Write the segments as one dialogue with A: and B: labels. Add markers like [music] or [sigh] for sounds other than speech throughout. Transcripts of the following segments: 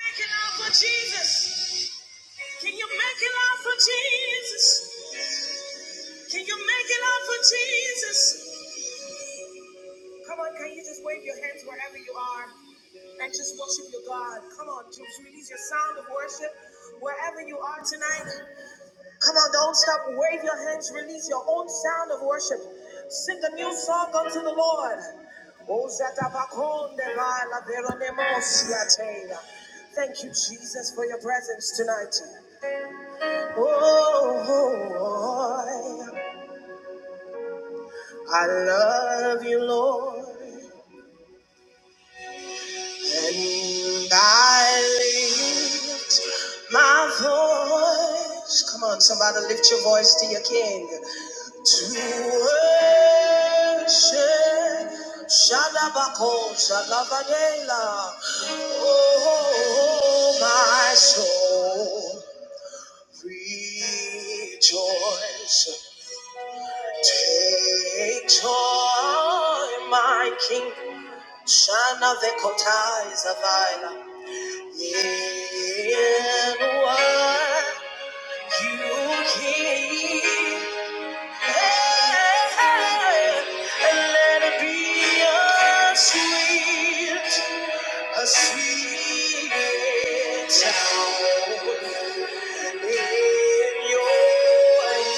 A: Make it out for Jesus. Can you make it out for Jesus? Can you make it out for Jesus? Come on, can you just wave your hands wherever you are and just worship your God? Come on, just release your sound of worship wherever you are tonight. Come on, don't stop. Wave your hands, release your own sound of worship. Sing a new song unto the Lord. Oh, Zatabakonde la la veronemos Thank you, Jesus, for your presence tonight. Oh, I love you, Lord, and I lift my voice. Come on, somebody lift your voice to your King to worship. Shadabako, Shadabadela. Oh, my soul, rejoice. Take joy, my King. Shana vekotai zavila. In what you hear, and let it be a sweet, a sweet sound in your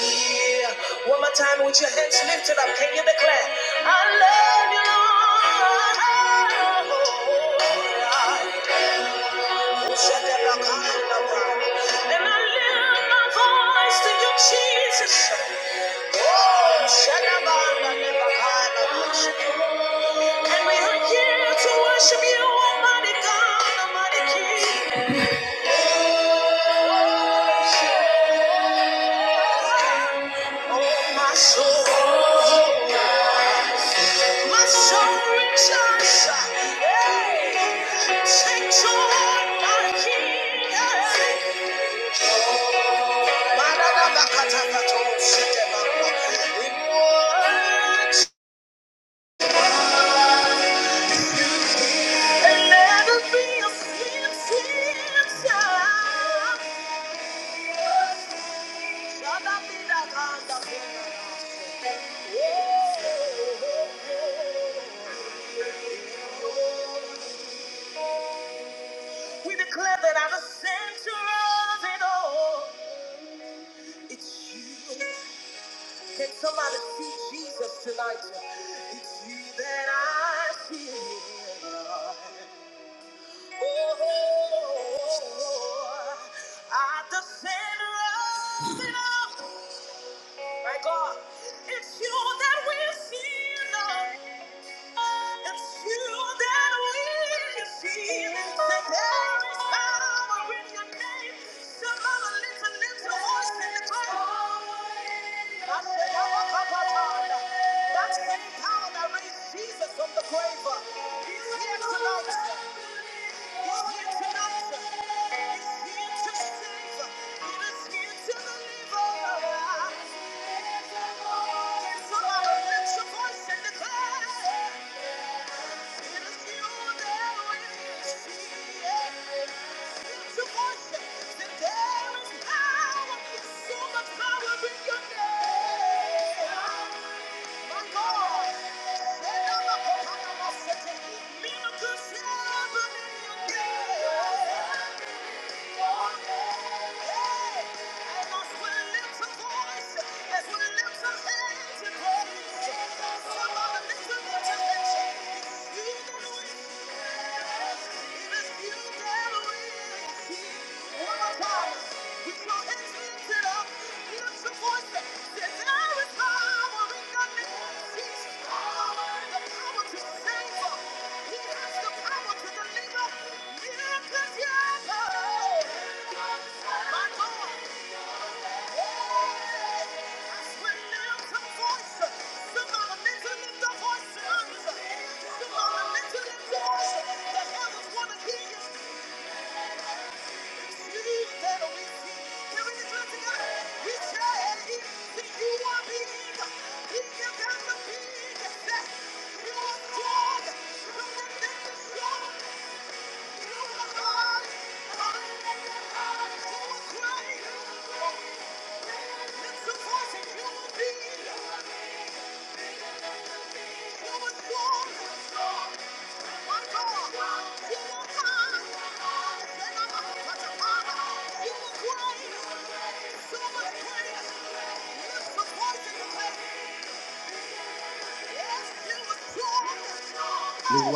A: ear. One more time with your hands lifted up. Can you declare? I love you, Lord. And I lift my voice to you, Jesus. And we are here to worship you, Almighty God, Almighty King. Oh, my soul, my soul rejoices. Hey, take joy, my King. And never be a sin, sin, sin. We declare that I'm the center of it all. It's you. Can somebody see Jesus tonight? It's you that I see. Oh, I'm the center of it all. My God, it's you that we see. Lord.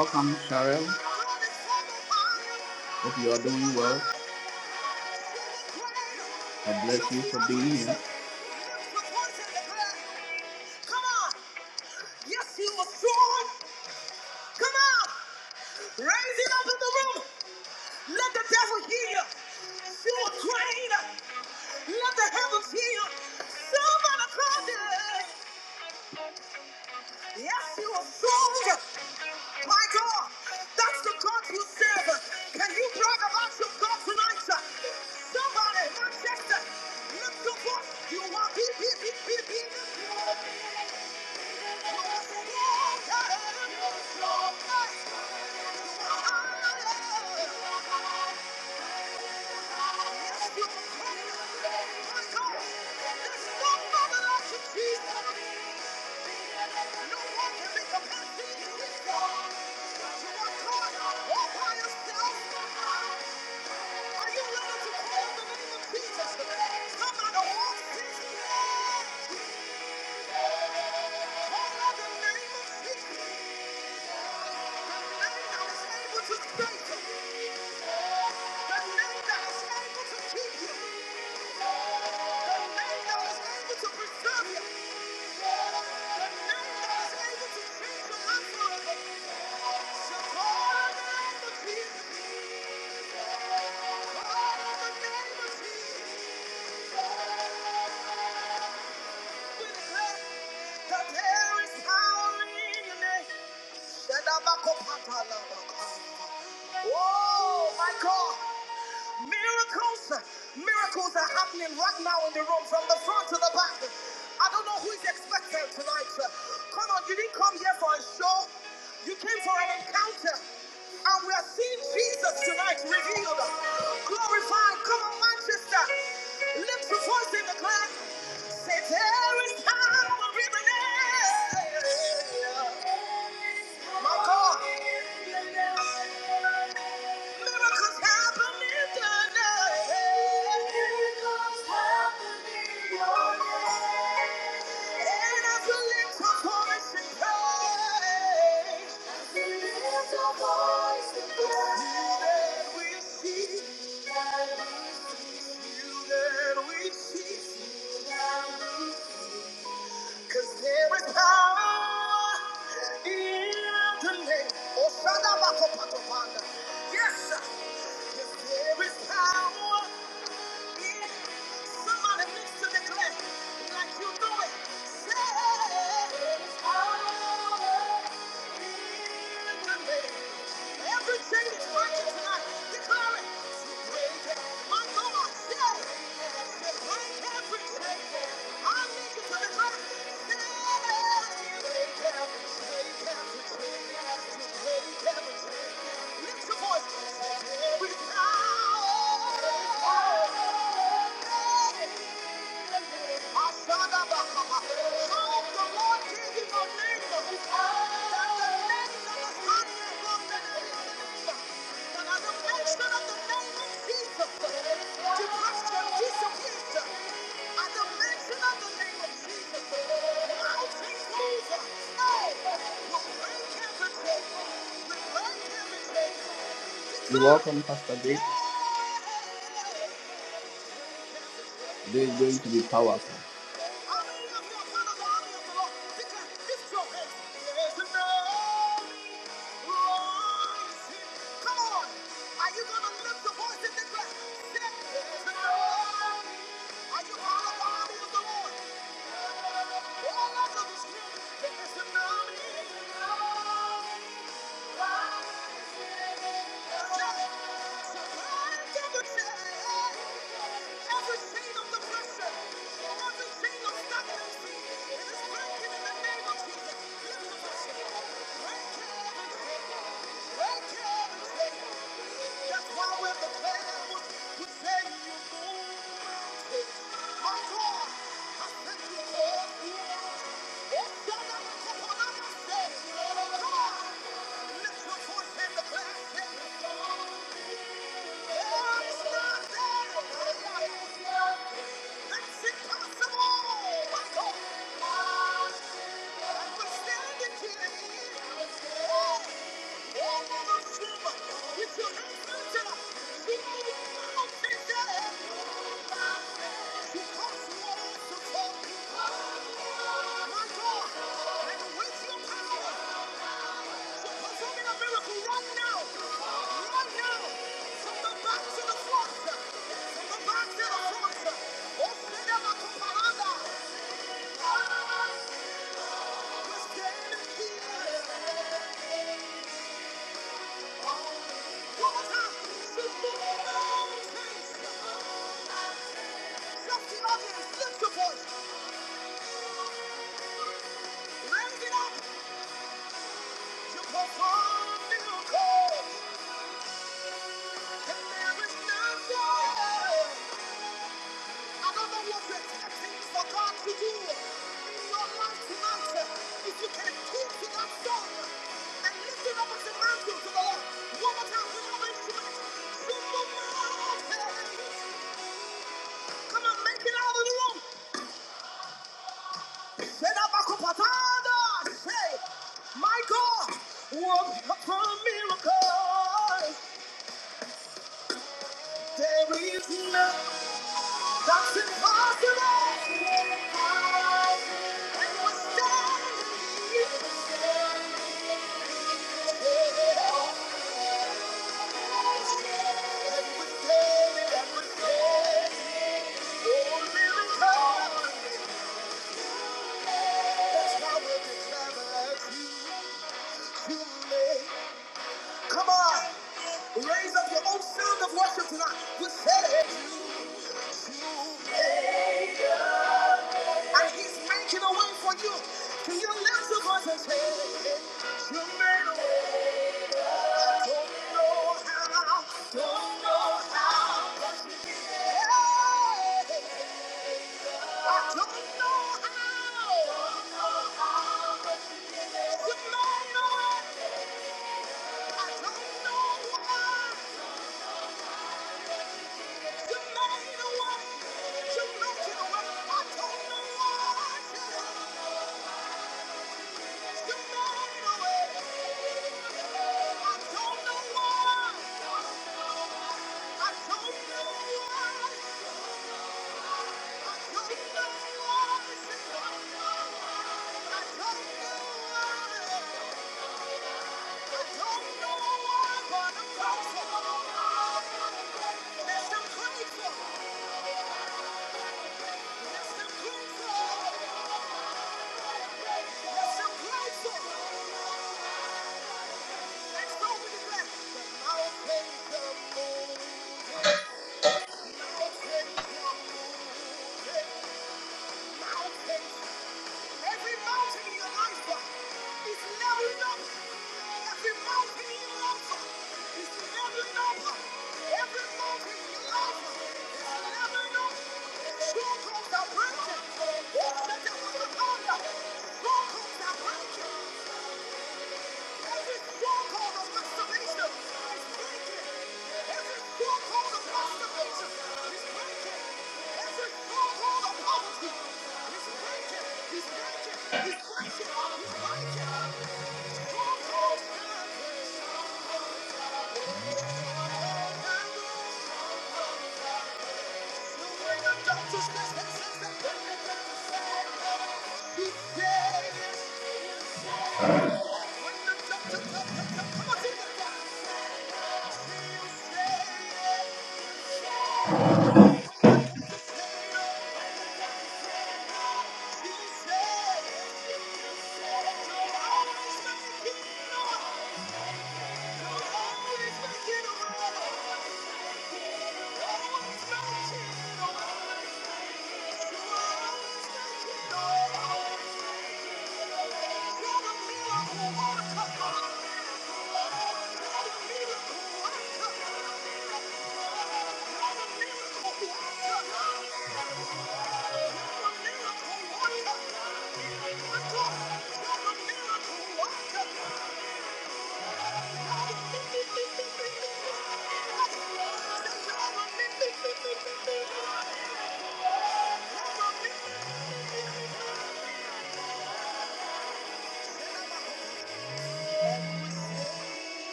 A: Welcome, Cheryl. If you are welcome, Pastor Dave, today is going to be powerful.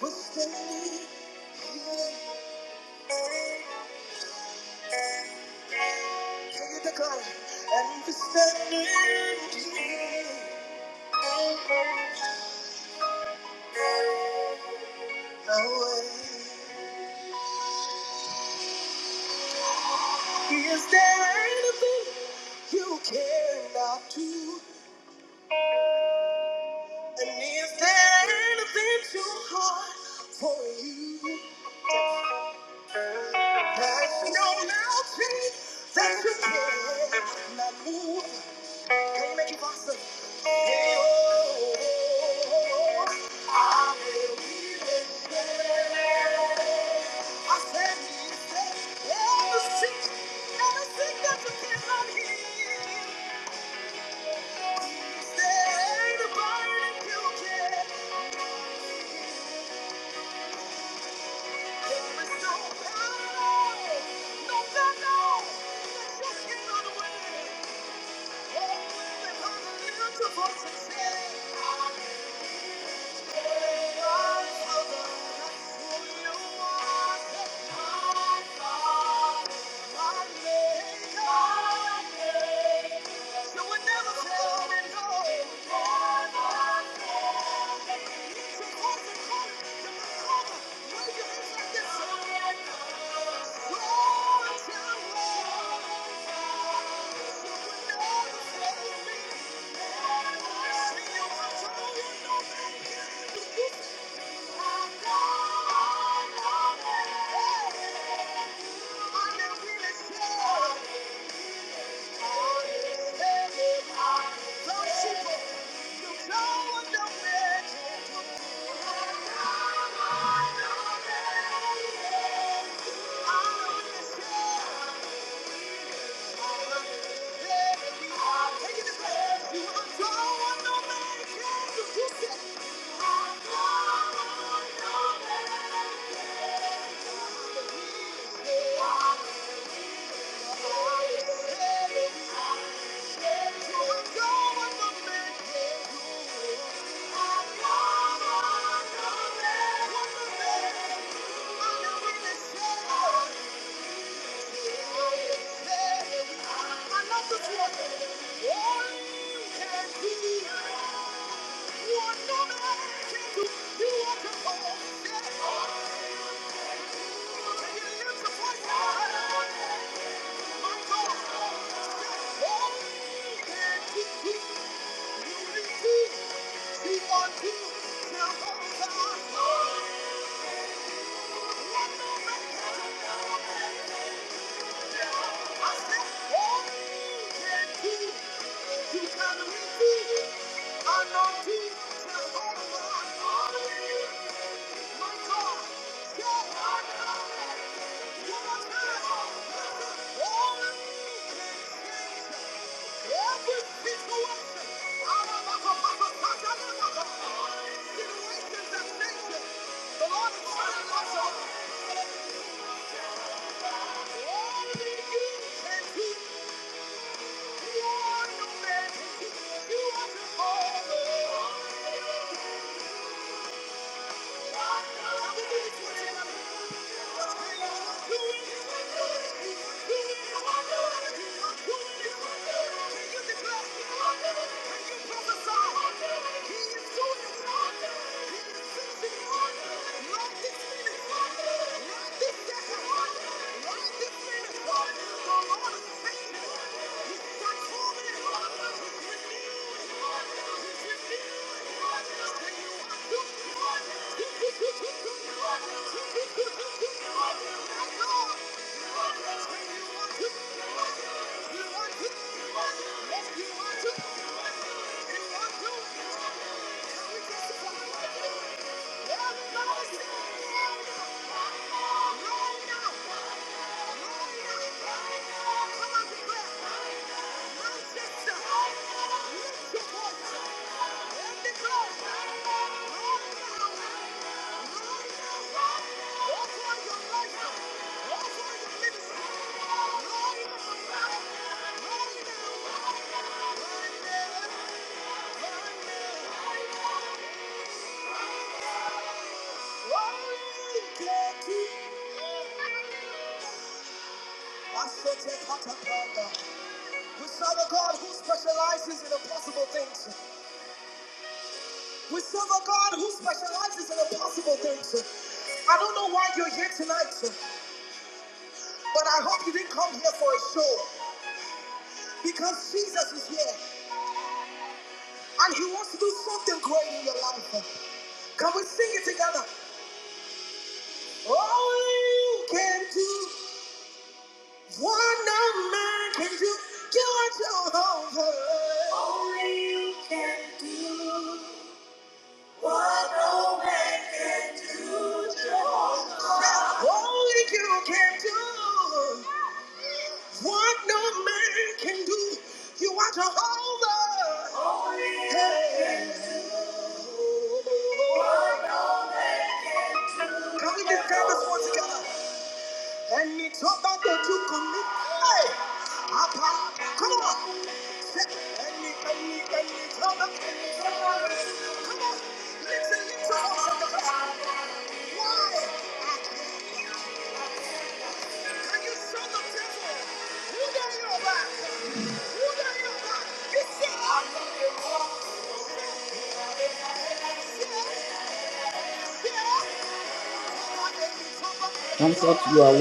A: We're standing here. Take the glory and the standard.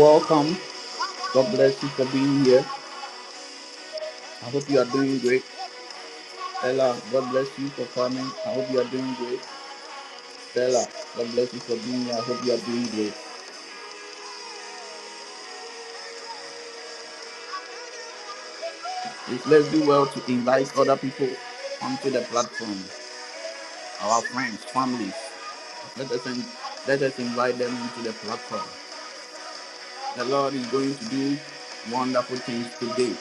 A: Welcome. Bless you for being here. I hope you are doing great. Stella, God bless you for coming. I hope you are doing great. Stella, God bless you for being here. I hope you are doing great. Please, let's do well to invite other people onto the platform. Our friends, families. Let us, in, let us invite them into the platform. The Lord is going to do wonderful things today.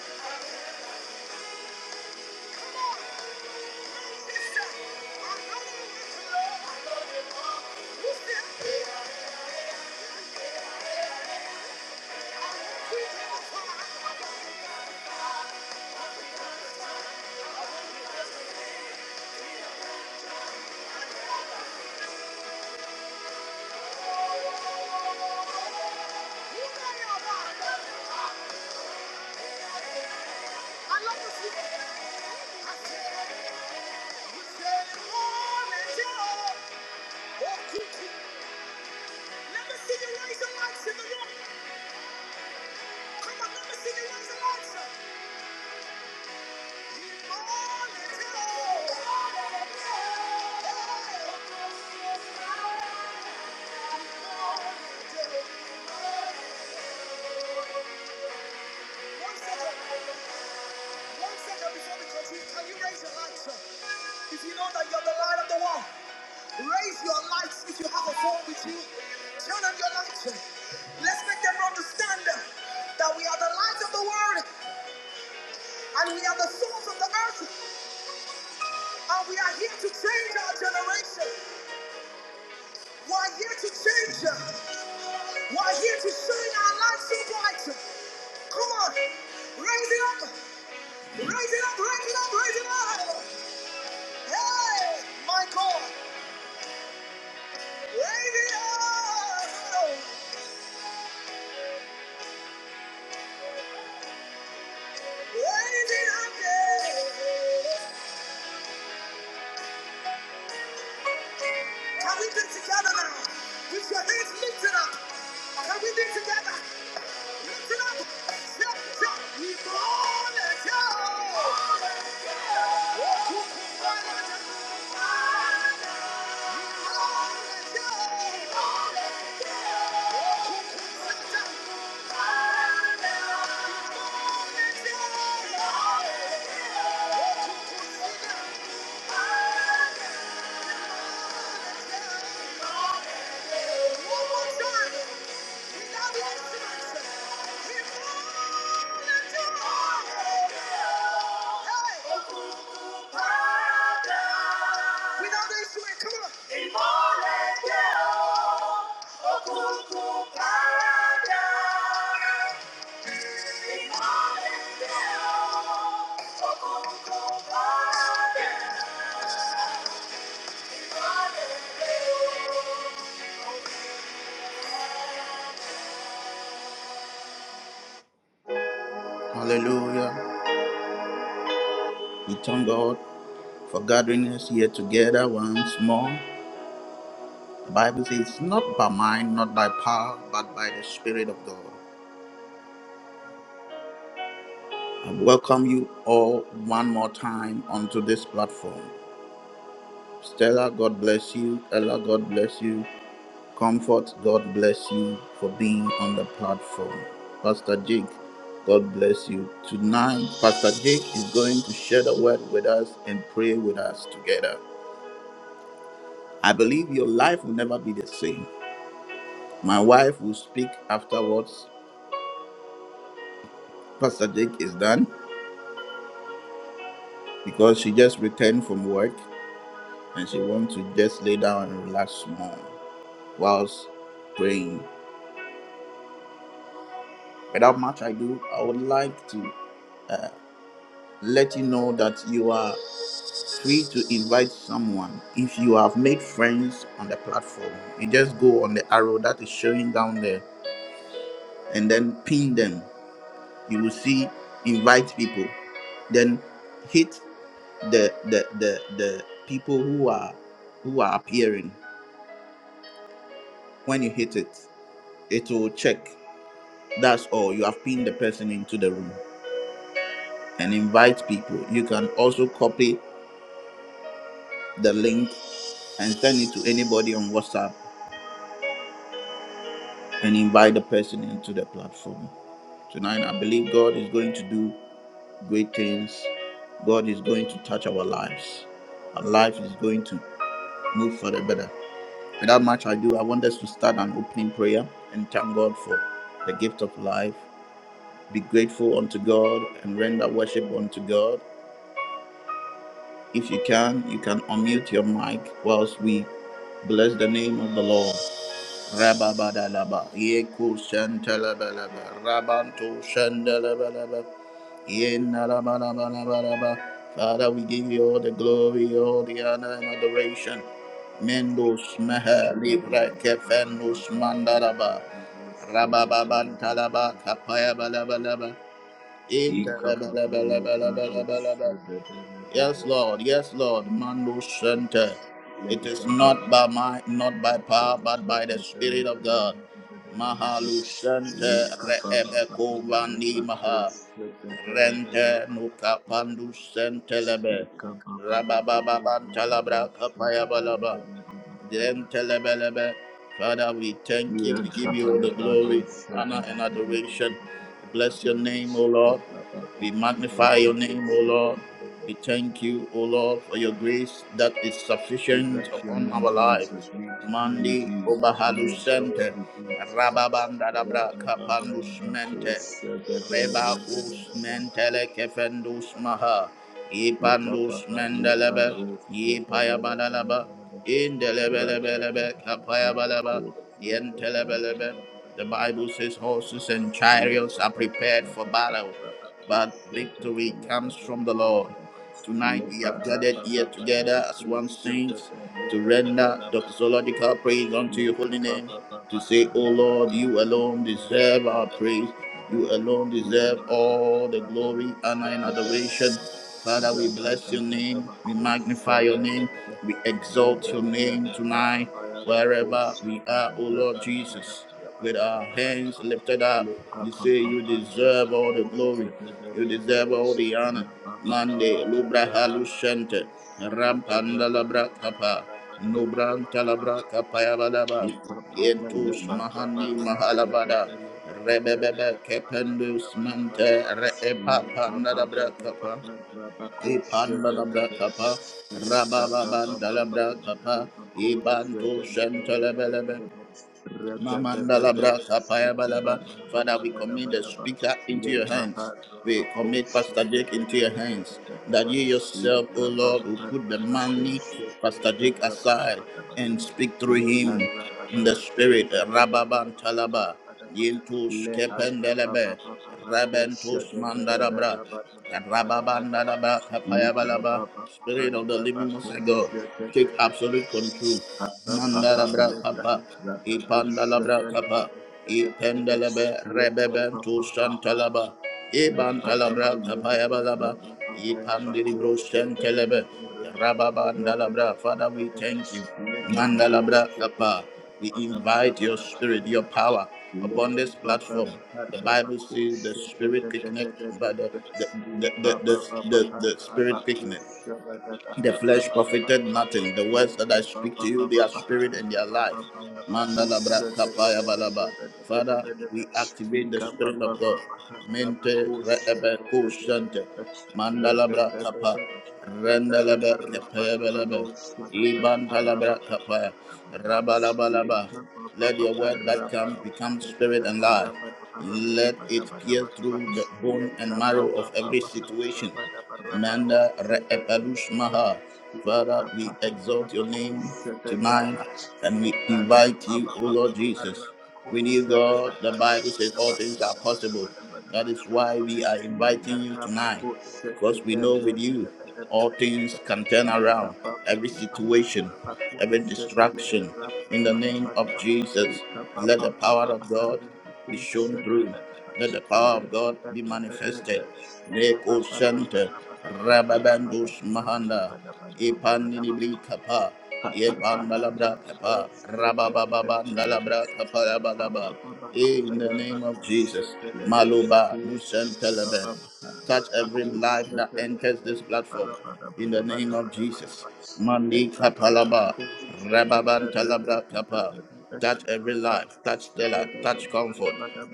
A: Hallelujah. We thank God for gathering us here together once more. The Bible says, "It's not by might, not by power, but by the Spirit of God. I welcome you all one more time onto this platform. Stella, God bless you. Ella, God bless you. Comfort, God bless you for being on the platform. Pastor Jake, God bless you. Tonight, Pastor Jake is going to share the word with us and pray with us together. I believe your life will never be the same. My wife will speak afterwards. Pastor Jake is done because she just returned from work and she wants to just lay down and relax more whilst praying. Without much ado, I would like to let you know that you are free to invite someone. If you have made friends on the platform, you just go on the arrow that is showing down there and then pin them. You will see invite people. Then hit the the the the people who are who are appearing when you hit it it will check that's all you have pinned the person into the room and invite people you can also copy the link and send it to anybody on whatsapp and invite the person into the platform tonight i believe god is going to do great things god is going to touch our lives our life is going to move for the better Without much ado, I want us to start an opening prayer and thank God for the gift of life. Be grateful unto God and render worship unto God. If you can, you can unmute your mic whilst we bless the name of the Lord. Rababadalaba, Yeku Shantalabalaba, Rabantu Shandalabalaba, Yenalabalabalabalaba. Father, we give you all the glory, all the honor and adoration. Mendos Meha Libra Kefenus Mandalaba, Rababantalaba, Kapaya Balabalaba, Interlabalabalabalabalabalaba, Yes, Lord. Yes, Lord. Mando Center. It is not by might, not by power, but by the Spirit of God. Mahalu Center. Reebeko Vandi Maha. Rente Nuka Pandu Centelebe. Rabababa Bantalabra Kapaya Balaba. Yentelebelebe. Father, we thank you. We give you all the glory, honor, and adoration. Bless your name, O Lord. We magnify your name, O Lord. We thank you, O Lord, for your grace that is sufficient upon our life. Mandi Obahalu Sente, Rababandadabra Kapandus Mente, Reba Us Mentele Kefendus Maha, Ipandus Mendelebe, Yipayabadalaba, in the Indelebelebelebe, kapayabalaba, yentelebelebe. The Bible says horses and chariots are prepared for battle, but victory comes from the Lord. Tonight we have gathered here together as one saints to render doxological praise unto your holy name, to say, O Lord, you alone deserve our praise. You alone deserve all the glory, honor, and adoration. Father, we bless your name, we magnify your name, we exalt your name tonight, wherever we are, O Lord Jesus. With our hands lifted up, we say, You deserve all the glory, you deserve all the honor. Mande lubra halushente rampanda labra kapa nubranta labra kapaya badaba yentus mahani mahalabada rebebebe kependus mante reepa panda labra kapa ipanda labra kapa rabababanda labra kapa ibantu shente lebelebe Mamandalabra Sapaya Balaba. Father, we commit the speaker into your hands. We commit Pastor Jake into your hands. That you yourself, O Lord, will put the money, Pastor Jake aside and speak through him in the spirit. Rababan Talaba. Yintus Kependelebe. Rabentus Mandarabra. Rababandalaba Kapaya Balaba. Spirit of the living Most High God, take absolute control. Mandalabra kapa, ipandalabra kapa, ipendelebe rebebento santalaba, ibantalabra kapa yabalaba, ipandilibro sentelebe, rababandalabra. Father, we thank you. Mandalabra kapa, we invite your spirit, your power upon this platform. The Bible says the spirit quickeneth, but the the the the, the, the, the spirit quickeneth. The flesh profited nothing. The words that I speak to you, they are spirit and they are life. Mandala bra kapaya balaba. Father, we activate the spirit of God. Mente reebe kushante. Mandala bra kapa. Rendelebe kepeye belebe. Ibantalabra kapaya. Rabalabalaba. Let your word that comes become spirit and life. Let it pierce through the bone and marrow of every situation. Manda re'epalush maha. Father, we exalt your name tonight and we invite you, O Lord Jesus. With you, God, the Bible says all things are possible. That is why we are inviting you tonight because we know with you all things can turn around every situation every distraction in the name of jesus let the power of god be shown through let the power of god be manifested Neko Shanta, Rababandus Mahanda, Ipaninibri Kapa, Yepandalabra Kapa, Rabababandalabra Kapa Yabalaba. In the name of Jesus, Maloba, Nusantalaba touch every life that enters this platform in the name of Jesus. Mandi Kapalaba, Rababan Talabra Kapa. Touch every life, touch Stella, touch comfort,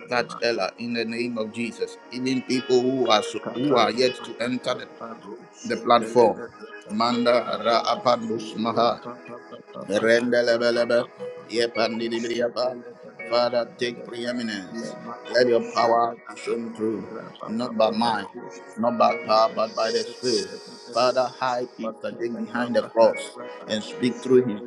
A: touch Ella in the name of Jesus. Even people who are so, who are yet to enter the, the platform. Manda Ra'apandus Maha, Rendelebelebe, yepandidibriyapa. Father, take preeminence. Let your power be shown through, not by mind, not by power, but by the Spirit. Father, hide Pastor Jake behind the cross and speak through him.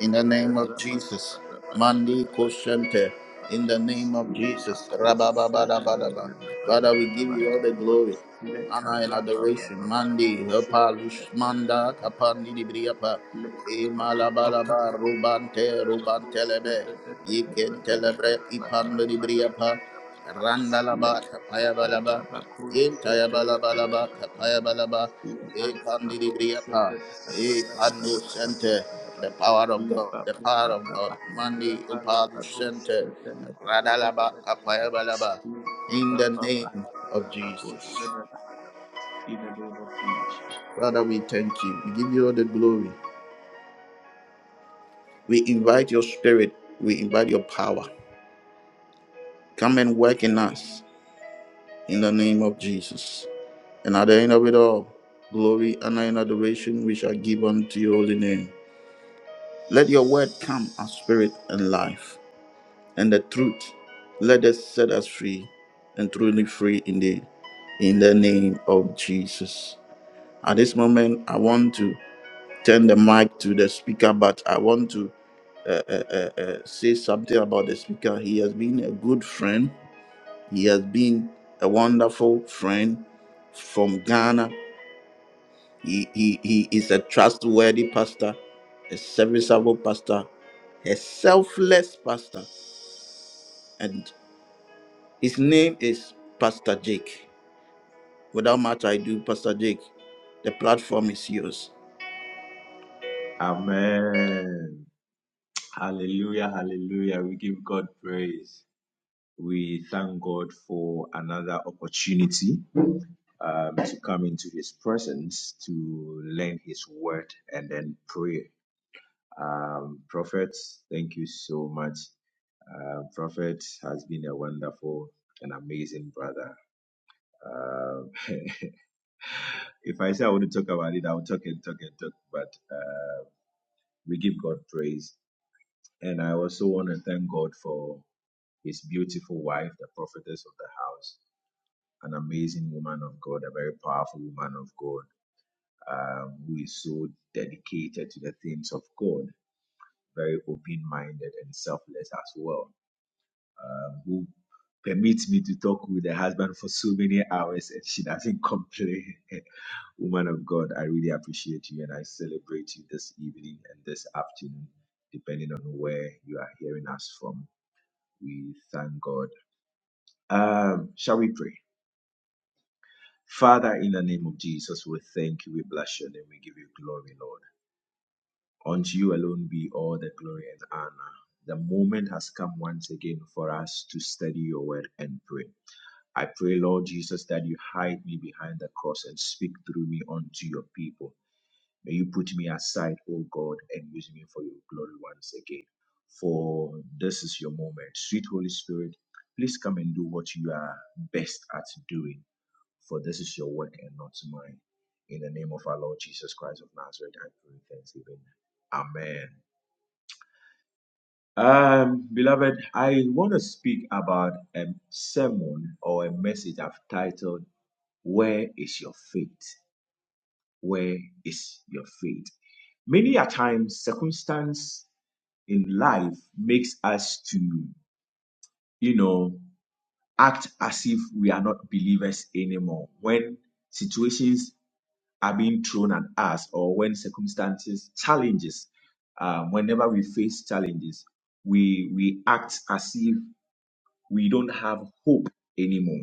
A: In the name of Jesus. Mandi Koshente. In the name of Jesus. Rabababadabadaba. Father, we give you all the glory. Nana in adoration. Mandi, Hapalush, Manda, Kapandi, Libriapa, Imalabalaba, Rubante, Rubantelebe, Yiken Telebre, Ipando, Libriapa, Randalaba, Kapayabalaba, Intayabalabalaba, Kapayabalaba, Ekandi, Libriapa, Ekando Center, the power of God, the power of God, Mandi, Upalush Center, Radalaba, Kapayabalaba, in the name of Jesus. Father, we thank you. We give you all the glory. We invite your spirit. We invite your power. Come and work in us in the name of Jesus. And at the end of it all, glory, honor, and adoration we shall give unto your holy name. Let your word come as spirit and life. And the truth, let us set us free and truly free indeed. In the name of Jesus. At this moment, I want to turn the mic to the speaker, but I want to uh, uh, uh, uh, say something about the speaker. He has been a good friend. He has been a wonderful friend from Ghana. He, he, he is a trustworthy pastor, a serviceable pastor, a selfless pastor. And his name is Pastor Jake. Without much ado, Pastor Jake, the platform is yours.
B: Amen. Hallelujah, hallelujah. We give God praise. We thank God for another opportunity um, to come into His presence to learn His word and then pray. Um, Prophet, thank you so much. Uh, Prophet has been a wonderful and amazing brother. Um, [laughs] if I say I want to talk about it, I'll talk and talk and talk, but uh, we give God praise. And I also want to thank God for his beautiful wife, the prophetess of the house, an amazing woman of God, a very powerful woman of God, um, who is so dedicated to the things of God, very open minded and selfless as well, um, who permits me to talk with the husband for so many hours and she doesn't complain. [laughs] woman of God, I really appreciate you and I celebrate you this evening and this afternoon, depending on where you are hearing us from. We thank God. Um, shall we pray? Father, in the name of Jesus, we thank you, we bless your name, we give you glory, Lord. Unto you alone be all the glory and honor. The moment has come once again for us to study your word and pray. I pray, Lord Jesus, that you hide me behind the cross and speak through me unto your people. May you put me aside, O God, and use me for your glory once again. For this is your moment. Sweet Holy Spirit, please come and do what you are best at doing for this is your work and not mine. In the name of our Lord Jesus Christ of Nazareth, I pray thanksgiving. Amen. Um, beloved, I want to speak about a sermon or a message I've titled, Where is Your Faith? Where is Your Faith? Many a times, circumstance in life makes us to, you know, act as if we are not believers anymore. When situations are being thrown at us or when circumstances challenges um, whenever we face challenges we we act as if we don't have hope anymore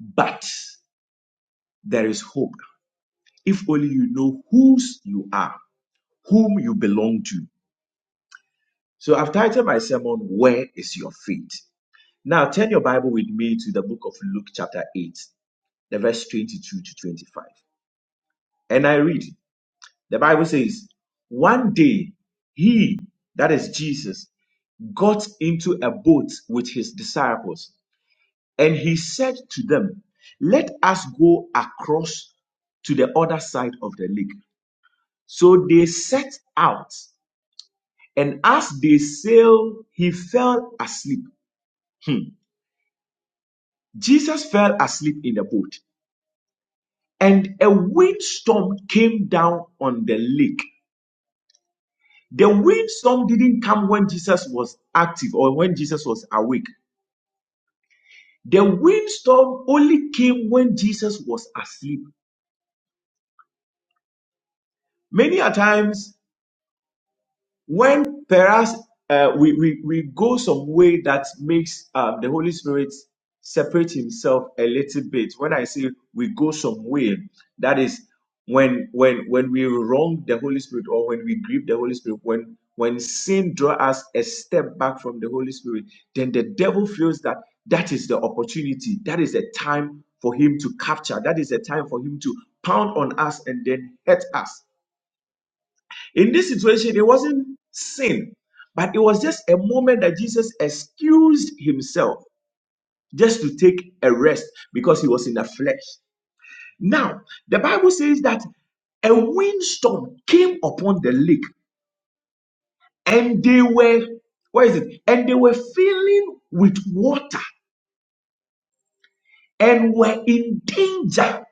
B: but there is hope if only you know whose you are whom you belong to so i've titled my sermon where is your faith now turn your bible with me to the book of luke chapter 8 the verse 22 to 25 and i read The Bible says, one day he, that is Jesus, got into a boat with his disciples and he said to them, Let us go across to the other side of the lake. So they set out and as they sailed, he fell asleep. Hmm. Jesus fell asleep in the boat and a windstorm came down on the lake The windstorm didn't come when Jesus was active or when Jesus was awake. The windstorm only came when Jesus was asleep. Many a times when perhaps uh, we, we, we go some way that makes um, the Holy Spirit separate himself a little bit. When I say we go some way, that is when when when we wrong the Holy Spirit or when we grieve the Holy Spirit, when when sin draw us a step back from the Holy Spirit, then the devil feels that that is the opportunity, that is the time for him to capture, that is the time for him to pound on us and then hurt us in this situation, it wasn't sin, but it was just a moment that Jesus excused himself just to take a rest because he was in the flesh. Now, the Bible says that a windstorm came upon the lake and they were, what is it? And they were filling with water and were in danger.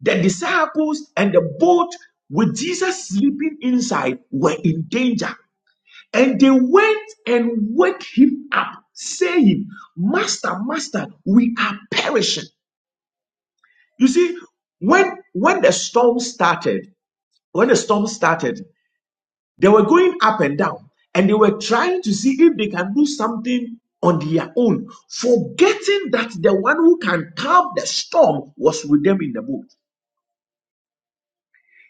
B: The disciples and the boat with Jesus sleeping inside were in danger. And they went and woke him up, saying, Master, Master, we are perishing. You see, when when the storm started, when the storm started, they were going up and down, and they were trying to see if they can do something on their own, forgetting that the one who can calm the storm was with them in the boat.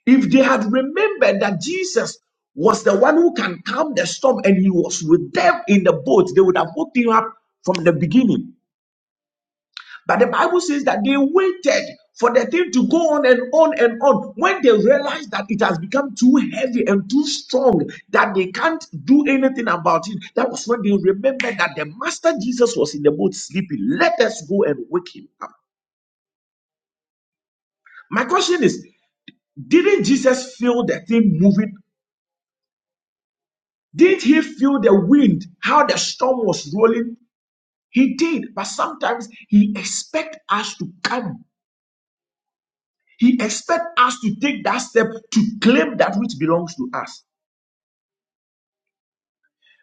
B: If they had remembered that Jesus was the one who can calm the storm and he was with them in the boat, they would have woke him up from the beginning. But the Bible says that they waited for the thing to go on and on and on. When they realized that it has become too heavy and too strong, that they can't do anything about it, that was when they remembered that the Master Jesus was in the boat sleeping. Let us go and wake him up. My question is, didn't Jesus feel the thing moving Did he feel the wind, how the storm was rolling? He did, but sometimes he expect us to come. He expect us to take that step to claim that which belongs to us.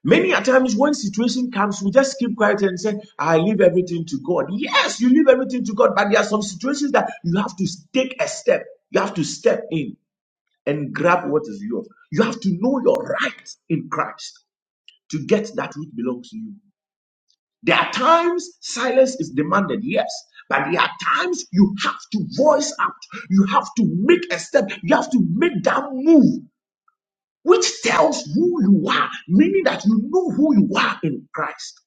B: Many a times when situation comes, we just keep quiet and say, I leave everything to God. Yes, you leave everything to God, but there are some situations that you have to take a step. You have to step in and grab what is yours. You have to know your right in Christ to get that which belongs to you. There are times silence is demanded, yes. But there are times you have to voice out. You have to make a step. You have to make that move, which tells who you are, meaning that you know who you are in Christ.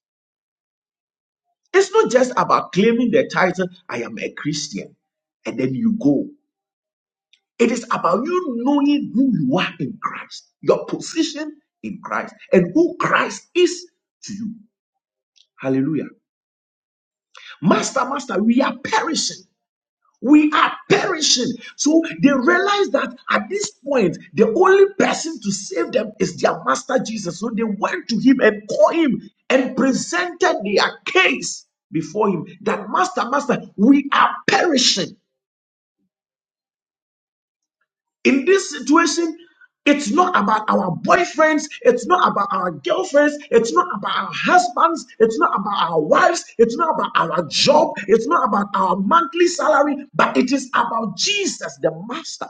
B: It's not just about claiming the title, I am a Christian, and then you go. It is about you knowing who you are in Christ, your position in Christ, and who Christ is to you. Hallelujah. Master, Master, we are perishing. We are perishing. So they realized that at this point, the only person to save them is their master Jesus. So they went to him and called him and presented their case before him that, Master, Master, we are perishing. In this situation, it's not about our boyfriends. It's not about our girlfriends. It's not about our husbands. It's not about our wives. It's not about our job. It's not about our monthly salary, but it is about Jesus, the Master.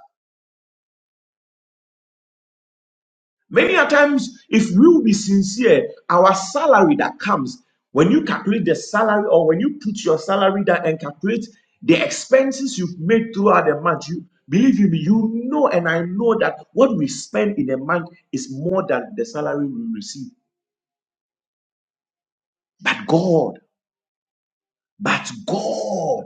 B: Many a times, if we will be sincere, our salary that comes when you calculate the salary or when you put your salary down and calculate the expenses you've made throughout the month, you believe you me, you know, and I know that what we spend in a month is more than the salary we receive. But God, but God,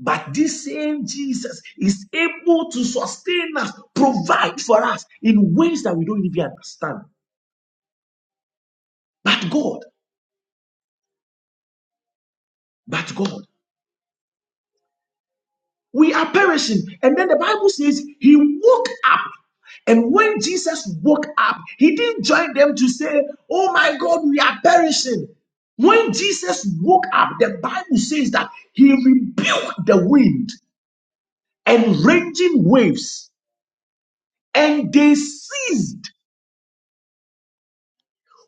B: but this same Jesus is able to sustain us, provide for us in ways that we don't even understand. But God, but God. We are perishing. And then the Bible says he woke up. And when Jesus woke up, he didn't join them to say, Oh my God, we are perishing. When Jesus woke up, the Bible says that he rebuked the wind and raging waves, and they ceased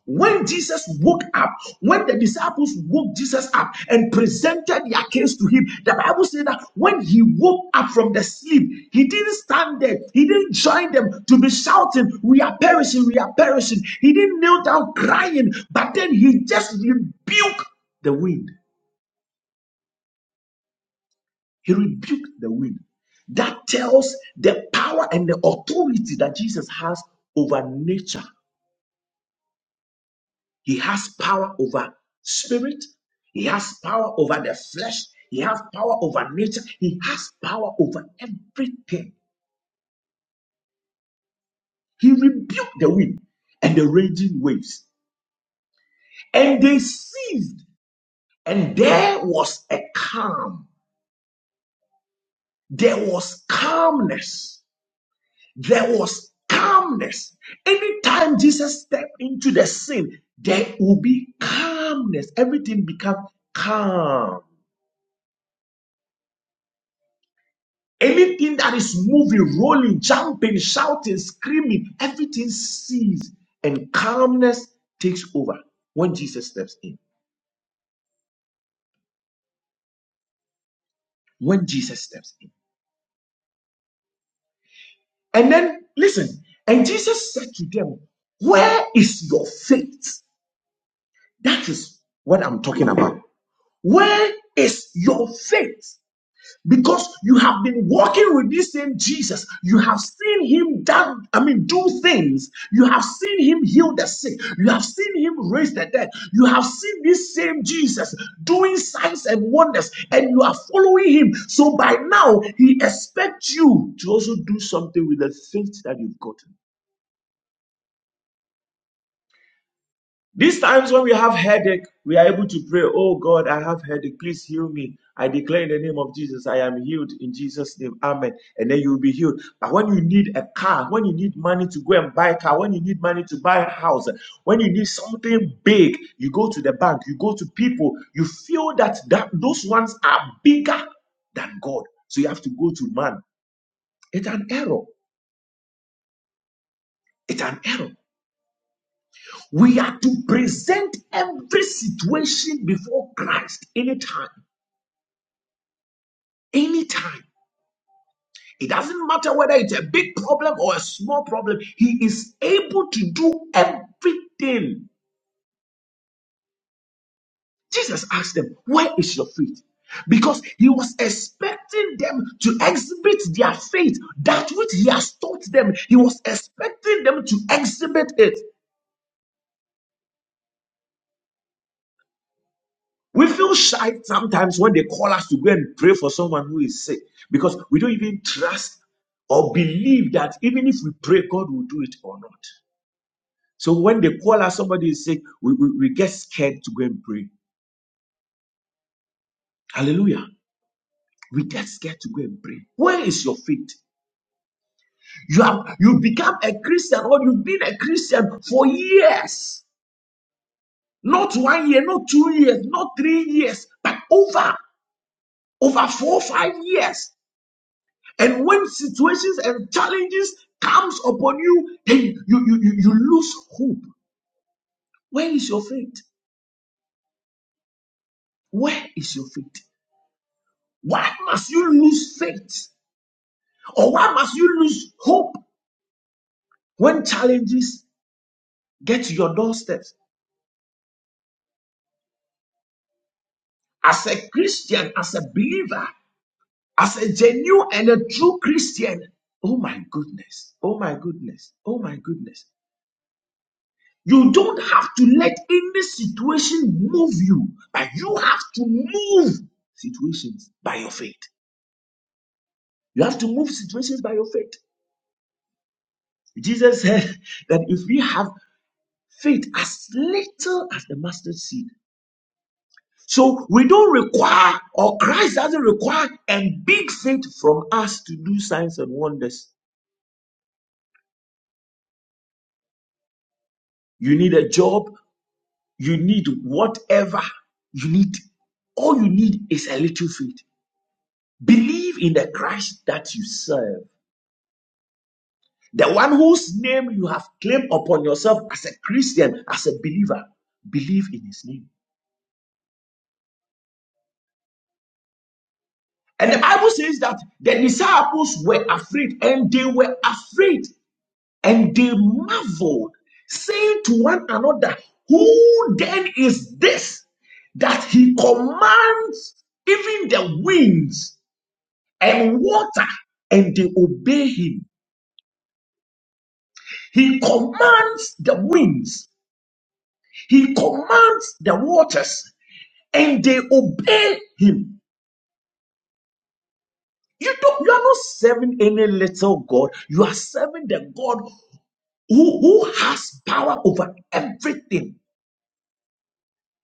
B: When Jesus woke up, when the disciples woke Jesus up and presented their case to him, the Bible said that when he woke up from the sleep, he didn't stand there. He didn't join them to be shouting, We are perishing, we are perishing. He didn't kneel down crying, but then he just rebuked the wind. He rebuked the wind. That tells the power and the authority that Jesus has over nature He has power over spirit. He has power over the flesh. He has power over nature. He has power over everything. He rebuked the wind and the raging waves, and they ceased. And there was a calm. There was calmness. There was calmness. Anytime Jesus stepped into the scene, there will be calmness. Everything becomes calm. Anything that is moving, rolling, jumping, shouting, screaming, everything ceases and calmness takes over when Jesus steps in. When Jesus steps in. And then listen, and Jesus said to them, Where is your faith? That is what I'm talking about. Where is your faith? because you have been walking with this same Jesus. You have seen him that I mean do things. You have seen him heal the sick. You have seen him raise the dead. You have seen this same Jesus doing signs and wonders and you are following him. So by now he expects you to also do something with the faith that you've got. These times when we have headache, we are able to pray, Oh God, I have headache. Please heal me. I declare in the name of Jesus, I am healed in Jesus' name. Amen. And then you will be healed. But when you need a car, when you need money to go and buy a car, when you need money to buy a house, when you need something big, you go to the bank, you go to people, you feel that, that those ones are bigger than God. So you have to go to man. It's an error. It's an error. We are to present every situation before Christ anytime. Anytime. It doesn't matter whether it's a big problem or a small problem, He is able to do everything. Jesus asked them, Where is your faith? Because He was expecting them to exhibit their faith, that which He has taught them. He was expecting them to exhibit it. We feel shy sometimes when they call us to go and pray for someone who is sick because we don't even trust or believe that even if we pray, God will do it or not. So when they call us somebody is sick, we, we, we get scared to go and pray. Hallelujah. We get scared to go and pray. Where is your faith? You have you become a Christian or you've been a Christian for years. Not one year, not two years, not three years, but over over four, five years. And when situations and challenges comes upon you, then you, you, you, you lose hope. Where is your faith? Where is your faith? Why must you lose faith? Or why must you lose hope when challenges get to your doorstep? As a Christian, as a believer, as a genuine and a true Christian, oh my goodness, oh my goodness, oh my goodness. You don't have to let any situation move you, but you have to move situations by your faith. You have to move situations by your faith. Jesus said [laughs] that if we have faith as little as the mustard seed, so we don't require, or Christ doesn't require, a big faith from us to do signs and wonders. You need a job, you need whatever you need. All you need is a little faith. Believe in the Christ that you serve The one whose name you have claimed upon yourself as a Christian, as a believer, believe in his name. And the Bible says that the disciples were afraid and they were afraid and they marveled, saying to one another, Who then is this that he commands even the winds and water and they obey him? He commands the winds, he commands the waters and they obey him. You don't, you are not serving any little God. You are serving the God who, who has power over everything.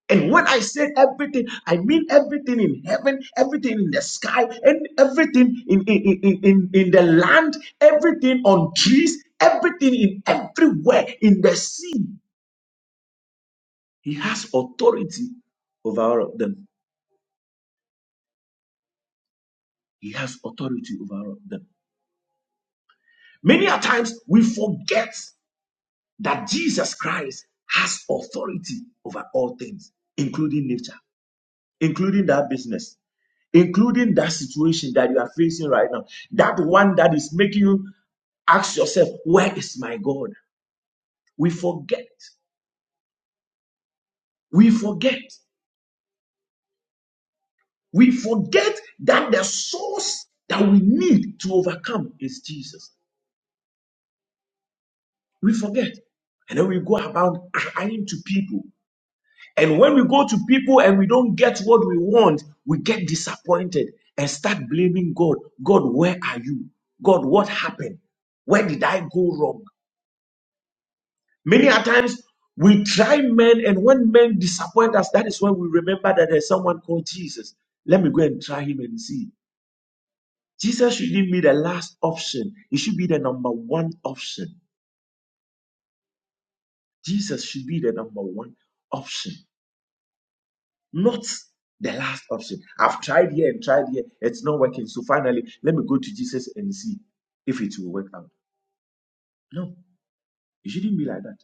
B: And when I say everything, I mean everything in heaven, everything in the sky, and everything in, in, in, in, in the land, everything on trees, everything in everywhere, in the sea. He has authority over all of them. He has authority over all of them. Many a times we forget that Jesus Christ has authority over all things, including nature, including that business, including that situation that you are facing right now, that one that is making you ask yourself, Where is my God? We forget, we forget, we forget that the source that we need to overcome is Jesus. We forget. And then we go about crying to people And when we go to people and we don't get what we want, we get disappointed and start blaming God. God, where are you? God, what happened? Where did I go wrong? Many a times we try men, and when men disappoint us, that is when we remember that there's someone called Jesus. Let me go and try him and see. Jesus should give me the last option. It should be the number one option. Jesus should be the number one option. not the last option. I've tried here and tried here, it's not working. So finally, let me go to Jesus and see if it will work out. No, it shouldn't be like that.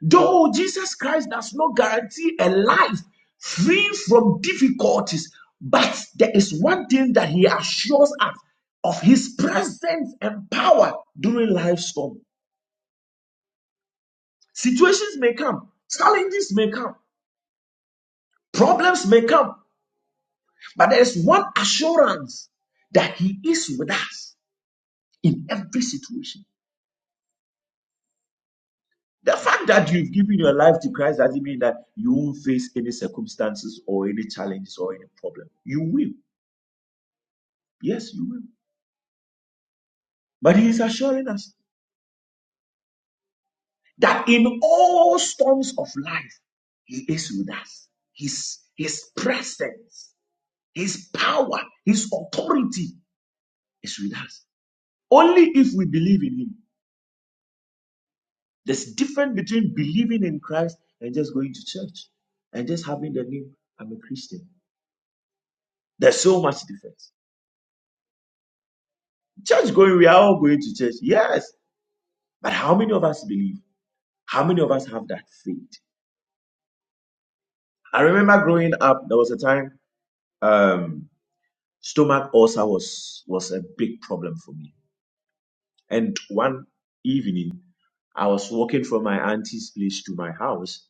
B: Though Jesus Christ does not guarantee a life free from difficulties, but there is one thing that he assures us of his presence and power during life storm. Situations may come, challenges may come, problems may come, but there is one assurance that he is with us in every situation. The fact that you've given your life to Christ doesn't mean that you won't face any circumstances or any challenges or any problem. You will. Yes, you will. But He is assuring us that in all storms of life, He is with us. His, his presence, His power, His authority is with us. Only if we believe in Him. There's a difference between believing in Christ and just going to church and just having the name, I'm a Christian. There's so much difference. Church going, we are all going to church. Yes. But how many of us believe? How many of us have that faith? I remember growing up, there was a time um, stomach ulcer was, was a big problem for me. And one evening, I was walking from my auntie's place to my house,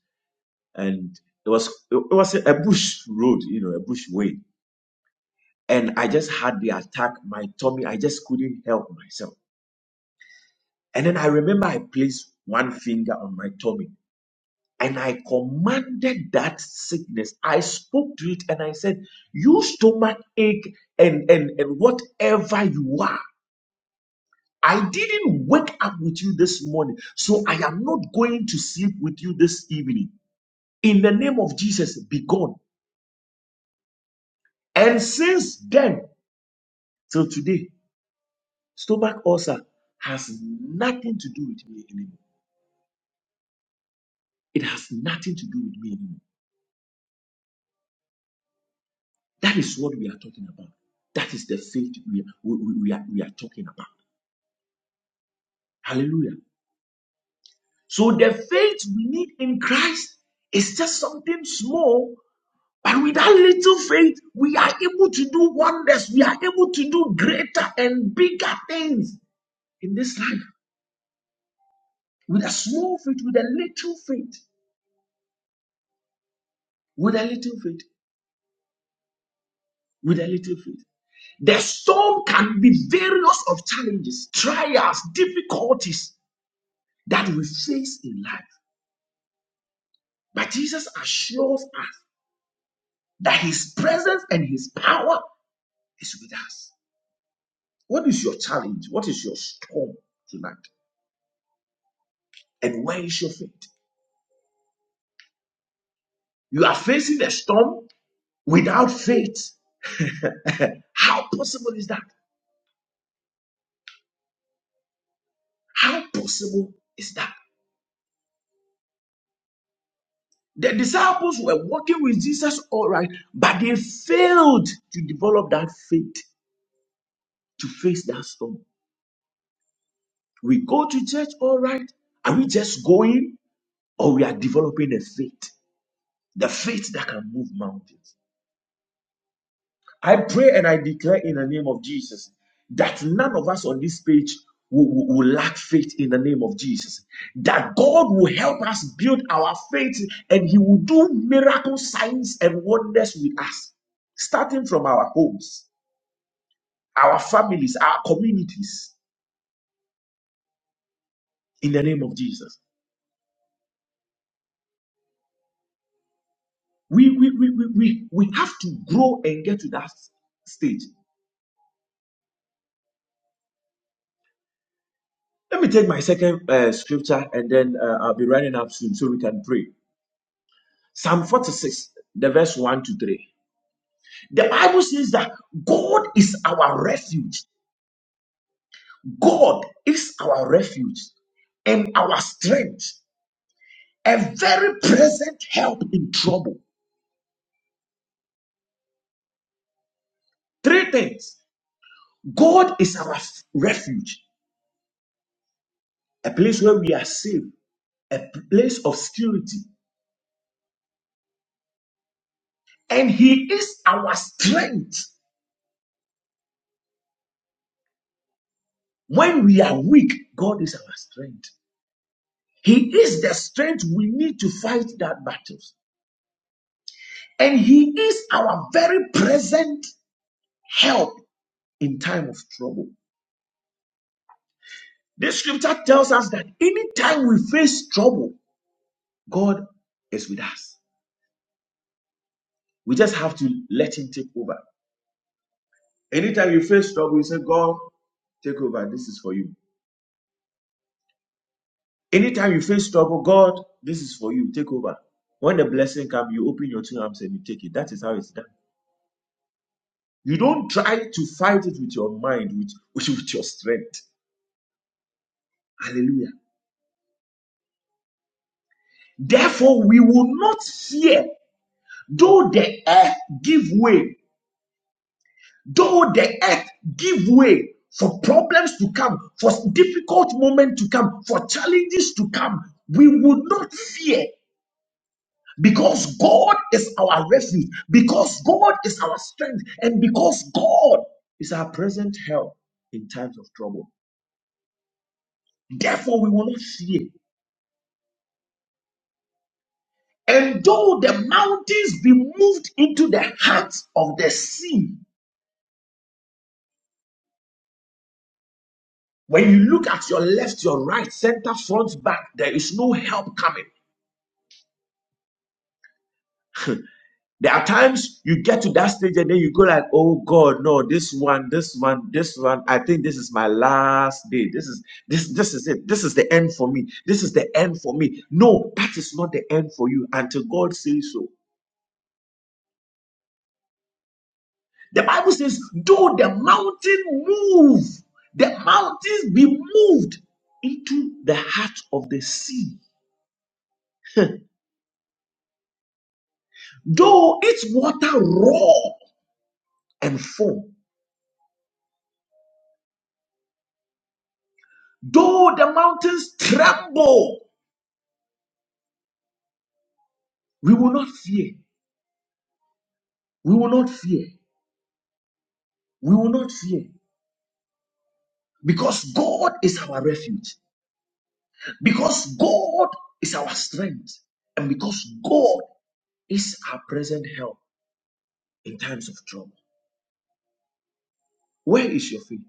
B: and it was it was a bush road, you know, a bush way. And I just had the attack. My tummy, I just couldn't help myself. And then I remember I placed one finger on my tummy and I commanded that sickness. I spoke to it and I said, You stomach ache and, and, and whatever you are. I didn't wake up with you this morning, so I am not going to sleep with you this evening. In the name of Jesus, be gone. And since then till today, stomach ulcer has nothing to do with me anymore. It has nothing to do with me anymore. That is what we are talking about. That is the faith we, we, we, we are, we are talking about. Hallelujah. So the faith we need in Christ is just something small, but with that little faith, we are able to do wonders. We are able to do greater and bigger things in this life. With a small faith, with a little faith, with a little faith, with a little faith. The storm can be various of challenges, trials, difficulties that we face in life. But Jesus assures us that his presence and his power is with us. What is your challenge? What is your storm tonight? And where is your faith? You are facing a storm without faith. How possible is that? How possible is that? The disciples were walking with Jesus all right, but they failed to develop that faith to face that storm. We go to church all right. Are we just going or we are developing a faith? The faith that can move mountains. I pray and I declare in the name of Jesus that none of us on this page will, will- will lack faith in the name of Jesus. That God will help us build our faith and He will do miracle signs and wonders with us, starting from our homes, our families, our communities, in the name of Jesus. We, we, we, we, we, we have to grow and get to that stage. Let me take my second uh, scripture and then uh, I'll be running up soon so we can pray. Psalm 46, the verse 1 to 3. The Bible says that God is our refuge. God is our refuge and our strength, a very present help in trouble. Three things God is our f- refuge, a place where we are safe, a place of security, and He is our strength. When we are weak, God is our strength. He is the strength we need to fight that battles. And he is our very present help in time of trouble. This scripture tells us that anytime we face trouble, God is with us. We just have to let him take over. Anytime you face trouble, you say, God, take over. This is for you. Anytime you face trouble, God, this is for you. Take over. When the blessing comes, you open your two arms and you take it. That is how it's done. You don't try to fight it with your mind, with, with your strength. Hallelujah. Therefore, we will not fear Though the earth give way, though the earth give way for problems to come, for difficult moments to come, for challenges to come, we will not fear because God is our refuge, because God is our strength, and because God is our present help in times of trouble. Therefore, we will not fear. And though the mountains be moved into the heart of the sea, When you look at your left, your right, center, front, back, there is no help coming. There are times you get to that stage and then you go like, "Oh God, no! This one, this one, this one. I think this is my last day. This is this this is it. This is the end for me. This is the end for me." No, that is not the end for you until God says so. The Bible says, "Though the mountain move, the mountains be moved into the heart of the sea, though its water roar." and foam. Though the mountains tremble, we will not fear. We will not fear. We will not fear. Because God is our refuge. Because God is our strength. And because God is our present help in times of trouble. Where is your faith?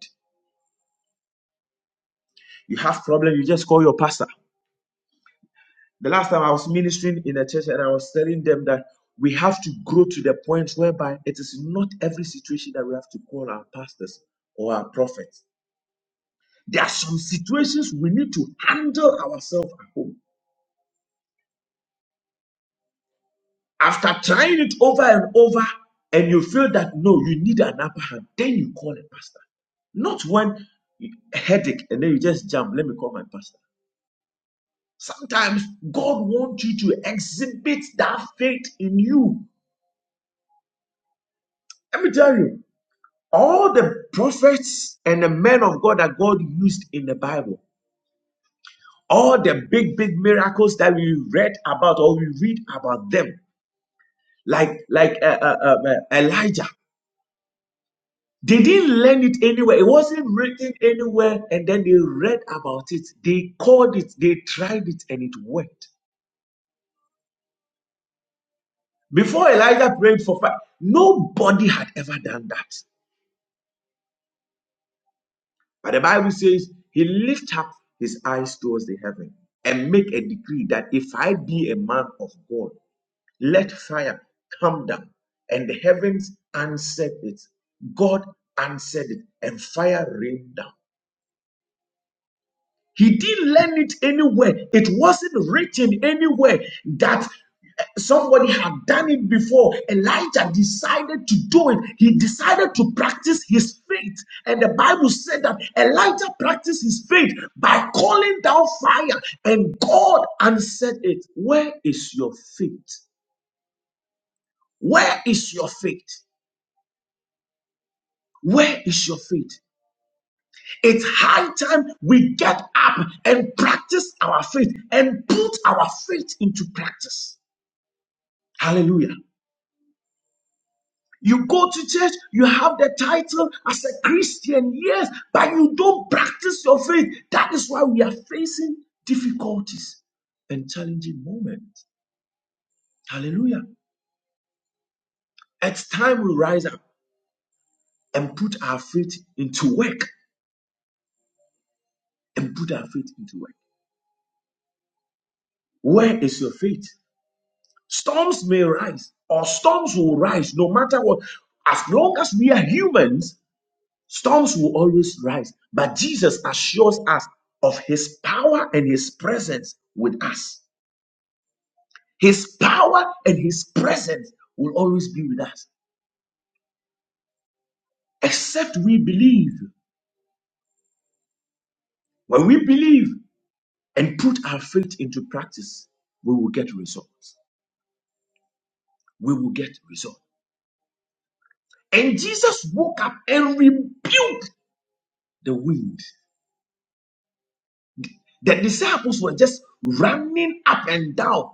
B: You have problem, you just call your pastor. The last time I was ministering in a church and I was telling them that we have to grow to the point whereby it is not every situation that we have to call our pastors or our prophets There are some situations we need to handle ourselves at home. After trying it over and over, and you feel that no, you need an upper hand, then you call a pastor. Not when you- headache and then you just jump, let me call my pastor. Sometimes God wants you to exhibit that faith in you. Let me tell you, all the prophets and the men of God that God used in the Bible, all the big, big miracles that we read about or we read about them, like like uh, uh, um, uh, Elijah. They didn't learn it anywhere. It wasn't written anywhere, and then they read about it. They called it. They tried it, and it worked. Before Elijah prayed for fire, nobody had ever done that. But the Bible says he lifted up his eyes towards the heaven and make a decree that if I be a man of God, let fire come down. And the heavens answered it. God answered it, and fire rained down. He didn't learn it anywhere. It wasn't written anywhere that eh, somebody had done it before. Elijah decided to do it. He decided to practice his faith. And the Bible said that Elijah practiced his faith by calling down fire, and God answered it. Where is your faith? Where is your faith? Where is your faith? It's high time we get up and practice our faith and put our faith into practice. Hallelujah. You go to church, you have the title as a Christian, yes, but you don't practice your faith. That is why we are facing difficulties and challenging moments. Hallelujah. It's time we rise up and put our faith into work and put our faith into work. Where is your faith? Storms may rise, or storms will rise no matter what. As long as we are humans, storms will always rise. But Jesus assures us of his power and his presence with us. His power and his presence will always be with us, except we believe. When we believe and put our faith into practice, we will get results. We will get results. And Jesus woke up and rebuked the wind The disciples were just running up and down.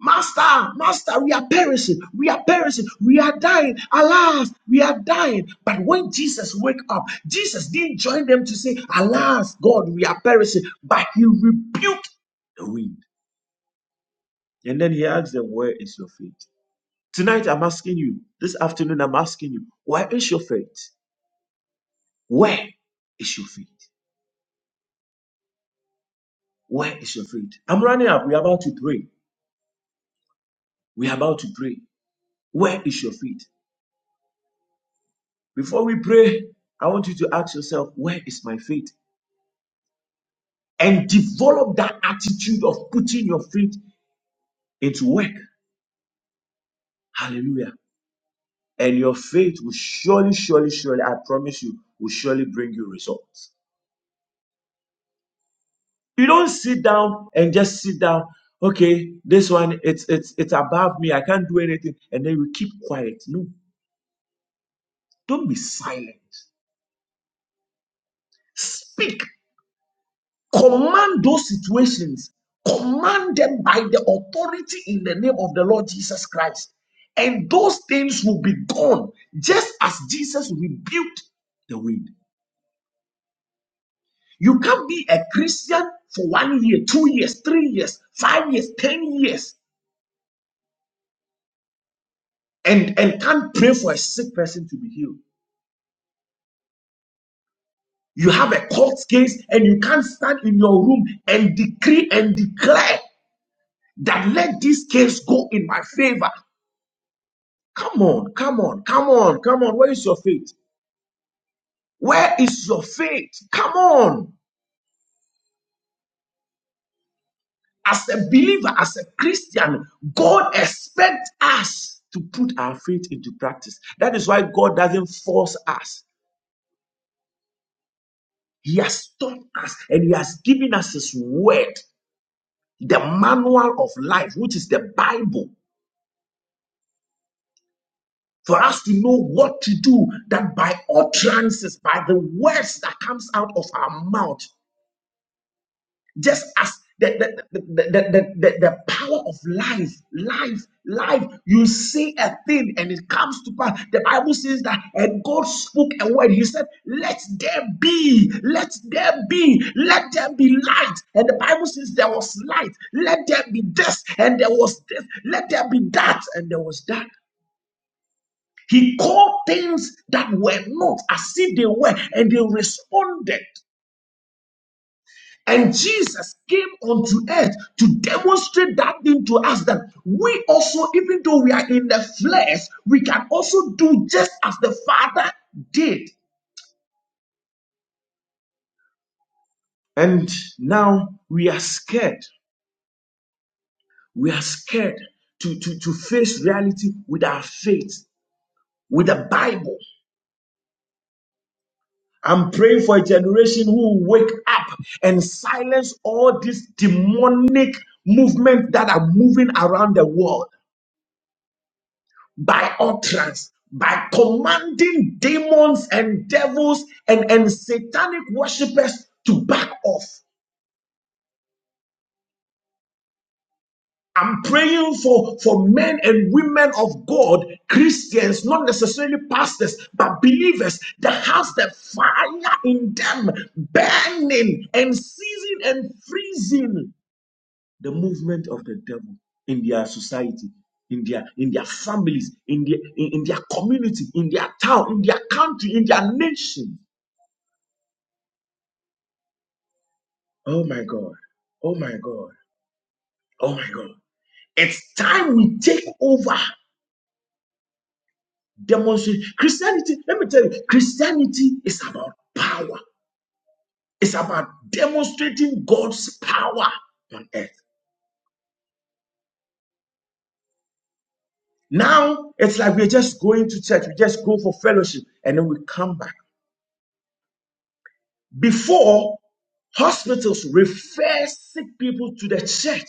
B: Master, Master, we are perishing. We are perishing. We are dying. Alas, we are dying. But when Jesus woke up, Jesus didn't join them to say, Alas, God, we are perishing. But he rebuked the wind. And then he asked them, Where is your faith? Tonight, I'm asking you, this afternoon, I'm asking you, Where is your faith? Where is your faith? Where is your faith? I'm running up. We're about to pray. We're about to pray. Where is your faith? Before we pray, I want you to ask yourself, where is my faith? And develop that attitude of putting your faith into work. Hallelujah. And your faith will surely, surely, surely, I promise you, will surely bring you results. You don't sit down and just sit down. Okay, this one it's it's it's above me. I can't do anything, and then you keep quiet. No, don't be silent. Speak Command those situations, command them by the authority in the name of the Lord Jesus Christ. And those things will be gone, just as Jesus rebuked the wind. You can't be a Christian for one year, two years, three years, five years, ten years, and, and can't pray for a sick person to be healed. You have a court case and you can't stand in your room and decree and declare that let this case go in my favor. Come on, come on, come on, come on. Where is your faith? Where is your faith? Come on. As a believer, as a Christian, God expects us to put our faith into practice. That is why God doesn't force us. He has taught us and He has given us His word, the manual of life, which is the Bible, for us to know what to do. That by utterances, by the words that comes out of our mouth, just as the the, the, the, the, the, the power of life, life, life, you say a thing and it comes to pass. The Bible says that, and God spoke a word. He said, Let there be, let there be, let there be light. And the Bible says there was light, let there be this, and there was this, let there be that, and there was that. He called things that were not as if they were, and they responded. And Jesus came onto earth to demonstrate that thing to us that we also, even though we are in the flesh, we can also do just as the Father did. And now we are scared. We are scared to, to, to face reality with our faith, with the Bible. I'm praying for a generation who will wake up and silence all this demonic movement that are moving around the world. by utterance, by commanding demons and devils and, and satanic worshippers to back off. I'm praying for, for men and women of God, Christians, not necessarily pastors, but believers that has the fire in them, burning and seizing and freezing. the movement of the devil in their society, in their in their families, in their in, in their community, in their town, in their country, in their nation. Oh my God. Oh my God. Oh my God. It's time we take over. Demonstrate Christianity. Let me tell you, Christianity is about power. It's about demonstrating God's power on earth. Now it's like we're just going to church. We just go for fellowship and then we come back. Before, hospitals refer sick people to the church.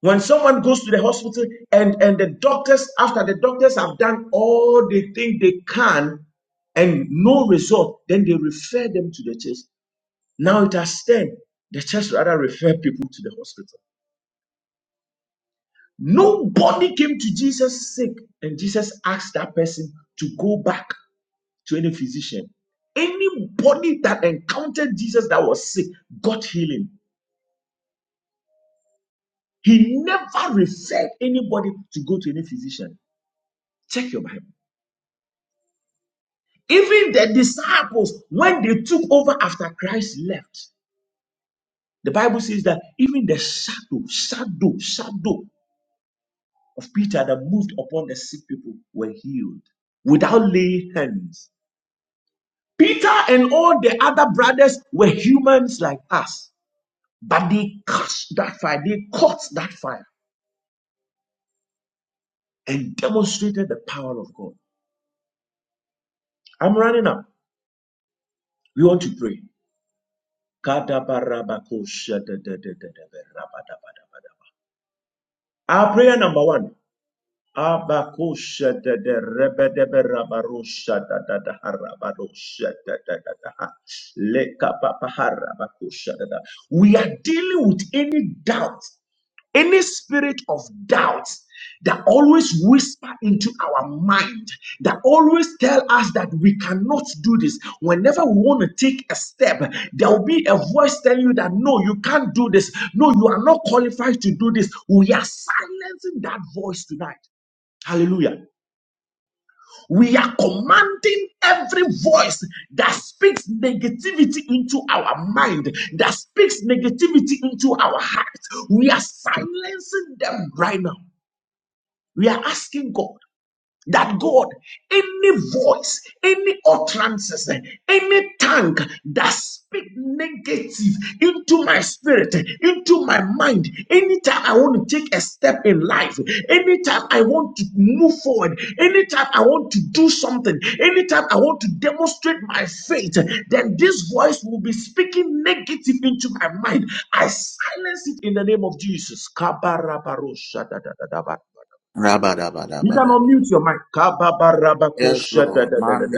B: When someone goes to the hospital and, and the doctors, after the doctors have done all they think they can and no result, then they refer them to the church. Now it has turned. The church rather refer people to the hospital. Nobody came to Jesus sick, and Jesus asked that person to go back to any physician. Anybody that encountered Jesus that was sick got healing. He never referred anybody to go to any physician. Check your Bible. Even the disciples, when they took over after Christ left, the Bible says that even the shadow, shadow, shadow of Peter that moved upon the sick people were healed without laying hands. Peter and all the other brothers were humans like us, but they cast that fire, they caught that fire and demonstrated the power of God. I'm running up. We want to pray. Our prayer number one. Abakusha da da rebe de be da da da harabarusha da da da da ha. Leka papa harabakusha da da. We are dealing with any doubt any spirit of doubt that always whisper into our mind, that always tell us that we cannot do this. Whenever we want to take a step, there will be a voice telling you that no, you can't do this. No, you are not qualified to do this. We are silencing that voice tonight. Hallelujah. We are commanding every voice that speaks negativity into our mind, that speaks negativity into our heart. We are silencing them right now. We are asking God that God, any voice, any utterances, any tongue that speak negative into my spirit, into my mind, anytime I want to take a step in life, anytime I want to move forward, anytime I want to do something, anytime I want to demonstrate my faith, then this voice will be speaking negative into my mind. I silence it in the name of Jesus.
A: Rabba, rabba,
B: You
A: rabba,
B: can
A: rabba.
B: unmute your mic.
A: Yes, Lord. Man,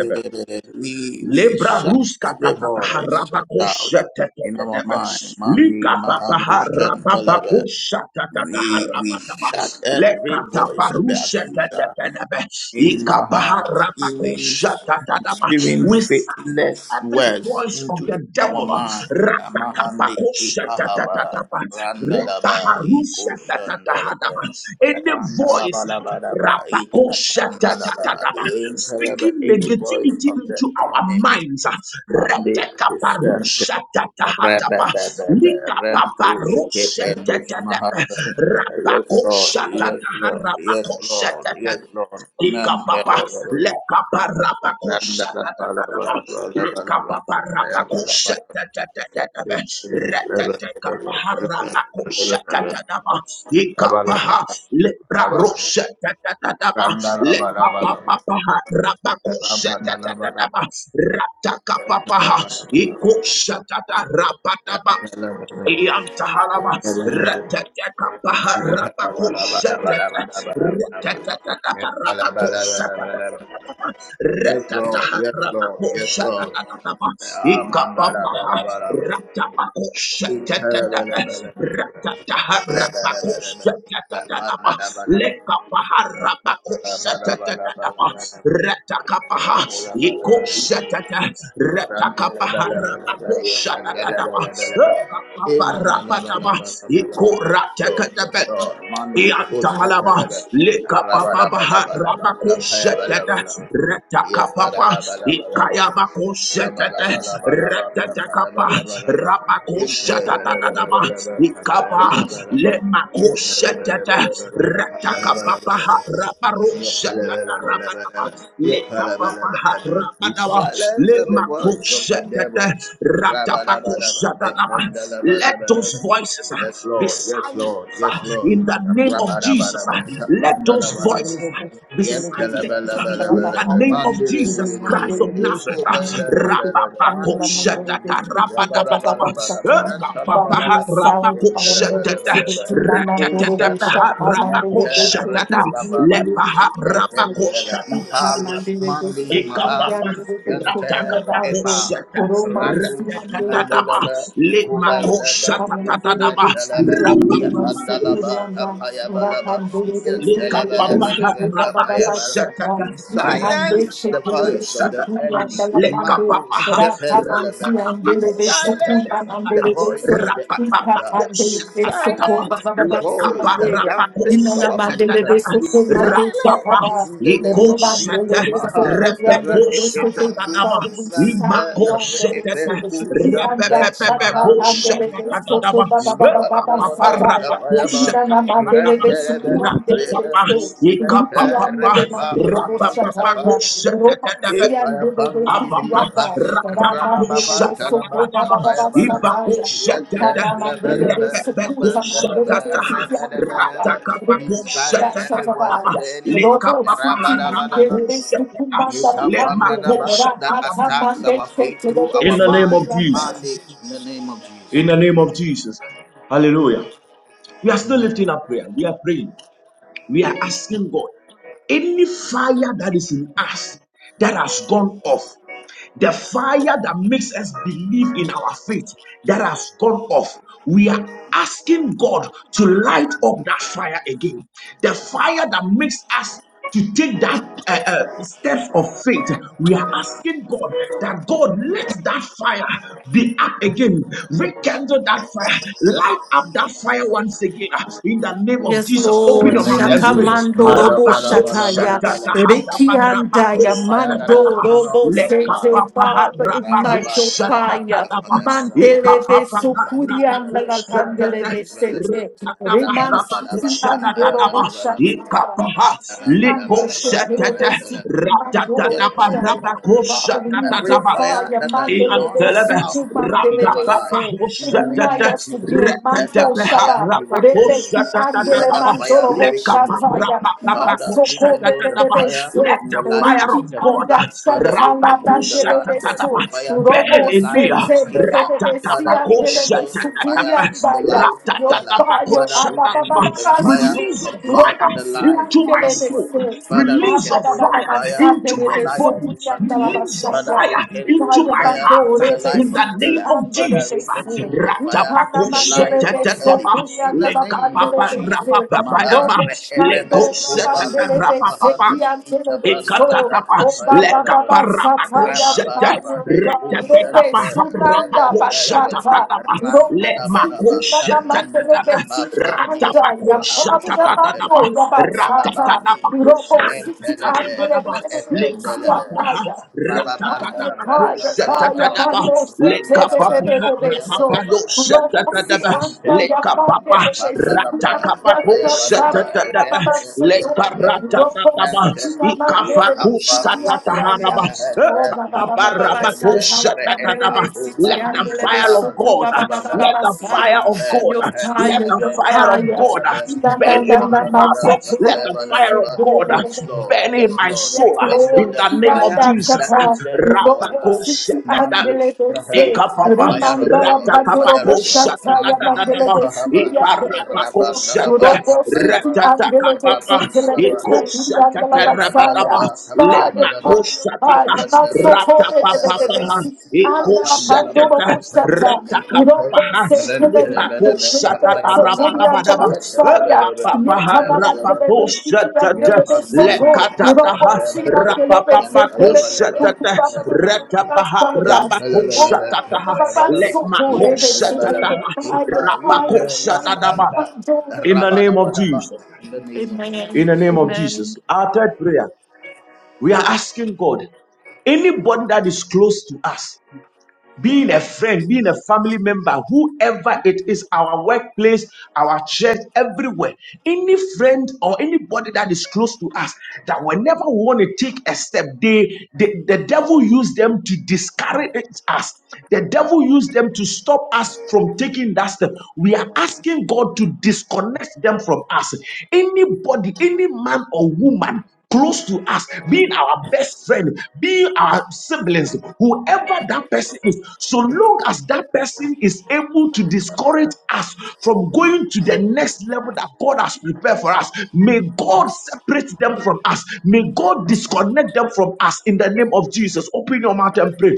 A: we we
B: Lebra
A: shut
B: bruska
A: every
B: katata
A: voice
B: haraba
A: of
B: kosha
A: doubt
B: tete
A: in
B: tete
A: our
B: be.
A: mind. Mani
B: Lika tata
A: Mahanu
B: haraba
A: Shantelebe.
B: bakosha tata
A: We we
B: haraba taba.
A: shut
B: Leka
A: every voice
B: tapa
A: of the
B: rusha tete
A: accuser.
B: tete be.
A: In my
B: Ika
A: heart,
B: haraba
A: spewing,
B: kosha tata taba.
A: spewing
B: We silence
A: faithless
B: every
A: words
B: voice of
A: into
B: the
A: our
B: devil.
A: mind.
B: Rata kapa
A: Mahandi
B: kosha tata tata
A: Ipahaba
B: ba. Rata
A: Randalaba
B: harusha tata tata
A: Ikoshandalaba
B: ba. Any voice.
A: Randalabalabadaba
B: Rapa kosha tata
A: Ikapandalaba
B: tata
A: Intalaba
B: speaking
A: any voice
B: negativity
A: of the
B: into our
A: enemy.
B: minds.
A: Mande
B: Retekaparushatatahata.
A: Rentus Kependus
B: Likapaparushatatata.
A: Mahara. Yes, Lord. Yes, Lord. Yes, Lord.
B: Rapakoshatataharapakoshata.
A: Yes, Lord. Mental.
B: Ikapapa,
A: Yes, yes.
B: lekapa rapakusha da da da da ba, lekapapa rapakusha da da da da da ba, retete kapaha rapakusha da da da ba, ikapaha
A: Abalaba.
B: lebra
A: Abalaba.
B: rosha da da da da ba,
A: Randalabalaba.
B: lekapa papaha rapakusha da da da da ba,
A: Rabalabalaba.
B: rataka papaha
A: Rabalabalaba.
B: ikusha da da rapa da ba. Yantahalama,
A: Yes, Yes, Lord.
B: Ratatakapaharabakoshatata, Ratatatatabarabakosatatatatatata,
A: Yes, Lord. Yes, Lord.
B: Ratataharabakosatatatatataba, Ikapapaha,
A: Amen.
B: Ratabakosatatatata, Ratataharabakosatatatatataba, Lekapaharabakosatatataba, Ratakapaha, Ikosatata, Ratakapaharabakosatatataba, Ikorapakaba, ikoratekatebe, Iantalaba, Lekapapabaha, Rabakosetete, Retakapapa,
A: Yes,
B: Ikayabakosetete, Retetekapa, Rabakosetatadaba, Ikapa, Lemakosetete, Retakapapaha,
A: we silence
B: Rabarosetete, Rabadaba, Lekapapaha, Rabadaba,
A: every voice of the
B: Lemakosetete,
A: devil. Rabadabadaba.
B: Ratabakosetadaba. Let
A: Yepandalabalaba.
B: those voices uh,
A: Yes,
B: be
A: Lord. Yes, Lord.
B: silent
A: Yes, Lord.
B: in the name of Jesus. uh,
A: Rabadabadaba.
B: Let those
C: Roman, I'm
A: Sapandalabalaba.
C: going
B: voices
C: to do
B: uh,
C: this.
B: be silent uh,
C: I'm doing
B: in the name of Jesus
C: my
B: Christ of Nazareth. uh, Rapapako shetata rapadabadaba, ekapapaha rapako shetata, reketetepeha rapako shetata, lepaha rapako shetata,
A: Mandi
B: ekapapa,
A: Mahalus Kenter
B: ratakapako
A: Epa
B: sheta,
A: Randus
B: reketetetaba,
A: Mandalaba,
B: lemako
A: Kubalaba,
B: shetatatadaba,
A: Usmantalaba,
C: so
B: rapapapa.
C: good.
A: Yapandalaba,
C: I'm
A: Apayabalaba,
B: Lekapapaha
A: Yantalabalaba,
B: rapako
A: Apayabalaba.
B: shatata
A: We silence the
B: ratatapako
A: voice of the
B: shatatapa
A: enemy. Mandus
B: lekapapaha
A: Kependalaba. We
B: rapakapako
A: silence the
B: shatatapa
A: voice of the accuser.
B: rapapapako
A: We
B: shatatapa
A: silence the voice that
C: Rakapande
B: lekaparapako
A: dampens
C: Inana
A: our feet.
C: mandelebe
B: shatatapa
A: With
C: soto mate
A: silence
B: rapapa
C: sataba.
A: in the name
B: iko
A: of Jesus.
B: shata
C: Ribandelebe so
A: Maha
B: repeko
C: muriandelebe soto.
A: Re'etendu
B: shatatapa
C: Father, we
A: Sante
C: sound
B: imako
C: all the
B: shatata
A: Re'etetu
C: riches.
A: Sante
C: Yanda
B: repepepepeko
C: shata
A: Maha
C: bandelebe
A: Nidiyata
C: soto
B: shatatapa
C: baba baba
A: Maha
C: baba
A: Daraba
C: sataya.
B: we are
A: Kapayaba
C: Inana mandelebe
A: Rendebe
C: soto andelebe
A: Rebendu
C: se.
A: Sante
C: Vinti andele
A: Re'epa
C: mandoro boshataya.
A: Pani we
C: Romansi
A: silence
C: andelebe sotianda. Ramandele soto baba baba sataya. Panamandele Sukuta Mandela Sianda, Rianda
A: every voice of
C: Shatabaya,
A: the enemy.
C: Roto City and
A: Rabadabadaba.
C: Dele Sukumanda Pande,
A: Yekapanadaba. That
C: Rakata
A: attacks
C: Mande
A: our faith through
C: Shetelebe
A: our mind.
C: Sukuyanda.
A: Mandate in the name of Jesus.
B: still lifting
A: Amen.
B: up prayer. We are praying. We are asking God, any fire that is in us that has gone off, the fire that makes us believe in our faith that has gone off, we are asking God to light up that fire again. The fire that makes us to take that uh, uh, steps of faith, we are asking God that God let that fire be up again, rekindle that fire, light up that fire once again uh, in the name name of
C: Yes,
B: Jesus,
A: In
B: open
C: Lord.
A: the
B: your
A: name
B: mouth
A: of
B: and pray.
A: Jesus.
C: Shakamando robo
B: Rapako
C: shataya.
A: Madabadabadabadabada. A great
C: Rikiandaya
A: fire that has
C: mando
A: gone
C: robo
A: off in our
C: sete.
A: life.
C: Father, ignite
A: Rababa
C: your
A: Talaba,
C: fire.
A: Payabalaba,
C: Mandelebe sukurianda la pandelebe sete. Reman
A: Rabalabalaba,
C: siti andorobo
A: Payabalabalaba,
C: shataya. Kurando
A: Rabalabalaba,
C: shekelebe
A: Payabalaba,
C: sikumando
A: yet
C: boshaya. Father, we need
A: Every
C: your
A: fire
C: fire.
A: that has gone
C: Mandelebe
B: Iantelebe,
A: out in our
C: sukumandelebe
B: rapapapa,
A: life,
C: se.
A: in the name
C: Ignite
A: of
B: hosetete,
C: us
A: Jesus,
C: again.
A: let that
C: Manzo
B: retetepeha,
A: fire
C: shaba.
A: be rekindled.
C: Rebeki
A: Let
C: andele
A: that
B: rapakoseteteteba,
A: fire
C: mandoro
A: be
B: lekapa,
A: rekindled.
C: boshataya.
B: rapapapa,
A: Father, we
C: Masoko
A: rekindle the
B: koseteteteba.
C: bebebebe
A: fire
B: Let
C: se.
A: in
B: the
A: the life of
B: fire of
C: Riki
B: God
A: Stephanie.
B: uh,
C: anda
A: Father, we
C: shatala
A: rekindle the, li-
C: bandelebe
A: the,
B: rapakuseteteteba,
A: the
C: so.
A: fire in
B: burn
A: the
C: Robo
B: in me.
A: life
C: se
A: of
B: uh,
C: te
A: Kita.
C: bebebebe si
A: Father, we
C: andelebe
A: rekindle the fire
B: ratatapakoseteteteba,
A: in the
C: sukuriandaya.
A: life of
C: Your
A: Ella.
C: fire.
A: Father, we
B: ratatatapakoseteteba.
A: rekindle the
C: Abababababa
A: fire
B: Release
C: so.
A: of
B: your
A: God
B: fire
A: in
C: Robo
A: the life of
B: into my
C: siandele
A: comfort.
B: soul.
C: beses.
A: Father,
B: Release
C: Baba
B: your
C: da
A: rekindle
C: da
A: the
C: da
B: fire
C: da
A: fire
B: into
A: in
C: sandele
A: the
B: my
A: life
C: beso
A: of
B: body.
C: kuyanda la
A: Donatien.
B: Release your
A: Father,
C: basaya.
B: fire
A: rekindle
C: Kaya
B: into
A: the
B: my
A: fire
B: heart
A: in
C: bandole
A: the
B: in
A: life of
B: the
C: besiti
B: name
A: Stella.
B: of
C: andele
A: Father,
B: Jesus.
C: bese.
A: rekindle the fire
C: Ikana
A: in the life
C: mandele
A: of
C: beso
A: Ellie.
B: Ratapakoseteteteba,
A: In
C: kuyanda
A: the
C: la
A: name of
B: lekapapa
C: pandele
A: Jesus.
C: bese.
B: rapapapa
A: Maha
B: yaba,
C: Robo
A: re'ebebe
C: shandora
A: kovalu
C: bandele bese
B: lekoseteterapapapa,
A: mahali
C: kiandele
A: itabanda
C: beso.
A: labda
B: Ikatatapa,
C: O
A: kataya
C: baba
A: badaba.
C: baba sataya
B: lekaparapakosete,
C: fire
A: Rababadabade
C: God. Rebe
B: retetetapa,
A: kushente
C: sunanda
A: rebetelebe.
C: bachata.
B: rapakosetetetapa,
C: Robo
A: Rantanabadaba
C: City Amanda,
A: kapani
B: lemakosetetetapa,
A: ipafani
B: ratapakosetetetapa,
A: ipahalushante. Rababandi Entelebe
B: ratatatapakosetetetapa,
A: Etendelebe
B: lekapapaha,
A: Rababanda Braka Payabalaba
B: ratatatapakosetetetapa,
A: Randalaba
B: lekapapaha,
A: Payabalaba
B: rapapayosetetetapa,
A: Ushente
B: lekapapa,
A: Rapanda Labra Payabalaba
B: ratakapakosetetetapa,
A: Rente
B: le
A: Lepe
B: parata tataba
A: Musmente
B: ikafakus
C: City
A: Yafami
B: katataharaba
C: Andaya,
A: Kusmehende
C: Oh, ba ba ba ba ba ba sha
A: Likipevende
C: sha
B: kapabarabakus
C: la pa de le
A: Repa
B: tatataba
C: be si
B: let the
A: Obami
B: fire of
C: so
A: Mahalu
B: God
C: ba
B: uh,
C: ba ba ba
A: Babada
C: ba
B: let the
C: sa
A: Yes,
C: ya.
B: fire of God
C: Your
B: uh, let
C: fire,
B: the
C: your
B: fire of
C: fire.
B: God uh,
C: Da da
B: burn
C: da
B: in
C: da
B: my
C: ba
B: heart
C: sa
B: uh,
C: to
B: let
C: le
B: the
C: be si
B: fire of
C: ti le
B: God
C: le
B: uh,
C: le le le
A: Lord.
B: burn
C: le.
B: in
A: Yes,
B: my
A: Lord.
C: Yes,
B: soul uh,
A: Rekindle
B: in
C: Lord,
A: the
B: the name
C: da
B: of
A: fire
C: da sha
B: Jesus
A: that
B: uh,
A: is
C: sha.
A: there in our
C: Robo si
A: lives.
C: ti an
B: rabakus
C: de
A: Mando
C: le be se.
A: Shnaha, The
B: Ikapapa
A: fire of
C: Rimanda la
A: God.
C: pa
A: The
C: do
A: fire
C: robo
B: ratakapako
A: of
C: sha
A: God.
C: sha ya
A: Mani
C: la de le
B: shatakatadadaba
C: be si ti
A: Ipahaba.
B: ikarapako
C: so.
A: Rabandalaba.
B: shata
C: si si
B: ratatakapapa
A: Apayaba.
B: iko
C: so.
A: Ye
C: Fire,
B: shatatarabadaba
A: Yepandalaba,
C: fire,
B: lemako
A: Kapayabalaba,
C: fire, fire.
B: shatata
C: Mount so
A: Yepandalaba,
C: cold, baby, baby, baby.
A: Kapayabalaba,
B: ratapapapa
C: And the
A: Rapandalaba,
C: Pandora
B: Ikusetete,
C: Bushata.
A: Kapandalaba,
C: You don't go
B: retakapaha,
C: say to the
A: Kapayabalaba,
C: best, so to
A: Kapayabalaba,
C: the
B: lipakusatatarapadabadaba,
C: Angela Messiah.
A: Yepandalaba,
C: Yet
B: ekapapaha,
C: another delivery,
A: Kapayabalaba,
C: city and
B: rapakusetete,
C: delivery, so
A: Yapandalaba,
C: to. You don't
B: lekatataha,
C: go see a
A: Kapayabalaba,
C: delivery, say to the best,
A: Yankalabalaba,
B: rapapapakusetete,
A: Kapayabalaba,
C: to
B: retapaha,
C: the Messiah. Oh,
A: Yankalabalaba,
C: ba, ba, ba,
B: rapakusatataha,
C: ba, ba, ba,
A: Kapayabalaba,
C: so to the best, city,
A: Yankalabalaba,
C: you
B: lemakusetataha,
A: Ifa,
C: fire,
A: Libre,
C: fire, fire.
B: rapakusatadaba.
A: Mustanta,
C: Pandora
B: In the name of
A: Rabalabalaba,
C: Bushata.
B: Jesus.
A: in the name of
C: Amen.
B: In the
A: Jesus.
B: name of
C: Amen.
B: Jesus. Our third prayer. We are asking God anybody that is close to us being a friend, being a family member, whoever it is, our workplace, our church, everywhere, any friend or anybody that is close to us, that whenever we want to take a step, they, the, the devil used them to discourage us. The devil used them to stop us from taking that step. We are asking God to disconnect them from us. Anybody, any man or woman close to us, being our best friend, being our siblings, whoever that person is, so long as that person is able to discourage us from going to the next level that God has prepared for us, may God separate them from us. May God disconnect them from us in the name of Jesus. Open your mouth and pray.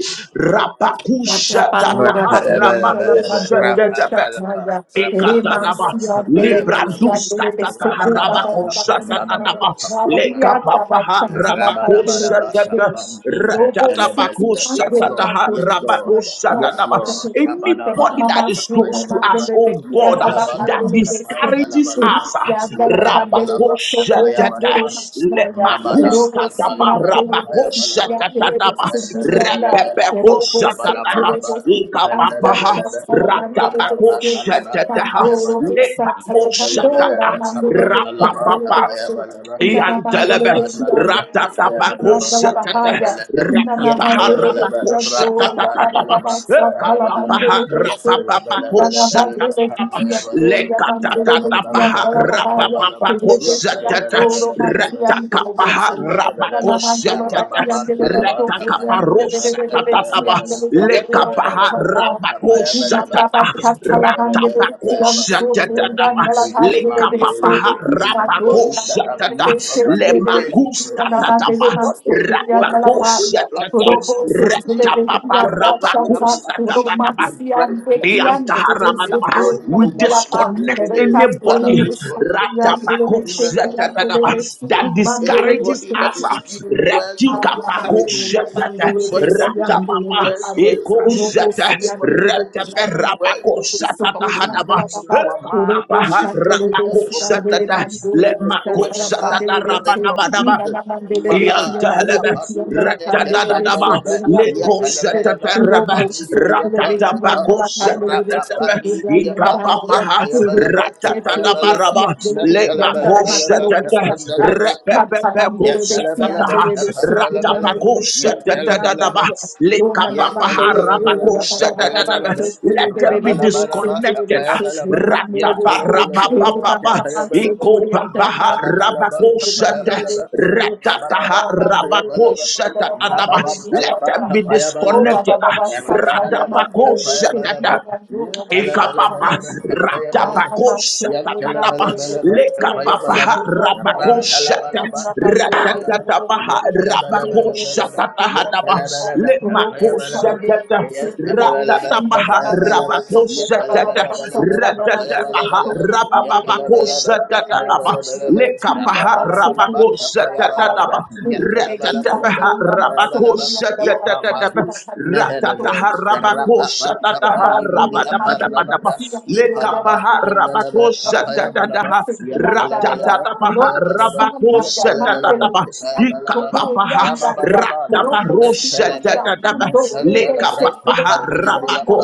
A: Yes,
B: Rapakushatataha,
C: Atapanura
A: Lord.
C: Patriandala Panduro
B: rapakushatataha.
C: Shatnaya,
B: Ekatadaba,
C: Remansia, Delevesia,
B: Librandus katata
C: Delevesoku, Baba
B: rabako
C: Baba Satnaya,
B: shakatadaba, Leka
C: Rabarianda,
B: papaha
C: Chatala
B: rabako
C: Patrio
B: shakata,
C: Shay, Robo City,
B: Ratatabaku
C: and
B: shakataha
C: Delemanduri
A: Yes,
B: rabako
A: Lord.
C: Ismaya,
A: Yes,
B: shakataba.
A: Lord.
C: from
B: Anybody that
C: Mama
B: is
C: Suna,
B: close to us, oh
C: Delevesia,
B: God,
C: Dela
B: that
C: Pandele Vespe,
B: discourages Asa
A: Yes,
C: Riandala Pandele
B: rabakusha
C: Soko, and
B: tata
A: Lord.
B: le
C: Delemasnaya,
A: Rabada
C: Robo
B: Rabakoshatata
A: Pandala
B: Lemakustataba
C: Sina,
A: Bratapaya
C: Delevesia,
A: Balaba,
B: Rabakoshatataba
A: Yapendalabalaba,
C: Delevesukuranda. Robo sete
B: Repepekoshatata
A: Rabalabalaba,
C: robo siti anda
B: Ikapapaha
A: Pendalabalaba,
C: salamando
A: Rapa
C: robo se
A: Pandalaba,
B: Ratabakoshatata
A: Tapaya
C: mando robo
A: Balaba,
C: sa
B: Lebakoshataha
C: salamandora
A: Yentalabalaba,
C: mando robo se
A: Tapandalaba,
B: Rapapapa
C: robo
A: Tapaya
C: se
A: Balaba,
C: Nana mando
A: Rapa
B: Iantelebe
C: robo se ando
A: Pandalabra,
C: robo se
A: Tapaya Balaba,
C: anda la
A: Tapaya
B: Ratatabakoshataha
C: bahaya
A: Balaba,
C: Nana
B: Ratapaha
C: mando
A: Yapaya
C: robo
A: Balaba,
C: se
A: Rapa
C: ando ya ta ta
B: Rabakoshatataba
C: ta
A: Pandalaba,
C: ta
A: Tapaya Balaba,
B: Ikapapaha
C: Nana mando robo
A: Yapalabalabalabalaba,
C: se
B: Rapapapakoshatataba
A: Tapaya Balaba,
C: ando ya mando robo se
B: Lekatatapaha
A: Yapandalaba, Tapaya
C: bahaya
A: Balaba,
C: Thank
A: Yapaya
B: rapapapakosetata
A: Balaba,
B: retakapaha
A: in the
B: rapakosetata retakaparosatataba lekapaha
C: you. Thank
B: rapakosatata
A: name
B: ratapakosetataba
A: of Jesus, man,
B: lekapapaha
A: anybody that have been
B: rapakosatata
A: used as an agent to
B: lemakuskatataba
A: stop anybody on this
B: rapakosetata
A: platform to achieve
B: retapapa
A: whatever they have to achieve
B: rapakosatataba
A: in Christ Jesus.
B: Iyantaharamadabaha.
A: Anybody,
B: We
A: no matter who
B: disconnect
A: it is, Father,
B: anybody
A: disconnect us in the name of
B: Ratapakoshetatanaba,
A: Jesus.
B: that discourages
A: Anybody that is
C: you.
B: us.
A: spewing words
C: Thank
A: of discouragement,
B: Retikapakosheta,
A: anybody that is spewing
B: Ratapapa,
A: words of distraction,
B: Ekosheta,
A: anybody that is spewing words. Touching
B: Reteperapakoshetatahanaba,
A: in our mind to
B: Ekapapaha,
A: discourage us from
B: Rapakoshetata,
A: moving forward in life
B: Lemakoshetata,
A: in the name of
B: Rabadabadaba.
A: Jesus. Mahara
B: Yantelebe,
A: apadu seke
B: retetadadaba,
A: pendelebe ye pelebelebe
B: lekoseteterebe,
A: kapan nidibriya pa kapa yarapa pan
B: ratatabakosetetetebe,
A: nidibriya pa ye
C: you.
B: ikapapaha,
A: tayebelebe kepayebelebe
B: ratatadabaraba,
A: ye telebelebelebe
B: lemakosetete,
A: kependelebe Yet, tell
B: repepepekosetetaha,
A: a bell
B: ratapakosetetadadaba,
A: Rabba
B: lekapapaha, rabakosetetadaba. Let them be disconnected. Rataparababa, Ikopabaha Rabakoshata, Ratataha Rabakoshata Adaba. Let them be
C: Oh,
B: disconnected.
C: Baba
B: ah.
C: Baba Sataya Mandela, we thank
B: Radabakoshata,
C: you and you
B: Ekapapa
C: are Thank
B: ratapakosha
A: Yes,
B: tatatapa lekapapaha rabakosha ta ratatatapaha rabakosha tatahatapa lemakosha tata ratatapaha rabakosha tata ratatapaha rabapapakosha tatatapa lekapaha rabakosha tatatapa Ratataha Rabako Satatadaba
A: Iparadu Telebe,
B: Ratataha
A: the
B: Rabako
C: you. Randa
A: Rapa,
B: Satataha
A: Kapan, Libri, Apan,
B: Rabadabadabadaba
A: Nalabra, Ipalaba,
B: Lekapaha Rabako
A: Tendelebe, Kapaya balaba
B: Satataha
A: Yatalabalaba,
B: Ratataha
A: Kapaya balaba
B: Rabako
A: Yatalabelebe,
B: Satataha
A: Kapaya balaba
B: Ikapapaha Ratabarosa Tatadaba Lekapaha Rabako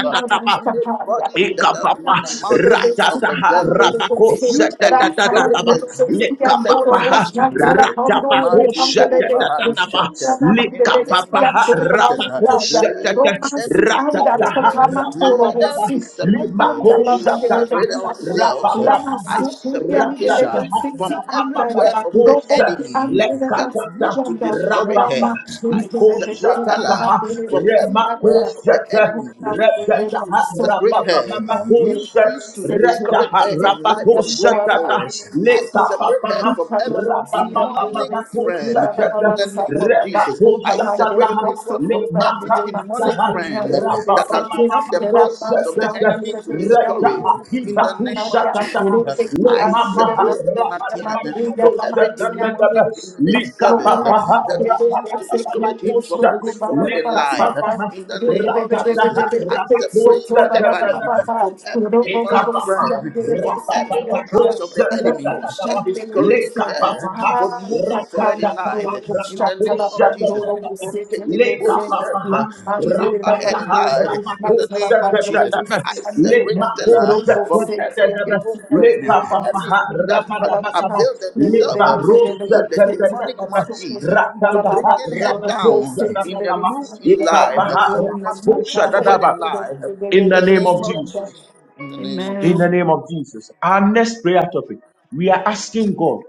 A: Rabba Anybody that has been
B: Ikapapa
A: the mouthpiece of the
B: ratataha
A: devil,
B: rabako
A: used to discourage
B: setatatataba
A: us, used to set us
C: Mandoro
B: likapapaha
A: back in
C: Shatala
A: life.
C: Pandore
B: ratapako
A: Mandi
C: Mandele
A: Opahalu
B: setatatataba
A: Shete, In the
C: Mandele
A: name of
B: likapapaha
C: Yandora
A: Jesus, uh,
B: rabako
C: Mandaya
B: setata
A: let them
C: Romansi
A: be
C: Anda
B: ratataha
A: separated. Let
C: Takamandoro
B: rapapapa
A: them
C: Si
A: be separated.
C: Romanda
B: limako
C: La
A: We
C: Mandele
B: setata
A: separate
C: Yandora
A: ourselves.
B: rapapa
C: Lama
A: I
C: Sutu
A: separate
C: Yandele
A: Kisha
B: Ratataha,
C: Sinti
A: from every
C: Andaya
A: word of the
C: Robo
B: rapapapapakosha,
A: enemy
C: Andele
A: that
B: lekatata,
A: used to
C: Masianda
A: discourage
B: rapapa,
A: her.
C: Rama
A: I
C: Shusele
A: separate
C: Betumba
A: Ella
B: ikoshatataha,
C: Bele
A: from every word
C: Sianda
A: of the
B: remakoshata,
A: enemy.
C: Rama
A: Used to
B: retataha,
A: separate
C: Masotu
A: her,
C: Mandele
B: rapapapapakosha,
A: used, used to
C: Sentele
A: discourage
B: retaha,
A: her in life
C: Sotu
A: from going
C: Yandora
B: rapakoshatata,
A: forward. I
C: Mandele
A: separate her
B: lekapapaha,
C: don't
A: from
C: let my
A: every demonic friend in the name of Jesus.
B: rapapapapakoshatata,
A: I
B: Pusaka
A: separate
B: tahat
A: comfort from every
B: lemahah
A: demonic
B: rajah,
A: friend that has become the mouthpiece of the
B: rababababababusadaada
A: enemy to
B: rajah
A: discouraged in
B: iba
A: the name of
B: pusaka tahat
A: Jesus. I
B: lemahah,
A: separate Donatien from every
B: rabababababusadaadaada
A: demonic in this service
B: likapabahah,
A: that is
C: people
A: used to
C: say to me,
A: discourage him
C: so
A: from
C: good,
A: moving forward in
C: baba
A: life.
C: Satan,
A: In the
C: Robo
A: name of Jesus, I separate Stephanie
B: rabababababusadaadaada
A: from every demonic
B: Ekapapa,
A: friend, from every
B: rapapapa,
A: utterance of the enemy
B: hoshatatatapa,
A: that discourages
B: lekapapa,
A: her from moving forward in life.
B: ratatataha,
A: In the name of Jesus
B: rapahoshatatatapa,
A: from taking bold steps
B: lekapapa,
A: uh, to move ahead in
B: ratataha,
A: life in the name of Jesus.
B: rapahoshatatatapa,
A: I separate Stella from every
B: lemahoshatatatapa,
A: evil friend,
B: lekapapa,
A: every that has
B: rapadabadaba,
A: availed themselves uh, to be the demonic
B: lebaroshatatatapa,
A: mouthpiece. uh, to
B: ratataha,
A: bringing her down in the
B: rapahoshatatatapa,
A: move in life, uh,
B: ekapapa,
A: in the moving forward
B: rapahoshatatatapa.
A: in life, uh, in
B: In the
A: the
B: name
A: name
B: of
A: of
B: Jesus.
A: Jesus. In the name of
B: In
A: Jesus.
C: Amen.
B: the name of Jesus. Our next prayer topic, we are asking God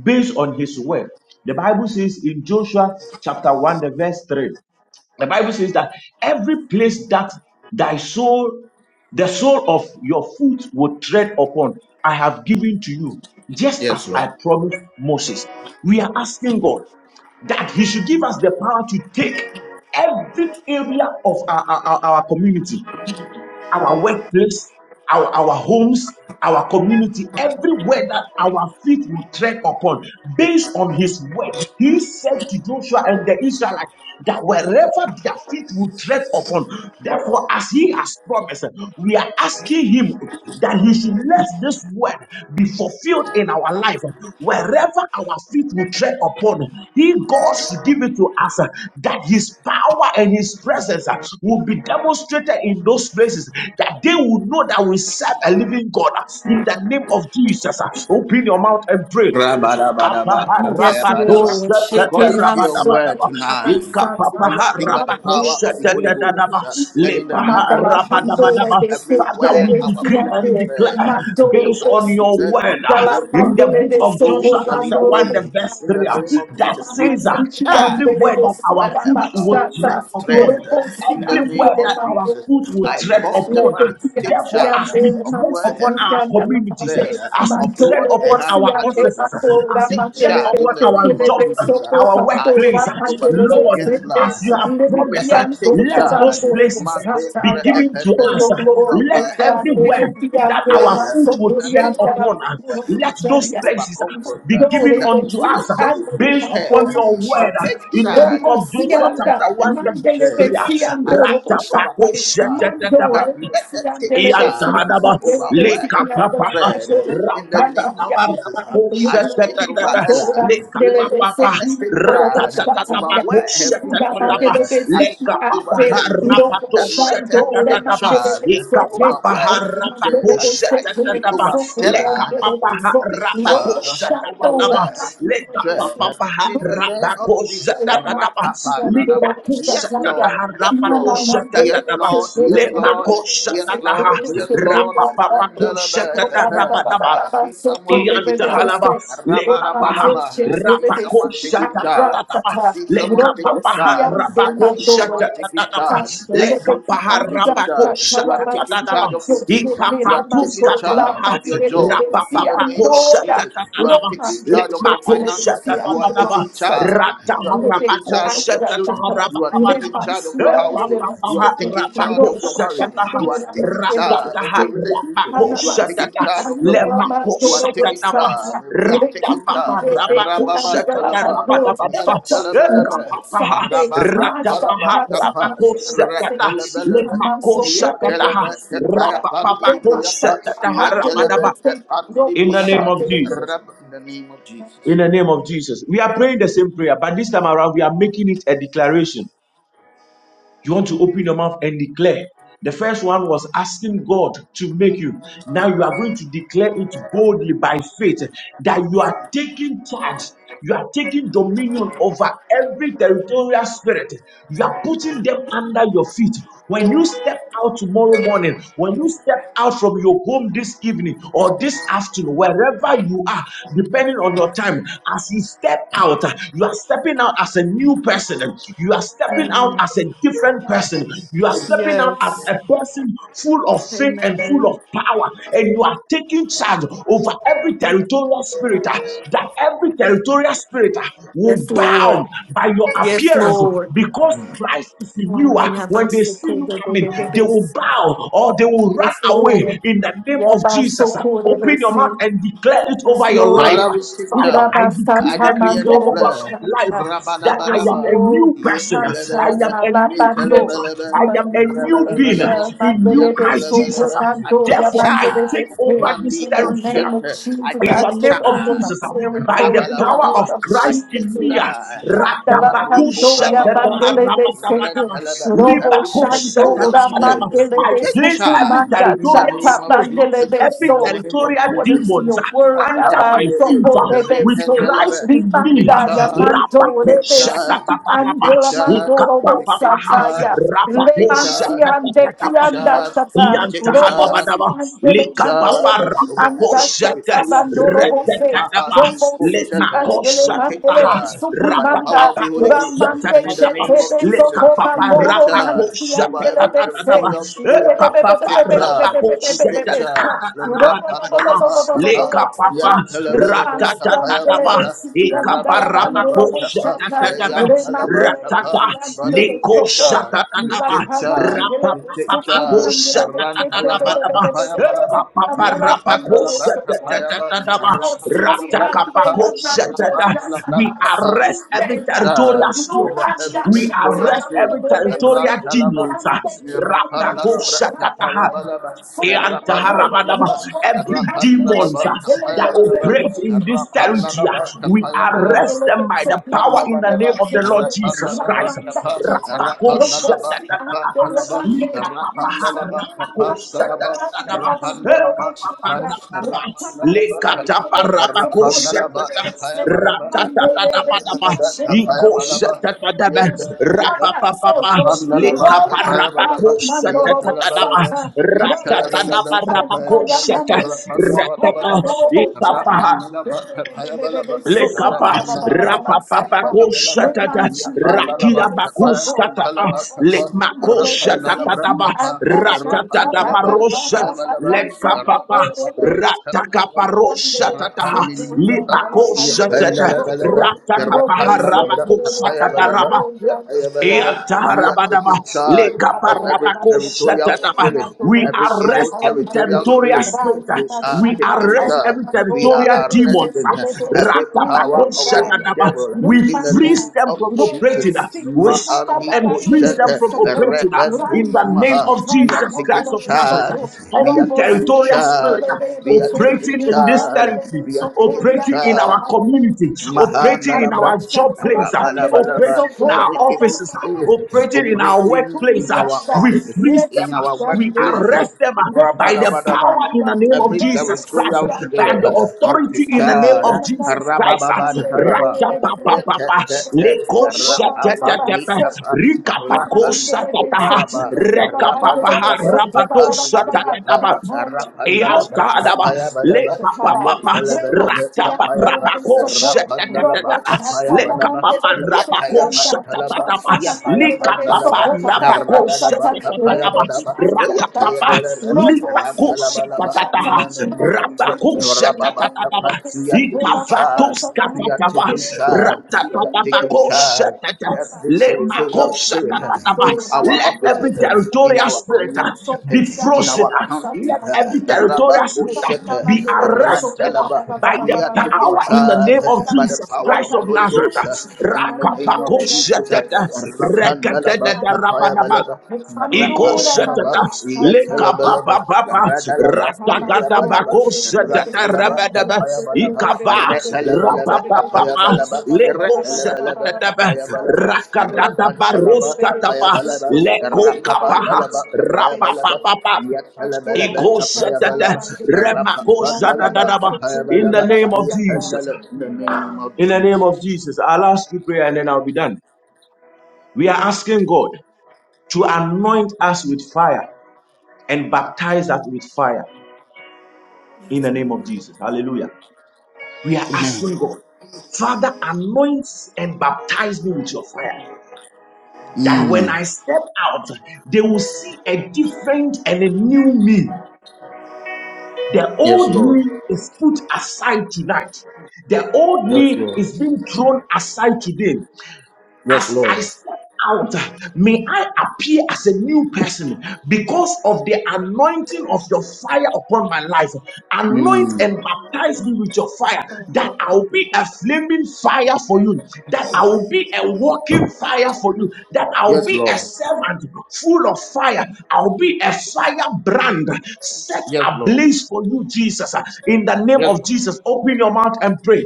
B: based on his word. The Bible says in Joshua chapter 1, the verse 3, the Bible says that every place that thy soul, the sole of your foot would tread upon, I have given to you, just as
A: Yes, Lord.
B: I promised Moses. We are asking God that he should give us the power to take every area of our, our, our- our community, our workplace, our, our homes, our community, everywhere that our feet will tread upon, based on his word. He said to Joshua and the Israelites that wherever their feet will tread upon, therefore, as he has promised, we are asking him that he should let this word be fulfilled in our life. Wherever our feet will tread upon, He, God, should give it to us uh, that His power and His presence uh, will be demonstrated in those places, that they will know that we serve a living God uh, in the name of Jesus. uh, Open your mouth and pray.
A: Rabadabadaba,
C: Yes,
A: kapayabadaba.
C: Lord. Shaking
A: According to
C: i
A: your
C: so
A: word
B: Kapaharakatosatatatabadabadaba.
A: tonight, we
C: Satire.
A: speak by
C: Father,
A: the
C: give
A: power of
C: us
A: the
C: the
A: Holy Ghost.
C: language.
B: Ikapapaharakatosatatatabadaba.
A: uh, And in the name of
C: Mandala Pandora
A: Jesus,
B: Lepaharabadabadaba.
C: de
B: Father,
A: everywhere
B: we
A: our
B: decree
C: Sekerebesia,
A: foot
B: and
A: will tread,
B: declare
A: uh,
C: Mandora
A: just
B: based
C: de
A: as
B: on
A: you
B: your
C: City,
A: said
B: word
A: unto
B: uh,
C: Mandala
B: in
A: Joshua,
B: the
C: Pandora
B: book
C: de
B: of
A: so
B: Joshua,
A: shall it
B: chapter 1, the
C: Sekorando,
A: be.
B: verse
A: In the
B: 3, uh,
A: name of
B: that
A: Jesus, we
C: Mama
B: says uh,
A: take
C: City,
B: every
A: charge
C: Andele
B: word
C: de
A: of
B: that our
C: Sula
B: foot
A: wherever our
B: would
C: Bachata,
B: tread
A: feet
B: upon,
A: tread
C: Ureposit
A: in the
B: every
A: name
B: word
C: Andele
B: that
A: of
B: our
A: Jesus.
B: foot would
A: I
B: tread
A: call
B: upon,
A: Stephanie
B: uh,
A: to take
B: therefore,
A: charge
B: as we
A: of
B: tread
A: where her
B: upon our
A: feet
B: community, activities,
C: Mandela.
A: tread,
B: as we
A: of
B: tread
A: what
C: Mandoro
A: her
B: upon
A: hand
B: our
A: touches.
C: Bosiande,
B: offices,
C: Mandora
B: as we
A: Take
B: tread
C: Mandele,
A: charge in
B: upon
A: the
B: our
A: name of
B: job,
C: Tele,
A: Jesus.
C: Sopo,
B: our
A: I
B: workplace,
C: Mandora
A: speak over
C: Mandele,
B: Lord,
A: Donatien's
B: as
A: life.
C: Sete,
B: you have
A: Let
B: promised,
A: her
C: Levikian,
A: take
B: let those
A: charge.
C: Sabanto,
B: places
A: Mande
B: be
A: re-
C: Sataya.
B: given to
C: For
A: ependele,
B: us.
C: your
A: over
C: glory,
B: Let
C: O
A: where her
C: God,
A: feet
B: everywhere
C: Levikian,
B: that our
A: tread
C: Veleman,
B: foot will
A: in the
B: tread
C: Sopurian,
A: name of
B: upon.
A: Jesus.
B: uh,
A: Uh,
C: Tarapaturo,
B: Let
A: I
B: those
A: speak over
C: Jaya.
B: places uh,
A: comfort
B: be
A: uh,
C: Don't
B: given
A: that
C: even
B: unto
C: see
A: you
B: us uh,
A: yourself will
C: and
A: push
B: based upon
A: her
B: your
C: don't
B: word
A: to
C: shut
B: uh,
A: take
B: in the book
A: charge uh,
C: Don't
B: of
C: see
B: Joshua,
C: and
A: wherever
B: chapter
A: her
B: 1, the
A: foot
C: Monday they
B: verse 3.
C: been
A: tread. Uh,
B: uh,
C: see and
A: I
C: don't
A: speak
C: shut
A: over Keisha
C: Mando
A: that
C: they been
A: let
C: see
A: her
C: and they
A: take
C: been
A: charge
C: see
A: uh,
B: Iantadaba
C: and they
A: over
C: been
A: where
C: see
B: Leka
A: her
C: and
A: foot
B: papa
C: they
A: tread uh,
C: do
A: in the
B: ratata
A: name of
B: tapa
C: shut
A: Jesus. Uh,
C: Father,
B: rabako
C: for your
A: I speak
B: shete
A: speak
C: glory,
A: over
B: tapa
A: Ella.
C: Mandora,
B: Leka
C: Mandele, they been
A: Let
B: Papa,
C: see
A: her
C: and
A: take
C: don't
A: charge over
B: Iantahadaba,
C: shut
B: Lekapapaha, Ratatatabarabaku,
A: where
B: Setetetebe, Lekapapapa, Ratatatabaku,
A: her
C: Thank
A: foot
B: Setetetaba,
A: tread. I speak over
B: Lekapapaha,
A: Ellie
B: Rapato,
A: that let her take
B: Setetetaba,
A: charge over where
B: Ikapapaha,
A: her foot
B: Rapaku,
A: tread. I speak
B: Setetetaba,
A: over Stella to
B: Lekapapaha,
A: take
B: Rapaku,
A: charge over
B: Setetetaba,
A: where her foot tread. In the name of Jesus. Rapapanadaba. Yes, Lord. Yes, Lord. Yes, Lord. Yes, Lord. Yes, Lord. Yes, Lord.
C: you.
A: Mandalaba.
C: Roma,
B: Rabba
A: I see someone taking charge.
B: Yandahalaba, Lekapaha,
C: they
A: Rabadabadaba.
C: shake,
A: I see
C: they see,
B: Rapako
A: someone taking
C: and
A: charge.
B: Shatatataba,
A: I see someone taking
B: Lekapaha,
A: charge. I
B: Rapako
A: see someone taking
B: Shatatataba,
A: charge. I see
B: Lekapaha,
A: someone taking
B: Rapako
A: charge. You are taking
B: Shatatataba,
A: charge of your peace. You are
B: Ikafatus
A: taking charge
B: Katataha,
A: of your joy. In the
B: Rapapako
A: name of Jesus, you are
B: Shatatataba,
A: taking charge of your
B: Lekmako
A: finances. You are
B: Shatatataba,
A: taking
C: Satan.
A: charge. You are taking
B: Rataharapako
A: charge of your children. You are taking
B: Shatatarabakabadaba,
A: charge of your household. You
B: Papaha,
A: are taking charge
B: Rapako
A: of your marriage.
B: Shataha,
A: You are taking charge of
B: Rapataha,
A: your relationship.
B: rapako
A: You are taking
B: satata,
A: charge of your business.
B: lemako
A: You are taking
B: satanama,
A: charge. We are taking charge.
B: ratapapa, rapako
A: Rababan
B: satata,
A: talaba. Yan
B: rapadabadaba,
A: talabalaba.
B: ekapapaha,
A: Rababan talaba
B: ratapaha,
A: tapa.
B: rapako satata,
A: Rakalabalaba.
B: lemako
A: In the
B: satataha, rapapapako satataha, rapadaba. In the name of Jesus.
A: name of Jesus.
B: In the name of Jesus. We are praying the same prayer, but this time around we are making it a declaration. You want to open your mouth and declare. The first one was asking God to make you. Now you are going to declare it boldly by faith that you are taking charge. You are taking dominion over every territorial spirit. You are putting them under your feet. When you step out tomorrow morning, when you step out from your home this evening or this afternoon, wherever you are, depending on your time, as you step out, uh, you are stepping out as a new person. You are stepping out
C: Mm,
B: as a different person. You are stepping out as
C: Yes.
B: a person full of faith and
C: Amen.
B: full of power. And you are taking charge over every territorial spirit uh, that every territorial spirit uh, will
C: Yes,
B: back down
C: Lord.
B: by your
C: Yes,
B: appearance
C: Lord.
B: because Christ is in you.
C: Ah,
B: Ah, When they see you coming, they
C: yabasukurebebebebe.
B: will bow or they will run
C: Yes,
B: away
C: Lord.
B: in the name of Jesus. Ah, Open your mouth
C: Yabasukurebese.
B: and declare it
C: Yes,
B: over your life.
A: Father,
C: Lord.
B: Ah,
A: we take
B: Father,
A: charge.
B: I decree
A: I
B: and
A: decree and
B: declare over
A: declare.
B: my life
C: Irabasatamandoboshaka.
B: ah, that I
C: Yes,
B: am a
A: Rabalabalaba.
C: Lord.
B: new person. Ah, I am
A: Yentalabalaba.
B: a new
C: Ichasatalabando.
B: creator.
A: Yentalabalaba.
B: I am a
C: Amanduku
B: new being ah,
A: Rabalabalaba.
C: echa
B: in you,
C: mandelebe
B: Christ Jesus.
C: soko
A: Yentalabalaba.
B: Ah,
A: I
C: mando
A: take
B: Therefore, I
A: charge.
B: take
C: yamandelebe.
B: over this
A: Mandi
C: In the
B: territory. Ah,
C: name of
A: Kushanta. I
C: Jesus,
B: in
C: I
B: the
A: take
B: name
C: take
B: of
C: over my
A: charge.
B: Jesus, uh, by the
C: territory. In the
B: power
A: Rabalabalaba.
B: of
C: name of
A: I
B: Christ
A: take
B: in
C: Jesus.
B: me, uh,
A: time.
C: Mandala
A: Mali
B: Ratabaku
C: Kando ya
B: shekete
A: oparabaraba.
C: bandele de seke
B: harabatabadaba,
A: Rentalaba.
C: robo
A: Every
B: libaku
C: shando
A: territorial
C: ra
A: spirit,
B: sheketamadaba.
A: you
C: mandele
B: I
C: de
A: take
B: place
C: suku
B: every
A: charge."
C: manda
A: in the
B: territorial
A: name
C: chata
A: of
B: spirit,
C: bandele
A: Jesus.
B: uh,
C: de
A: In
B: every
A: the
C: so
A: name of
B: territorial
C: according
A: Jesus.
C: to
B: demons
C: your
B: uh,
C: word
B: under my
C: about
A: Rapanirere.
B: feet
C: soko
B: uh,
C: de de
B: with
C: se
B: Christ
A: Rependelebe.
B: in
A: We
B: me.
A: take
C: rimanda
B: uh,
C: ya
A: charge. We
C: mando
B: Rabaku
C: de
A: take
C: de
A: charge.
C: suku
A: We
B: sheketamadaba,
A: take
C: andola
A: charge.
C: mando robo
A: We take
C: sata
B: ikapapapaha,
C: ya
A: charge. We
B: rabaku
A: take
C: lemansi
A: charge.
C: ande
A: We
C: ki
A: take
B: sheketamadaba.
C: anda
A: charge.
C: chata
A: We take
C: robo
A: charge.
C: si
B: Yantahadabadaba,
C: andele mandele
A: Charge
B: Likapapa
C: de ki
A: over
C: anda
A: every
C: chata
B: Rapakosete,
A: territorial
C: bando
A: spirit,
C: robo se
B: Retetadaba,
A: Mahani
C: robo si si
A: Koshata,
C: andele
A: we take
C: mandele
B: Limakosatataha,
C: de
A: charge by the power
C: sukumanda,
A: of the Holy Ghost, and
C: Ramande
A: in the
B: Rapapapakosetetadaba,
A: name
C: shente
A: of
C: de
A: Jesus, we
B: Likapapa
C: sokomando,
A: take charge over
C: Romantiandele
A: every
C: de se,
B: Rapakosetetadaba,
A: territorial spirit, we
B: Epapapa
A: take charge, we take
B: Rapakosetetadaba.
A: charge. Rapandalabakata,
B: Lekapapa
A: Yantalaba,
B: Ratatatataba
A: Tapayabalaba, Rabantalaba,
B: Ikaparabako
A: Tapa,
B: Shatatataba
A: Yantalaba, Tapa.
B: Ratata
A: Father, we
B: Liko
A: take charge, we
B: Shatatataba
A: take charge, we take
B: Rapapapako
A: charge.
B: Shatatataba
A: Rantalaba, Tapayabalaba,
B: Ekapaparabako
A: Tapandalaba, Tapayaba,
C: City
A: Rapandalabra, Tapa,
C: and those guys are
A: Rapandalabra,
B: We
C: not so
A: Tapa.
C: cool,
B: arrest
A: We
B: every
C: dear.
A: take charge
B: territorial
C: No
B: spirit.
A: over
C: man
A: every
C: got
B: We
C: shot,
A: territorial
B: arrest
C: and
A: state.
C: they're
B: every
C: not
B: territorial
C: decent.
B: demon.
A: Rantalaba,
C: And they're
A: Rapanda
C: not
A: la braka paya balaba,
C: so cool, and
A: rapanda
C: no
B: Iantaharabadaba.
C: one
A: balaba,
C: wants to
B: Every
C: end them. They're
A: rapanda
C: not
A: la
B: demons
C: so
B: uh,
A: braka
C: cool, and
A: paya
B: that
C: no one
A: balaba,
B: operates in this territory,
C: wants
A: rapanda
C: to
A: la
B: uh,
C: end them.
A: braka
B: we
A: paya balaba,
C: They're
B: arrest them
C: not
B: by
C: so
B: the
C: cool,
B: power
A: rapanda
C: and
B: in the
C: no one
A: balaba,
B: name of
C: wants to
B: the
C: end
B: Lord
C: them.
A: rapanda
B: Jesus
A: la
C: They're
B: Christ.
A: braka
C: not
A: pa,
C: so
A: rapanda la braka pa
C: cool, and
B: Rapakoshatadadadaba.
A: kalaba,
B: Likapapaha
A: rapanda la braka pa kalaba,
C: no
B: rapakoshatadadadaba.
A: rapanda la braka pa,
B: Ekapapara
A: rapanda la braka
B: Lekata
C: one
A: pa,
C: wants
B: paraba
C: to end
A: rapanda
C: them.
A: la
B: koshatata
A: braka paya
C: Thank
A: balaba, rapanda
B: ratatatatataba
A: la braka paya
B: ikoshatatadaba
A: balaba. Rapan
B: rapapapapa lekaparaba koshatatadaba ratatadaba rabakoshat ratata ipapa Lekapa rapapapakoshtatata rakiabakostatapa lekmakoshtataba ratatatabarosha lekapapa
C: you.
B: ratakaparoshtatata libakoshtatata
A: we are
B: ratakapaharabakoshtataraba
A: taking charge of every territorial spirit,
B: we
A: every evil
B: arrest every
A: territorial
B: territorial
A: spirit.
B: spirit. uh,
A: We are
B: We
A: taking
B: arrest
A: charge.
B: every
A: We
B: territorial
A: are
B: demon.
A: arresting
B: uh,
A: every
C: Thank
A: power of the
C: you.
A: devil
B: We
A: in the
B: freeze
C: Rumanda,
A: name
B: them
A: of
B: from
C: Robo,
A: Jesus.
B: operating. uh, We
C: Siti,
B: stop
A: Ma'ani
C: Nanda,
B: and freeze
C: Bandele,
B: them
C: de
A: koshete,
B: from
C: Soko,
B: operating uh, in
A: rebentus
B: the
C: Randa,
B: name
A: maha.
B: of
A: We
C: Bashataya,
A: are
B: Jesus Christ
A: taking
C: Mandele,
B: of
C: de
B: Nazareth. uh.
A: charge.
C: Soko,
A: We are
B: Any
C: Robo,
A: taking
C: Siti,
B: territorial
A: charge.
C: Andele,
B: spirit
A: We
C: de
A: are
C: Soko,
A: taking
B: operating in
C: Ila,
B: this
A: charge.
C: Mandele,
B: territory,
C: de
A: We are
C: Soko,
A: taking
B: operating in
C: Rianda,
A: charge.
B: our community,
C: Bandele,
B: operating in
C: Anda,
B: our
A: Mahandalabra,
B: job
C: Shatala,
B: place, uh,
C: Bandele, de
A: rabalabalaba,
B: operating in
C: Soko,
B: our
A: Every
C: Bada, Bada,
A: evil
B: offices,
C: Bada,
B: uh,
C: Bada,
A: spirit
B: operating in our
C: Yesu,
A: operating
B: workplace.
A: in
B: uh,
A: our
B: We
C: Turianda,
B: freeze
A: offices,
B: them,
A: in
C: Lexit,
B: uh,
A: our
B: we
A: workplaces.
C: Bandele,
B: arrest them uh, by
C: Robo
B: the power
A: Rabadabadaba
B: in the
C: Siganda,
B: name of
A: every
B: Jesus
C: Robo
B: Christ, uh,
A: territorial
B: by
A: spirit,
B: the
A: uh,
C: Sigande,
A: we
B: authority
C: that's
B: in the name
C: another
A: pictured,
B: of
A: uh,
B: Jesus Christ. uh,
A: Rabababantalaba,
B: Ra-ta-pa-pa-pa-pa,
A: Yetetete,
C: Baba,
B: leko-sha-ta-ta-ta-ta,
C: so
A: Rapapanikapa,
C: Yakanandele, so
B: rika-pa-ko-sha-ta-ta-ha,
A: Rapanikuparaba,
C: Dimandala
B: reka-pa-pa-ha,
C: Pandele, so
A: Rapandadaba,
C: Baba,
A: Kapanibriapa,
B: rabado-sha-ta-ta-ta-ba.
C: and China, Robo
A: Rapandadabra,
B: Iantada le
A: Kapayabadaba,
C: Sigande,
B: papa
C: Chakada,
B: papa
C: Rema
A: Yetelebelebe,
B: rata
A: Kapayaba,
C: Sigandele,
B: rabako
C: so
A: Rapandadaba,
B: shatatatata le
A: Kapayabalaba,
C: Robo
B: papa
C: Mandora, mandora, mandora,
B: Yantadaba,
A: Yetayapa, Talaba,
B: lekapapapa,
A: Yapayapandalaba,
B: ratapapapakosha, tatatata, lekapaparabakosha, tatatapa, likapaparabakosha, tatatapa,
A: Ragadaba, in
B: rakapapa,
A: the
B: lipakosha, tatataha,
A: name of Jesus,
B: rabakosha, tatatapa,
A: we are taking charge. We are
B: ikavatoska, Papa,
A: taking charge. We are taking
B: Ratapapako
A: charge.
B: Shatata,
A: Every territorial
B: Lemako
A: spirit
B: Shatataba.
A: in our
B: Let
A: offices,
B: every
A: in
B: territorial
C: mandora,
A: our
B: spirit uh,
A: community,
C: mandora,
B: be
A: in
B: frozen.
C: mandora,
A: our
B: uh,
C: mandora,
A: country.
B: Let every
C: mandora,
B: territorial spirit uh, be
A: Rabakoshete,
B: arrested
A: Rantalaba.
B: uh, by the
A: We are taking
B: power in the
A: charge
B: name of
A: by the
B: Jesus
A: power
B: Christ
A: of the
B: of
A: Holy
B: Nazareth.
A: Ghost
B: uh,
A: and in the name of Jesus.
B: Rakabakoshatata,
A: Pandalaba,
B: rekatatata,
A: Tapaya
B: rapadaba.
A: Balaba, Rapa
B: Iko
C: Kandura
A: Taraba,
B: shatata
C: mandus,
B: leka ba
A: Yatalabalaba,
B: baba ba ba
C: Amen.
A: Radalaba,
B: rata
A: Tapaya
B: gata
A: Balaba,
B: bako shatata
A: Rantalaba,
B: rabada ba
A: Tapaya Balaba,
B: ikava raba
A: Retalabalaba,
B: baba ba
A: Tapaya
B: ba
A: Balaba,
B: leko
A: Retalabalaba,
B: shatata ba
A: Tapaya Balaba,
B: rakata da
A: Rapantalaba,
B: baroska
A: Tapaya
B: tapa
A: Balaba,
B: leko kapa
A: Rapapandalaba, Tapaya
B: raba baba
A: Balaba,
B: ba ba
A: Yatalabalaba,
B: iko
A: Tapaya
B: shatata
A: Balaba,
B: remako shatata
A: Rapapandalaba,
B: da ba
A: Tapaya
B: in the
A: Balaba,
B: name of Jesus
A: Yatalaba, in the name of
B: in the name of
A: Jesus.
B: Jesus I'll ask you prayer and then I'll be done we are asking God to anoint us with fire and baptize us with fire in the name of Jesus. Hallelujah. We are asking God, Father, anoint and baptize me with your fire. That when
A: Mm.
B: I step out, they will see a different and a new me. The
A: Yes,
B: old
A: Lord.
B: me is put aside tonight. The old
A: Yes,
B: me
A: Lord.
B: is being thrown aside today.
A: Yes,
B: as I
A: Lord.
B: step out, may I appear as a new person because of the anointing of your fire upon my life. Anoint
C: Yes,
B: and
A: Mm.
C: Lord.
B: baptize me with your fire,
C: Abba,
B: that
C: thank
B: I will
C: you,
B: be
C: Lord.
B: a flaming fire for you, that I will
C: Amen.
B: be a walking fire for you, that I'll
A: Yes,
B: be a
A: Lord.
B: servant full of fire. I'll be a firebrand set
A: Yes, Lord.
B: ablaze for you, Jesus. In the name
A: Yes,
B: of
A: Lord.
B: Jesus, open your mouth and pray.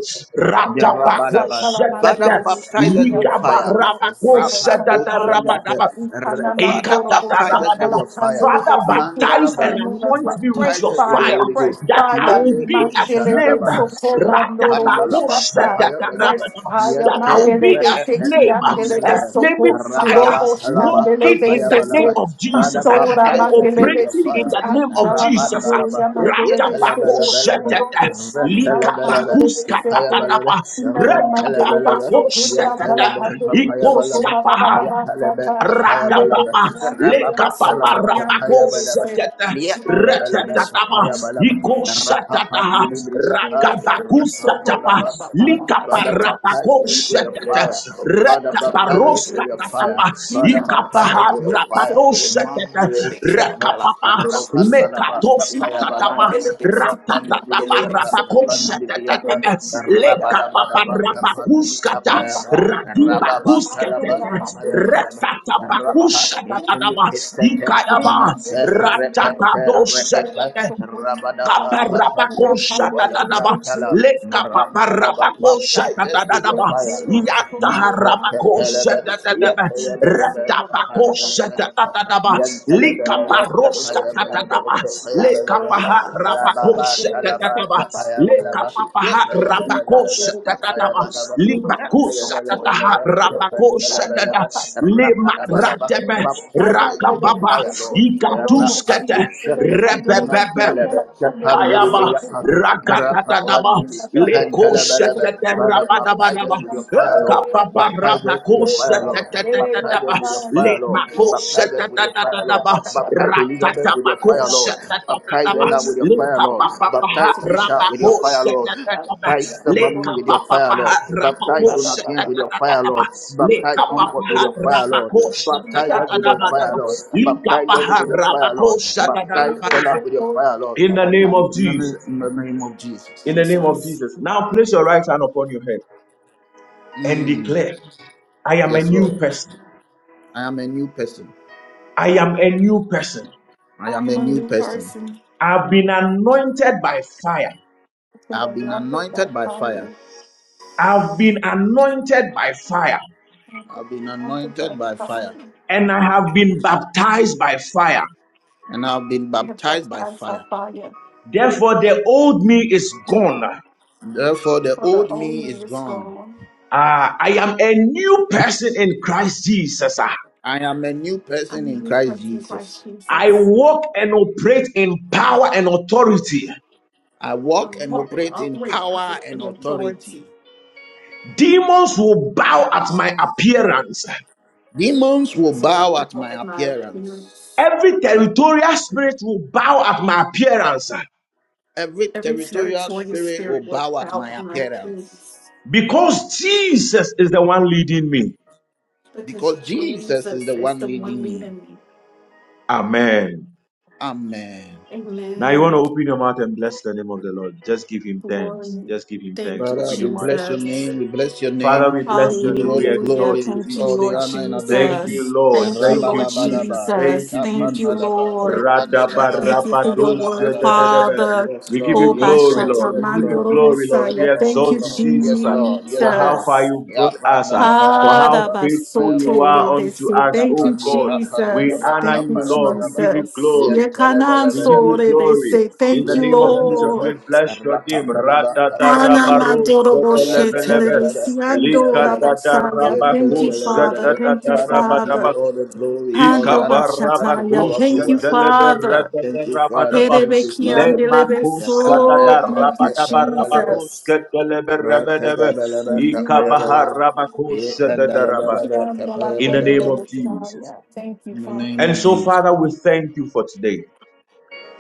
A: The
C: Ira
B: Ratabako
A: Rabalaba.
C: basatala
A: Father,
B: shetete,
C: mandoro
A: baptize us
C: bushaya.
A: with
B: ligaba
A: fire.
C: Father,
B: rabako
C: set us
A: Rapa
C: on
B: shetete
A: ocean.
C: fire.
B: rabadaba.
C: Ikana
A: Father,
C: mandoro
A: baptize us with
C: bushatala
A: your fire.
C: pandele
B: Father,
C: beseke.
B: baptize and
A: Mandalaba.
C: Anoint us
B: anoint
C: with
B: me with
C: fresh
A: Baptize
B: your
A: us with your
B: fire
C: fire,
A: Holy
C: fresh
A: Ghost.
B: that I
C: fire.
B: will
A: Mande
B: be a
C: Mandele
B: flame.
A: Oshalalaba.
C: besokoba noro
A: Rapandalaba.
C: bushata. Fresh
A: Kapayabalaba.
C: fire,
B: That I
A: Yente
B: will
C: mandele
B: be a
C: beseke,
B: flame,
C: andele
B: a
A: Repetepanalaba.
B: flaming
C: besoko.
B: fire,
A: Rababa
C: Robo
A: Kalaba.
C: shandele
B: walking in the name
A: Kapayabalaba.
C: besese.
B: of
A: Father,
B: Jesus uh,
C: Mandora
B: and
A: baptize us
C: mandele
A: with your
B: operating in
C: besiki,
A: fire.
B: the name of
C: andala
B: Jesus. uh.
C: mandoya
A: Rapandalaba.
C: mandele besoko.
A: Yetalabalaba,
C: Robo shantala
A: Ratalabalaba,
C: mandele beseke.
A: Yapayabalaba,
C: Thank
A: Rantalabalaba, Yatalaba, Papayabalaba, Yatalaba, Papayabalaba,
B: Rakapapa, Lekapapa,
A: Rababatalaba,
B: Rapako,
A: Papayabalaba,
B: Satata,
A: Yatayabalaba,
B: Ratatapa,
A: Papayabalaba,
B: Iko
A: Rapapa,
B: Satata,
A: Lilibriapa,
B: Rakabakusta Tapa,
A: Rapabalaba, Papa.
B: Likapa,
A: Father, baptize
B: Rapako,
A: us with your
B: Satata,
A: fire. Father, baptize us
B: Rataparoska
A: with your fire.
B: tapa,
A: Father, baptize us
B: Ikapa,
A: with your fire.
B: Rapado,
A: Mandi
B: Satata,
A: Kushaka,
B: Rakapapa,
C: you.
A: Rapandalaba,
C: Thank
A: Tapayabalaba,
B: Mekatoskatapa, Ratatapa,
A: Rapandibriapa,
B: Rapakoshata,
A: Tapandibriapa,
B: Lekapapa,
A: Rabadabadaba, Tapandi,
B: Rapakuskata,
A: Tapayaba, Rababantalaba,
B: Radibakuskata,
A: Tapayabalaba, Rapa,
B: Ratatapakushata,
A: Nikilisete,
B: Ikadaba,
A: Nasa, Repepe, Repepe,
B: Ratatadoshata,
A: Rabadaba, Kapandi, Muvala,
B: Kaparabakoshatadadaba.
A: Fratala, Narantalaba, baptize us with your
B: Lekapaparabakoshatadadaba.
A: fire, Lord. Nasa, Tepelebe,
B: Yantaharabakoshatadadaba.
A: Yepelebelebe, Tapandelebelebe,
B: Retabakoshatadadaba.
C: you.
A: Fire,
C: Thank
B: Likaparoskatadadaba. Lekapaharabakoshatadadaba.
C: you. Oh,
B: Lekapapaharabakoshatadadaba. Libakusatadaharabakoshatadada. Lemaratebe. Rakababa. Ikatuskete. Rebebebe. Kayaba
A: Lord. Father,
B: Rakatanaba Leko Setete
A: baptize
B: Rabadabanaba
A: us with your fire, Lord.
B: Kapapa
A: Baptize us with
B: Rapako
A: your fire, Lord. Baptize
B: Setetetetetaba
A: us with your fire, Lord.
B: Lemako
A: Baptize us with your fire, Lord.
B: Setetetetetaba
A: Baptize Elizabeth with your
B: Ratatabako
A: fire, Lord. Baptize
B: Setetetetaba
A: Ella with your fire, Lord.
B: Lekapapa
A: Baptize Kisha with
B: Rabako
A: your fire, Lord.
B: Setetetaba
A: Baptize Samami with your fire,
B: Lekapapa
A: Lord.
B: Rabako
A: Baptize Donatien with your fire,
B: Setetetetaba
A: Lord. Baptize
B: Lekapapa
A: Comfort with your fire, Lord.
B: Rabako
A: Baptize us with your
B: Setetetetaba
A: fire, Lord. Baptize Ellie
B: Lekapapa
A: with your fire,
B: Rabako
A: Lord. Baptize
B: Setetetetaba
A: Stella with your fire, Lord
B: in the name of
A: in the name
B: Jesus.
A: in the name of Jesus.
B: In the name of
C: Jesus,
B: Jesus. Now place your right hand upon your head and
A: Mm,
B: declare, I am a
A: Yes,
B: new
A: Lord.
B: person.
A: I am a new person.
B: I am a new person.
A: I
C: I
A: am
C: am
A: a
C: a
A: new
C: new
A: person.
C: person.
B: I've been anointed by fire.
C: I am
A: I've been
C: anointed by
A: anointed by fire.
C: fire.
B: I've been anointed by fire.
C: I am
A: I've been
C: anointed by
A: anointed by
C: fire.
A: fire.
B: And I have been baptized by fire.
A: And I've been
C: I have
A: baptized by
C: baptized by
A: fire.
C: fire.
B: Therefore, the old me is gone.
A: Therefore, the
C: For the
A: old
C: old
A: me
C: me
A: is
C: is
A: gone.
C: gone.
B: Ah, I am a new person in Christ Jesus. Ah,
A: I am a new person
C: I'm
A: in
C: this
A: Christ
C: person,
A: Jesus.
C: Christ
B: I
C: Jesus.
B: walk and operate in power and authority.
A: I
C: I
A: walk and
C: walk and
A: operate in
C: operate power
A: power
C: and
A: and authority.
C: authority.
B: Demons will bow at my appearance.
A: Demons will
C: That's what
A: bow at
C: bow
A: my
C: at my
A: appearance.
C: appearance.
B: Every territorial spirit will bow at my appearance uh,
A: Every
C: Every
A: territorial
C: territorial
A: spirit will
C: spirit will
A: bow at
C: bow
A: my
C: at my
A: appearance.
C: appearance
B: because Jesus is the one leading me.
C: because
A: because Jesus is
C: Jesus
A: the
C: is
A: one
C: the one
A: leading me.
C: leading me.
B: Amen.
A: Amen.
B: Now you want to
C: Amen.
B: open your mouth and bless the name of the Lord. Just give him thanks.
C: Glory.
B: Just give him
C: Thank
B: thanks.
C: you,
A: Father,
B: Open
A: we
B: your mouth and
A: bless
B: give
A: your
B: him
C: Jesus.
A: name.
B: thanks.
A: We bless your
B: Father,
A: name.
B: we bless
A: We
B: you
A: give you
B: and
A: all
B: we
A: the
B: exalt
C: Hallelujah.
A: glory,
B: you,
C: Thank you,
A: all
B: Jesus.
A: the
B: uh.
C: Lord
A: honor and
B: Thank
A: adoration.
B: you,
C: Jesus.
B: Lord.
C: Thank you,
B: Thank you,
C: Lord
B: Jesus.
A: Rabalabalaba,
B: Thank
C: Jesus.
B: you,
C: Thank you,
B: Jesus.
A: ikapanalaba,
C: Lord. Thank
A: kapanalaba,
C: you for your word,
B: Radabarabadoshe.
A: rabalabalaba.
C: Father.
A: Yes,
B: We give you
A: Lord.
C: Oh,
A: Yes, Lord.
C: bashata
A: Yes, Lord. Yes,
C: Bashatamandorobosaya.
A: Lord.
C: Thank you,
A: Lord. Yes, Lord. Yes, Lord.
C: Jesus. Father,
A: Yapandalabalabalaba, kapayabalaba,
C: Basotorebese. Thank you, Jesus.
A: rapandikapandalaba,
C: Thank you,
A: kapayabalaba.
C: Jesus. Yekanan sore
A: Yentelebelebelebe,
C: Yekanansorebese. Thank you,
A: Yantalabalaba,
C: Lord.
A: Rapandalaba,
C: Hana
A: Papayabalaba,
C: Mandoroshe
A: Garandalabalaba,
C: Teleresi andora
A: Papayabalaba,
C: Hanamandoroboshetelebesiandorabasaya. Thank you, Father.
A: Yantalabalaba.
C: Thank you,
A: Father, we give you
C: Father.
A: all the glory, all the honor for such a
C: Handobashataya.
A: powerful
C: Thank you,
A: word.
C: Father.
A: Thank you, Father.
B: Rabadaba,
A: Thank you,
C: Terebeki
B: Le
C: and
A: Father.
C: delebe
B: Makus
C: so.
A: Yapanta,
B: Satada
C: Thank you,
B: Rabadaba
A: Makapantalaba,
C: Jesus.
B: Rabaruska Telebe Rabadaba,
A: Ratalabalaba,
C: Thank you, Lord.
B: Ikabaha
A: Papayabalaba,
B: Ramakus Satada
A: Yantalabalaba,
B: in the name of
A: Papayabalaba.
B: Jesus.
C: Terebekiandalapandorobosaya. Thank you,
A: In the name
C: Father.
B: And
A: of
B: so,
A: Jesus.
B: Father, we thank you for today.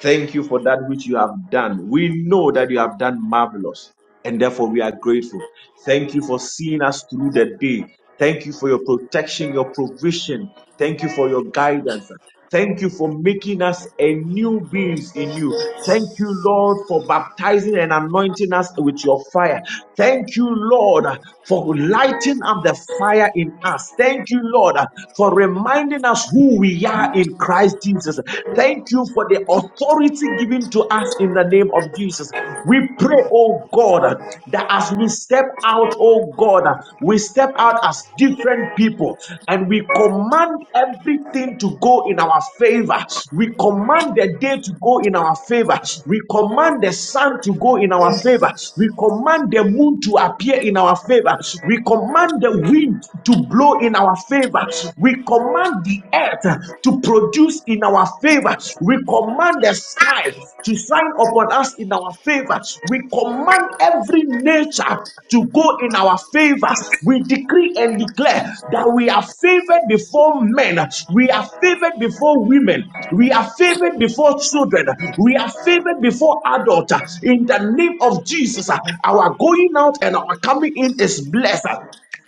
B: Thank you for that which you have done. We know that you have done marvelous, and therefore we are grateful. Thank you for seeing us through the day. Thank you for your protection, your provision, Thank you for your guidance. Thank you for making us a new beings in you. Thank you, Lord, for baptizing and anointing us with your fire. Thank you, Lord, for lighting up the fire in us. Thank you, Lord, for reminding us who we are in Christ Jesus. Thank you for the authority given to us in the name of Jesus. We pray, oh God, that as we step out, oh God, we step out as different people and we command everything to go in our favor. We command the day to go in our favor. We command the sun to go in our favor. We command the moon to appear in our favor. We command the wind to blow in our favor. We command the earth to produce in our favor. We command the the sky to shine upon us in our favor. We command every nature to go in our favor. We decree and declare that we are favored before men, we are favored before women, we are favored before children, we are favored before adults. In the name of Jesus, our going out and our coming in is blessed.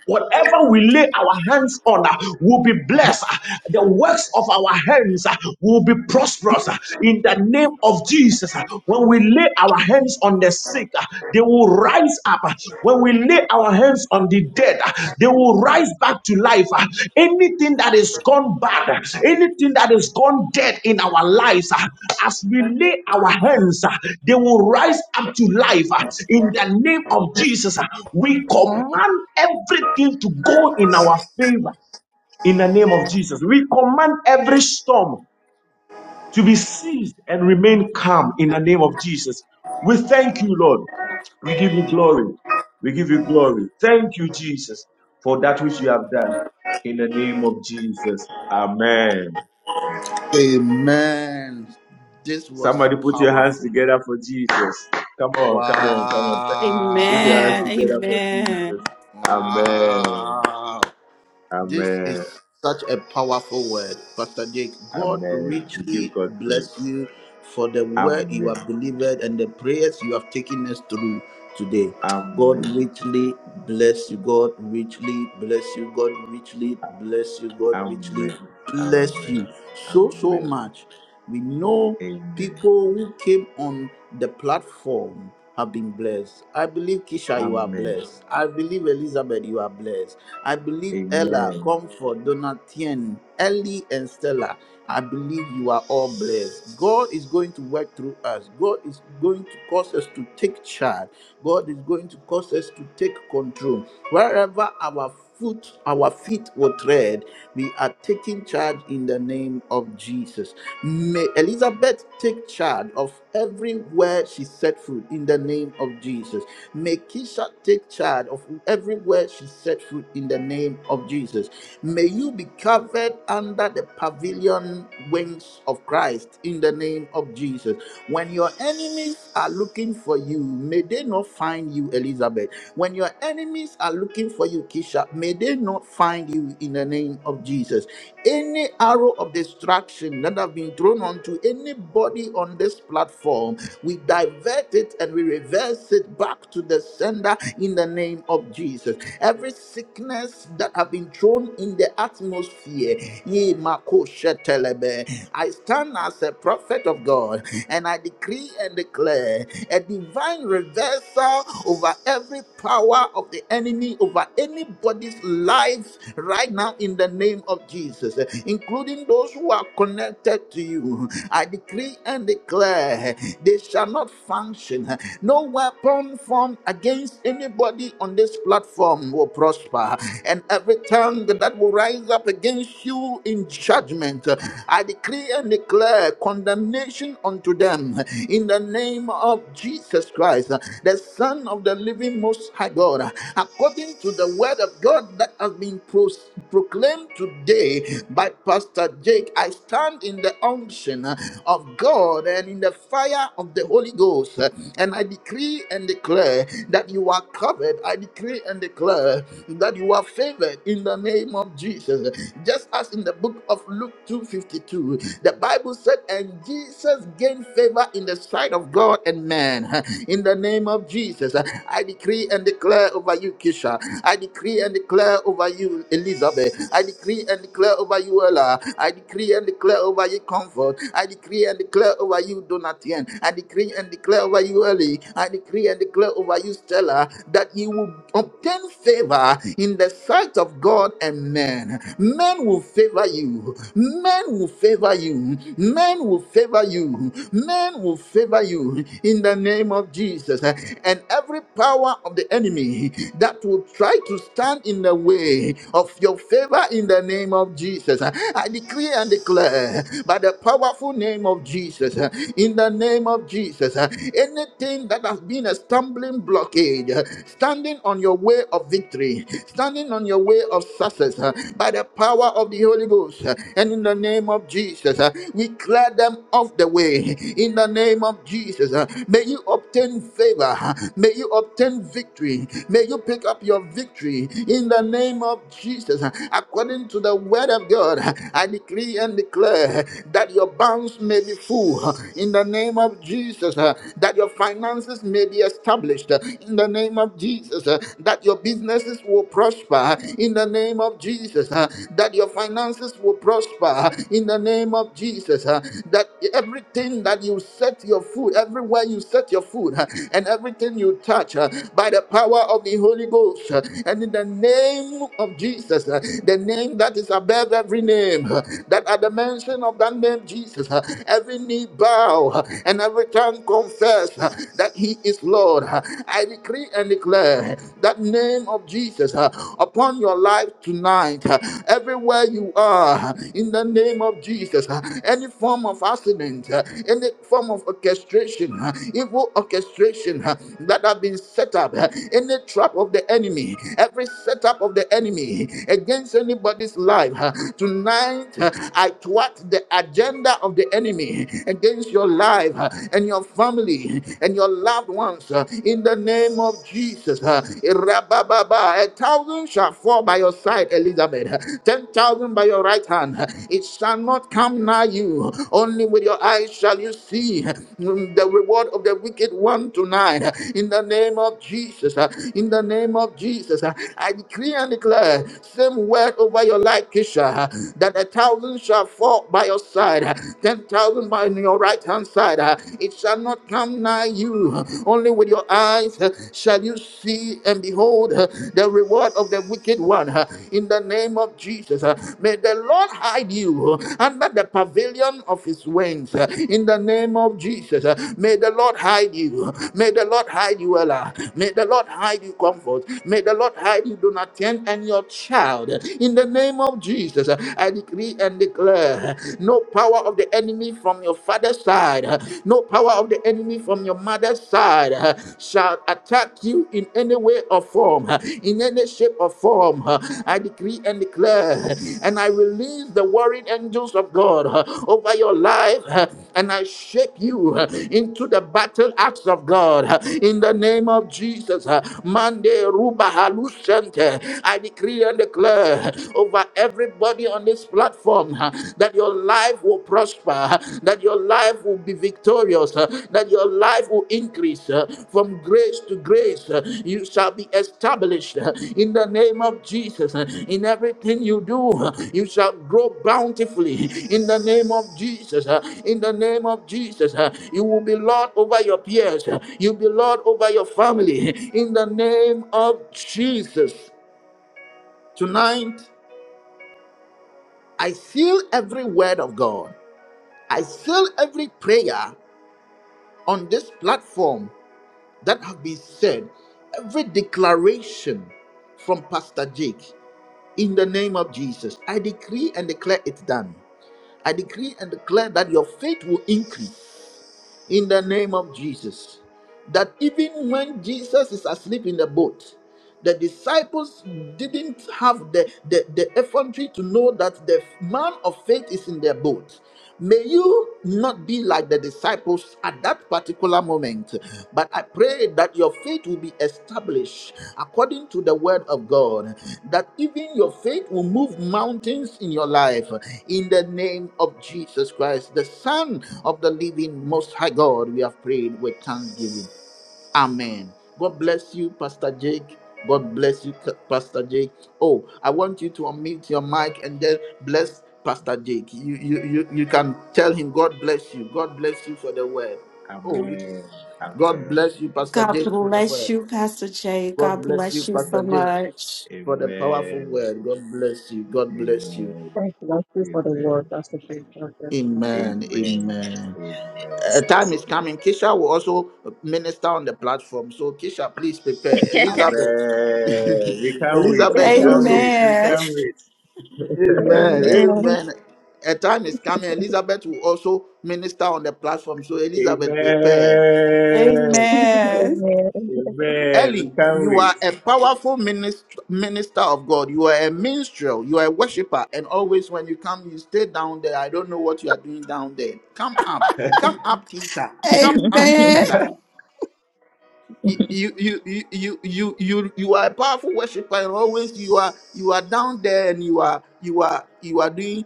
B: Whatever we lay our hands on uh, will be blessed. Uh, The works of our hands uh, will be prosperous uh, in the name of Jesus. Uh, When we lay our hands on the sick, uh, they will rise up. Uh, When we lay our hands on the dead, uh, they will rise back to life. uh, Anything that is gone bad, uh, anything that is gone dead in our lives, uh, as we lay our hands, uh, they will rise up to life. uh, In the name of Jesus, uh, we command everything to go in our favor. In the name of Jesus, we command every storm to be seized and remain calm in the name of Jesus. We thank you, Lord. We give you glory. We give you glory. Thank you, Jesus, for that which you have done. In the name of Jesus. Amen.
A: Amen. This was
B: Somebody put your hands
A: powerful.
B: together for Jesus. Come on, come on, come on. Put your hands
C: Amen.
A: Wow.
B: together for
C: Amen.
B: Jesus. Amen.
A: Wow. This is
B: Amen.
A: such a powerful word. Pastor Jake, God
B: Amen.
A: richly bless you for the word you have delivered and the prayers you have taken us through today. God richly bless you. God richly bless you. God richly bless you. God richly bless you so, so much. We know People who came on the platform have been blessed. I believe Kisha, you are blessed. I believe Elizabeth, you are blessed. I believe Ella, Comfort, Donatien, Ellie, and Stella. I believe you are all blessed. God is going to work through us. God is going to cause us to take charge. God is going to cause us to take control. Wherever our foot our feet will tread we are taking charge in the name of jesus may elizabeth take charge of everywhere she set foot in the name of jesus may kisha take charge of everywhere she set foot in the name of jesus may you be covered under the pavilion wings of christ in the name of jesus when your enemies are looking for you may they not find you elizabeth when your enemies are looking for you, Kisha, may they not find you in the name of Jesus. Any arrow of destruction that have been thrown onto anybody on this platform, we divert it and we reverse it back to the sender in the name of Jesus. Every sickness that have been thrown in the atmosphere, ye mako shetelebe. I stand as a prophet of God and I decree and declare a divine reversal over every power of the enemy, over anybody's life right now in the name of Jesus, including those who are connected to you. I decree and declare declare they shall not function. No weapon formed against anybody on this platform will prosper. And every tongue that will rise up against you in judgment, I decree and declare condemnation unto them in the name of Jesus Christ, the Son of the living Most High God. According to the word of God that has been pros- proclaimed today by Pastor Jake, I stand in the unction of God. Lord and in the fire of the Holy Ghost. And I decree and declare that you are covered. I decree and declare that you are favored in the name of Jesus. Just as in the book of Luke 2:52, the Bible said, and Jesus gained favor in the sight of God and man. In the name of Jesus, I decree and declare over you, Kisha. I decree and declare over you, Elizabeth. I decree and declare over you, Ella. I decree and declare over you, Comfort. I I decree and declare over you, Donatien. I decree and declare over you, Eli. I decree and declare over you, Stella, that you will obtain favor in the sight of God and men. Men will favor you. Men will favor you. Men will favor you. Men will favor you in the name of Jesus. And every power of the enemy that will try to stand in the way of your favor in the name of Jesus, I decree and declare by by the powerful name of Jesus. uh, In the name of Jesus, uh, anything that has been a stumbling blockade, uh, standing on your way of victory, standing on your way of success, uh, by the power of the Holy Ghost, uh, and in the name of Jesus, uh, we clear them off the way. In the name of Jesus, uh, may you obtain favor, uh, may you obtain victory, may you pick up your victory. In the name of Jesus, uh, according to the word of God, I decree and declare declare that your bounds may be full in the name of Jesus, uh, that your finances may be established uh, in the name of Jesus, uh, that your businesses will prosper uh, in the name of Jesus, uh, that your finances will prosper uh, in the name of Jesus, uh, that everything that you set your foot, everywhere you set your foot, uh, and everything you touch uh, by the power of the Holy Ghost, uh, and in the name of Jesus, uh, the name that is above every name uh, that at the mention of that name Jesus, uh, every knee bow uh, and every tongue confess uh, that he is Lord. Uh, I decree and declare that name of Jesus uh, upon your life tonight, uh, everywhere you are, uh, in the name of Jesus, uh, any form of accident, uh, any form of orchestration, uh, evil orchestration uh, that have been set up, uh, any trap of the enemy, every setup of the enemy against anybody's life, uh, Tonight, I thwart the agenda of the enemy against your life and your family and your loved ones uh, in the name of Jesus. Uh, Rabababa, A thousand shall fall by your side, Elizabeth, ten thousand by your right hand. It shall not come nigh you. Only with your eyes shall you see mm, the reward of the wicked one tonight. In the name of Jesus, Uh, in the name of Jesus, Uh, I decree and declare same word over your your light, Kisha, that a thousand shall fall by your side, ten thousand by your right hand side. It shall not come nigh you. Only with your eyes shall you see and behold the reward of the wicked one. In the name of Jesus, may the Lord hide you under the pavilion of his wings. In the name of Jesus, may the Lord hide you. May the Lord hide you, Ella. May the Lord hide you, comfort. May the Lord hide you, Donatien, and your child out. In the name of Jesus, I decree and declare no power of the enemy from your father's side, no power of the enemy from your mother's side shall attack you in any way or form, in any shape or form. I decree and declare, and I release the warring angels of God over your life, and I shape you into the battle axe of God in the name of Jesus. Mande Ruba Halusante decree and declare over everybody on this platform uh, that your life will prosper, uh, that your life will be victorious, uh, that your life will increase uh, from grace to grace. uh, You shall be established uh, in the name of Jesus. uh, In everything you do, uh, you shall grow bountifully in the name of Jesus. uh, In the name of Jesus, uh, you will be Lord over your peers, uh, you'll be Lord over your family huh. in the name of Jesus. Tonight, I seal every word of God. I seal every prayer on this platform that have been said, every declaration from Pastor Jake. In the name of Jesus, I decree and declare it done. I decree and declare that your faith will increase in the name of Jesus. That even when Jesus is asleep in the boat, the disciples didn't have the, the, the effrontery to know that the man of faith is in their boat. May you not be like the disciples at that particular particular moment. But I pray that your faith will be established according to the word of God, that even your faith will move mountains in your life in the name of Jesus Christ, the Son of the living Most High God. We have prayed with thanksgiving. Amen. God bless you, Pastor Jake. God bless you, K- Pastor Jake. Oh, I want you to unmute your mic and then bless Pastor Jake. You you you, you can tell him, God bless you. God bless you for the word. Oh, you, God bless you, Pastor
C: God
A: Jake, for the
C: bless
A: word.
C: you, Pastor Jay.
A: God
C: God
A: bless you,
C: bless you so
A: Pastor Jake,
C: much.
A: for the powerful word. God bless you. God bless you.
D: Thank thank you for the word. That's a great word. [laughs]
A: Amen. Amen. A time is coming. Kisha will also minister on the platform. So Kisha, please prepare. Elizabeth, [laughs] Elizabeth, you also.
C: Amen.
A: Amen.
D: Amen.
A: Amen. A time is coming. Elizabeth will also minister on the platform. So Elizabeth, prepare.
C: Amen.
D: Amen.
A: Ellie, you are a powerful minister, minister of God. You are a minstrel. You are a worshiper. And always when you come, you stay down there. I don't know what you are doing down there. Come up. Come up, Tita. Come up, Tita. you you you you you you you are a powerful worshiper and always you are you are down there and you are you are you are doing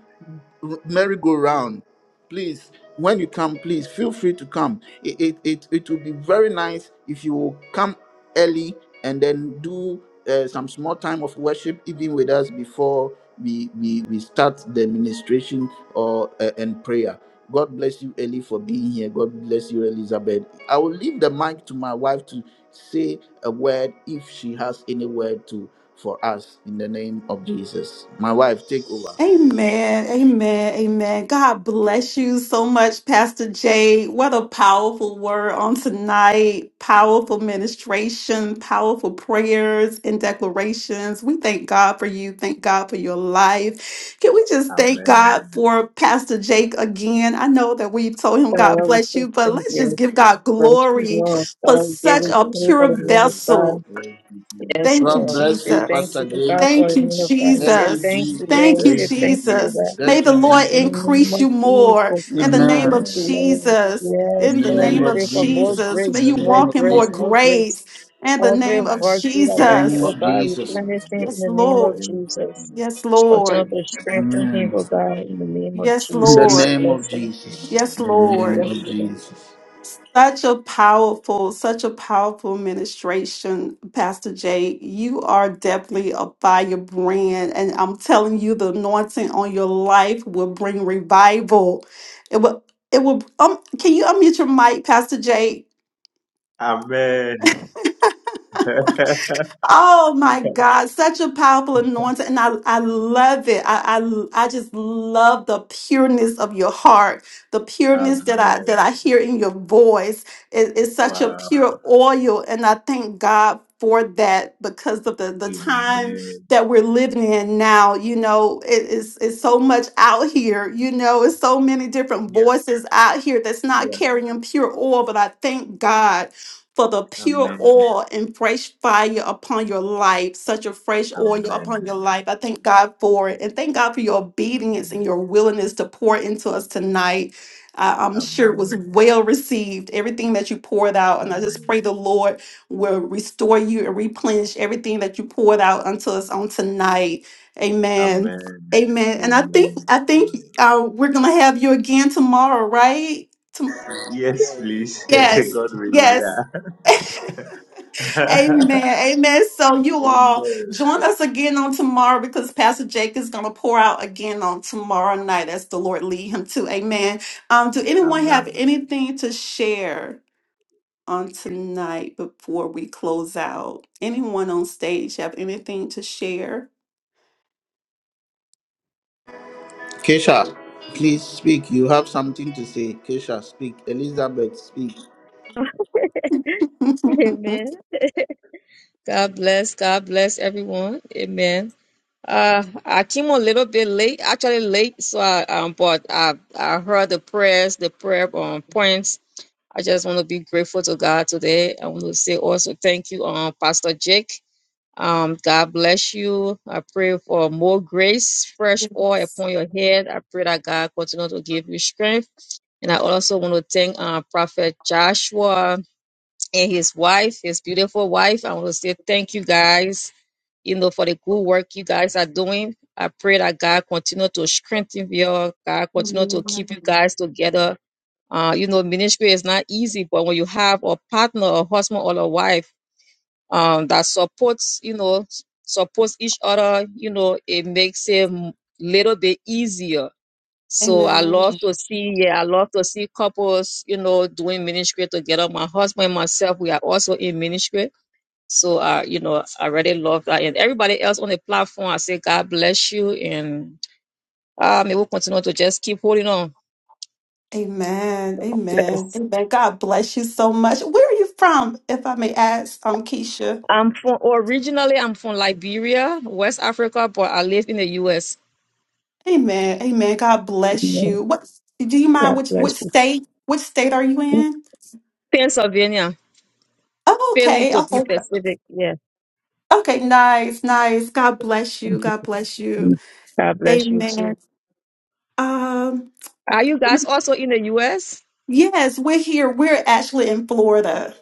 A: merry-go-round please when you come please feel free to come it it it, it will be very nice if you will come early and then do uh, some small time of worship even with us before we we, we start the ministration or uh, and prayer god bless you ellie for being here god bless you elizabeth i will leave the mic to my wife to say a word if she has any word to for us in the name of jesus my wife take over
C: Amen. Amen. Amen. God bless you so much, Pastor Jay. What a powerful word on tonight. Powerful ministration, powerful prayers and declarations. We thank God for you. Thank God for your life. Can we just thank God for Pastor Jake again? I know that we've told him God
D: Father, we
C: bless
D: say
C: you, but
D: thank
C: let's just
D: you.
C: give God
D: Lord, you
C: glory
D: know,
C: for
D: Father, we give
C: such
D: you
C: a
D: glory for
C: pure
D: the men of
C: vessel.
D: God. Yes,
C: Thank you,
A: god
D: Lord. We
A: bless
D: say
A: you
D: thank
C: Jesus.
A: pastor
D: you to
A: james
D: God for
C: Thank
D: the
C: you,
D: men of God. We
A: Thank
D: say
A: you,
C: Jesus.
D: thank you,
A: Jesus.
D: Lord.
C: Thank
D: We
C: you,
D: say thank you, O
C: Jesus.
D: God.
C: May
A: Thank
C: the
A: you,
C: Lord
D: In the
A: Jesus.
D: name
C: increase
D: of
C: you
D: Jesus,
C: more
D: we
C: in the
D: say
C: name of
D: thank
A: Amen.
D: you, Lord.
C: Jesus.
D: Yes,
A: In
C: In
A: the
C: the
D: Lord, we
A: name
C: name of
A: of
D: pray for more
A: Jesus.
C: Jesus.
D: grace,
C: May
A: In the
C: you
D: more
A: name
C: walk
A: of
C: in more
D: grace,
A: Jesus.
D: more grace.
C: grace in the
D: Every
C: name of
D: virtue that
A: In the
D: blessing
A: name
D: O
C: Jesus.
A: of
D: God,
A: Jesus.
D: replenish in
C: Yes,
D: the name of
C: Lord.
D: Jesus.
C: Yes,
D: Continue
C: Lord.
D: to strengthen him,
A: Amen.
D: O God, in the name of
C: Yes,
A: In the
D: Jesus.
C: Lord.
A: name of
D: Bless him.
A: Jesus.
C: Yes,
A: In
D: We
A: the
C: Lord.
A: name
D: Bless
A: of
D: you,
A: Jesus.
C: Such a powerful, such a powerful ministration, Pastor Jay. You are definitely a fire brand. And I'm telling you, the anointing on your life will bring revival. It will, it will, um, can you unmute your mic, Pastor Jay?
B: Amen.
C: Oh my God, such a powerful anointing. And I, I love it. I, I I just love the pureness of your heart, the pureness that I that I hear in your voice. It- it's such a pure oil. And I thank God for that because of the, the time that we're living in now. You know, it- it's it's so much out here, you know, it's so many different voices out here that's not carrying pure oil. But I thank God for the pure oil and fresh fire upon your life, such a fresh oil upon your life. I thank God for it. And thank God for your obedience and your willingness to pour into us tonight. I- I'm sure it was well received, everything that you poured out. And I just pray the Lord will restore you and replenish everything that you poured out unto us on tonight. Amen. Amen. And I think I think uh, we're gonna have you again tomorrow, right? Tom- yes. Yes. [laughs] Amen. Amen. So you all join us again on tomorrow because Pastor Jake is going to pour out again on tomorrow night as the Lord lead him to. Amen. Um, do anyone have anything to share on tonight before we close out? Anyone on stage have anything to share?
A: Kesha, please speak. You have something to say. Kesha, speak. Elizabeth, speak.
D: God.
C: [laughs]
D: [laughs] Amen. God bless. God bless everyone. Amen. Uh, I came a little bit late, actually late, so I um, but I I heard the prayers, the prayer um points. I just want to be grateful to God today. I want to say also thank you, um, Pastor Jake. Um, God bless you. I pray for more grace, fresh oil
C: Yes.
D: upon your head. I pray that God continue to give you strength. And I also want to thank uh, Prophet Joshua and his wife, his beautiful wife. I want to say thank you guys, you know, for the good work you guys are doing. I pray that God continue to strengthen you. God continue to keep you guys together. Uh, you know, ministry is not easy, but when you have a partner, a husband, or a wife, um, that supports, you know, supports each other. You know, it makes it a little bit easier. So I
C: Amen.
D: love to see, yeah, I love to see couples, you know, doing ministry together. My husband and myself, we are also in ministry. So, uh, you know, I really love that. And everybody else on the platform, I say, God bless you. And uh, may we continue to just keep holding on.
C: Amen. Amen.
D: Yes.
C: Amen. God bless you so much. Where are you from, if I may ask? I'm Keisha.
D: I'm from, originally, I'm from Liberia, West Africa, but I live in the U.S.
C: Amen. Amen. God bless
D: Yeah,
C: you. What do you mind
D: God
C: which
D: bless
C: which
D: you.
C: state which state are you in?
D: Pennsylvania,
C: Oh,
D: Philly
C: okay.
D: to be
C: Okay.
D: specific. Yeah.
C: Okay. Nice. Nice. God bless you. God bless you.
D: God bless you too.
C: Amen. Um
D: Are you guys also in the US?
C: yes, we're here. We're actually in Florida.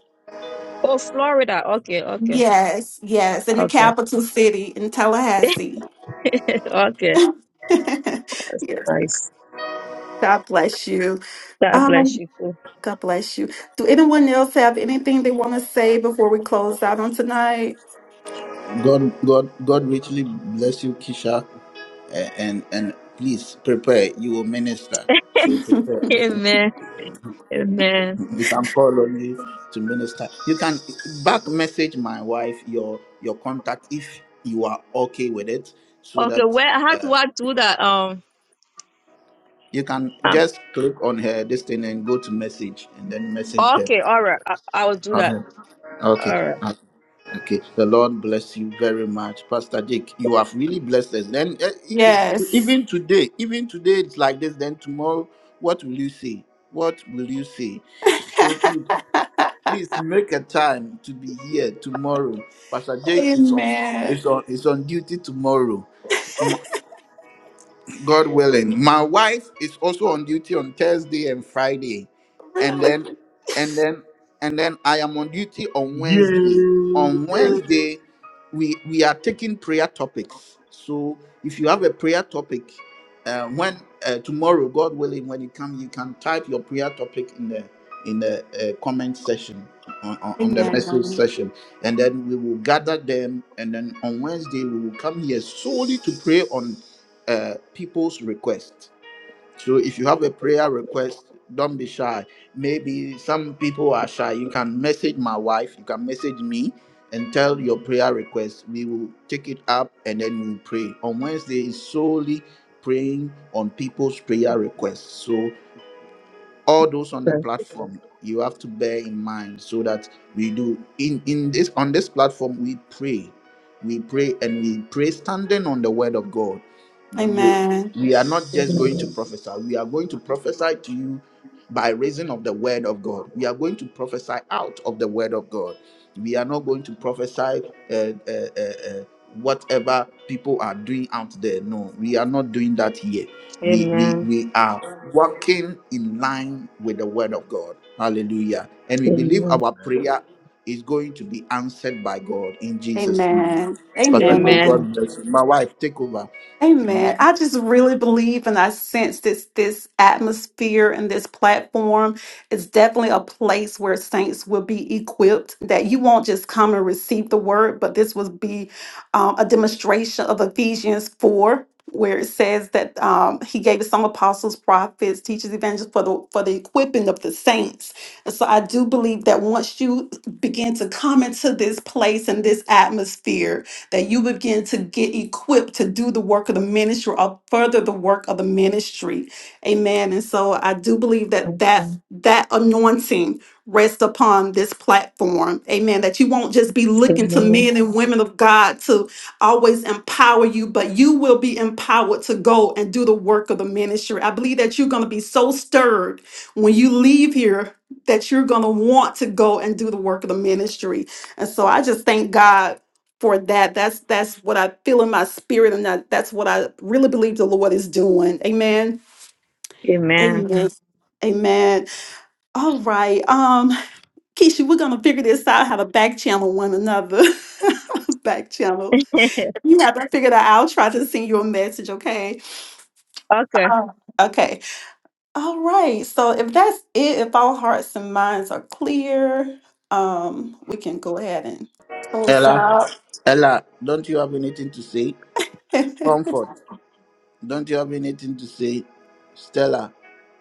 D: Oh, Florida. Okay, okay.
C: Yes. Yes, in the
D: Okay.
C: capital city in Tallahassee.
D: [laughs] okay.
C: [laughs]
D: That's
C: yes.
D: nice.
C: God bless you.
D: God bless
C: Um
D: you too.
C: God bless you. Do anyone else have anything they want to say before we close out on tonight?
A: God, God, God richly bless you, Kesha. A- And and please prepare. You will minister. So
C: [laughs]
A: prepare.
D: Amen.
A: Amen.
D: Amen.
A: You can call on me to minister. You can back message my wife your your contact if you are okay with it, so
D: Okay,
A: that
D: where how
A: uh,
D: do I do that? Um,
A: you can
D: um
A: just click on her this thing and go to message and then message her.
D: okay, all right. I, I will do that.
A: Okay.
D: All
A: Okay. Okay. Okay. The Lord bless you very much, Pastor Jake. You have really blessed us. Then eh, it- it-
C: Yes.
A: even today, even today it's like this. Then tomorrow, what will you say? What will you say?
C: [laughs]
A: Please make a time to be here tomorrow. Pastor Jake is on
C: Amen.
A: is on is on duty tomorrow. God willing. My wife is also on duty on Thursday and Friday. And
C: Really?
A: then and then and then I am on duty on Wednesday. On
B: Yay.
A: Wednesday, we we are taking prayer topics. So if you have a prayer topic, uh, when uh, tomorrow, God willing, when you come, you can type your prayer topic in the in the uh, comment section on, on on the message
C: Amen.
A: session, and then we will gather them. And then on Wednesday, we will come here solely to pray on uh, people's request. So if you have a prayer request, don't be shy. Maybe some people are shy. You can message my wife, you can message me and tell your prayer request. We will take it up and then we'll pray. On Wednesday is solely praying on people's prayer requests. So all those on the
D: right.
A: platform you have to bear in mind so that we do in in this on this platform we pray we pray and we pray standing on the word of god You know,
C: Amen.
A: we, we are not just going
D: Amen.
A: to prophesy we are going to prophesy to you by reason of the word of god we are going to prophesy out of the word of god we are not going to prophesy uh, uh, uh, uh, whatever people are doing out there. No, we are not doing that here. We, we,
D: Amen.
A: we are working in line with the word of God. Hallelujah. And we believe
D: Amen.
A: our prayer is going to be answered by God in Jesus' name.
C: Amen.
A: Pastor
C: Amen.
A: Grace,
D: Amen.
A: God bless you. My wife, take over.
C: Amen. I just really believe and I sense this this atmosphere and this platform is definitely a place where saints will be equipped. That you won't just come and receive the word, but this will be um, a demonstration of Ephesians 4, where it says that um, he gave us some apostles, prophets, teachers, evangelists for the for the equipping of the saints. And so I do believe that once you begin to come into this place and this atmosphere, that you begin to get equipped to do the work of the ministry or further the work of the ministry. Amen. And so I do believe that that, Mhm. that anointing rests upon this platform. Amen. That you won't just be looking to men and women of God to always empower you, but you will be empowered to go and do the work of the ministry. I believe that you're going to be so stirred when you leave here that you're going to want to go and do the work of the ministry. And so I just thank God for that. That's that's what I feel in my spirit, and that that's what I really believe the Lord is doing. Amen.
D: Amen. Amen.
C: Amen. Amen. Amen. All right. Um, Keisha, we're gonna figure this out how to back channel one another. [laughs] back channel.
D: [laughs]
C: You have to figure that out. I'll try to send you a message, okay?
D: okay.
C: Um, Okay. All right. So if that's it, if all hearts and minds are clear, um, we can go ahead and close
A: Ella,
C: out.
A: Ella, don't you have anything to say?
C: [laughs]
A: Comfort. Don't you have anything to say? Stella,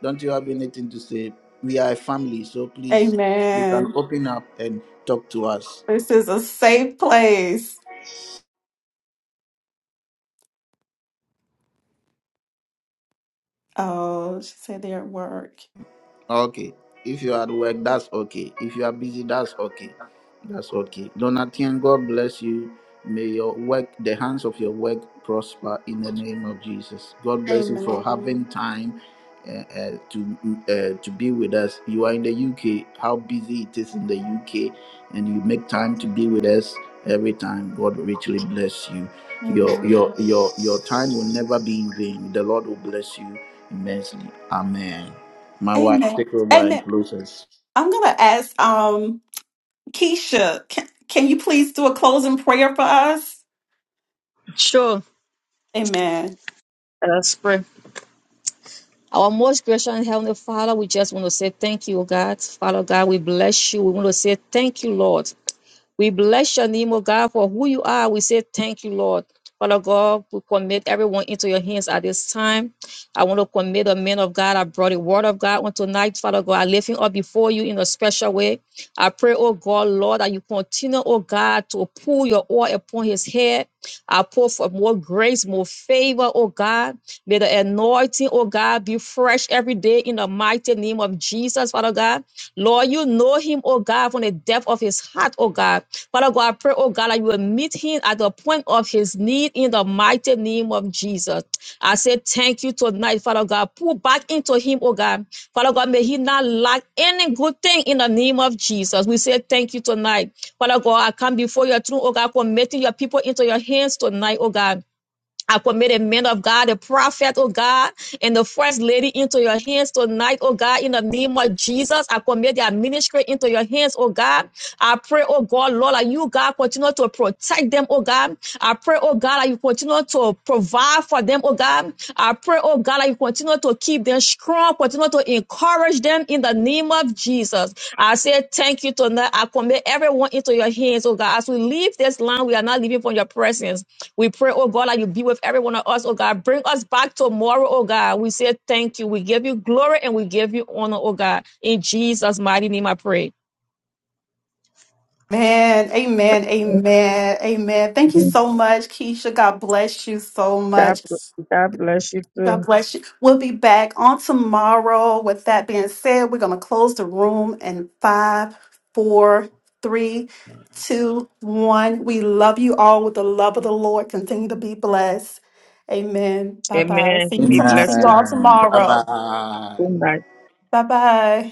A: don't you have anything to say? We are a family, so please, you
C: Amen.
A: can open up and talk to us.
C: This is a safe place. Oh, she said they're at work.
A: Okay. If you are at work, that's okay. If you are busy, that's okay. That's okay. Donatien, God bless you. May your work, the hands of your work, prosper in the name of Jesus. God bless you for having
C: Amen.
A: time uh, uh, to uh, to be with us. You are in the UK. How busy it is in the UK, and you make time to be with us every time. God richly bless you. Your your
C: Amen.
A: your your time will never be in vain. The Lord will bless you immensely. Amen. My wife,
C: Amen.
A: take over and
C: Amen.
A: close us.
C: I'm gonna ask um Keisha, can, can you please do a closing prayer for us?
D: Sure.
C: Amen.
D: Uh, us pray. Our most gracious and Heavenly Father, we just want to say thank you, O God. Father God, we bless you. We want to say thank you, Lord. We bless your name, O God, for who you are. We say thank you, Lord. Father God, we commit everyone into your hands at this time. I want to commit the men of God. I brought the word of God on tonight, Father God. I lift him up before you in a special way. I pray, oh God, Lord, that you continue, oh God, to pour your oil upon his head. I pour for more grace, more favor, oh God. May the anointing, oh God, be fresh every day in the mighty name of Jesus, Father God. Lord, you know him, oh God, from the depth of his heart, oh God. Father God, I pray, oh God, that you will meet him at the point of his need in the mighty name of Jesus. I say thank you tonight, Father God. Pull back into him, oh God. Father God, may he not lack any good thing in the name of Jesus. We say thank you tonight. Father God, I come before your throne, oh God, committing your people into your hands tonight, oh God. I commit the men of God, the prophet, oh God, and the first lady into your hands tonight, oh God, in the name of Jesus. I commit their ministry into your hands, oh God. I pray, oh God, Lord, that you, God, continue to protect them, oh God. I pray, oh God, that you continue to provide for them, oh God. I pray, oh God, that you continue to keep them strong, continue to encourage them in the name of Jesus. I say thank you tonight. I commit everyone into your hands, oh God. As we leave this land, we are not leaving from your presence. We pray, oh God, that you be with every one of us, oh God. Bring us back tomorrow, oh God. We say thank you. We give you glory and we give you honor, oh God. In Jesus' mighty name I pray.
C: Man, amen, amen, amen. Thank you so much, Keisha. God bless you so
D: God,
C: much.
D: God bless you
C: God
D: too.
C: bless you. We'll be back on tomorrow. With that being said, we're going to close the room in five, four, three, two, one. We love you all with the love of the Lord. Continue to be blessed. Amen. Bye bye.
D: Amen.
C: See you,
D: Be
C: see
D: blessed
C: you
D: too.
C: all
A: Amen. Bye
C: tomorrow.
A: bye.
D: Good night.
C: Bye bye.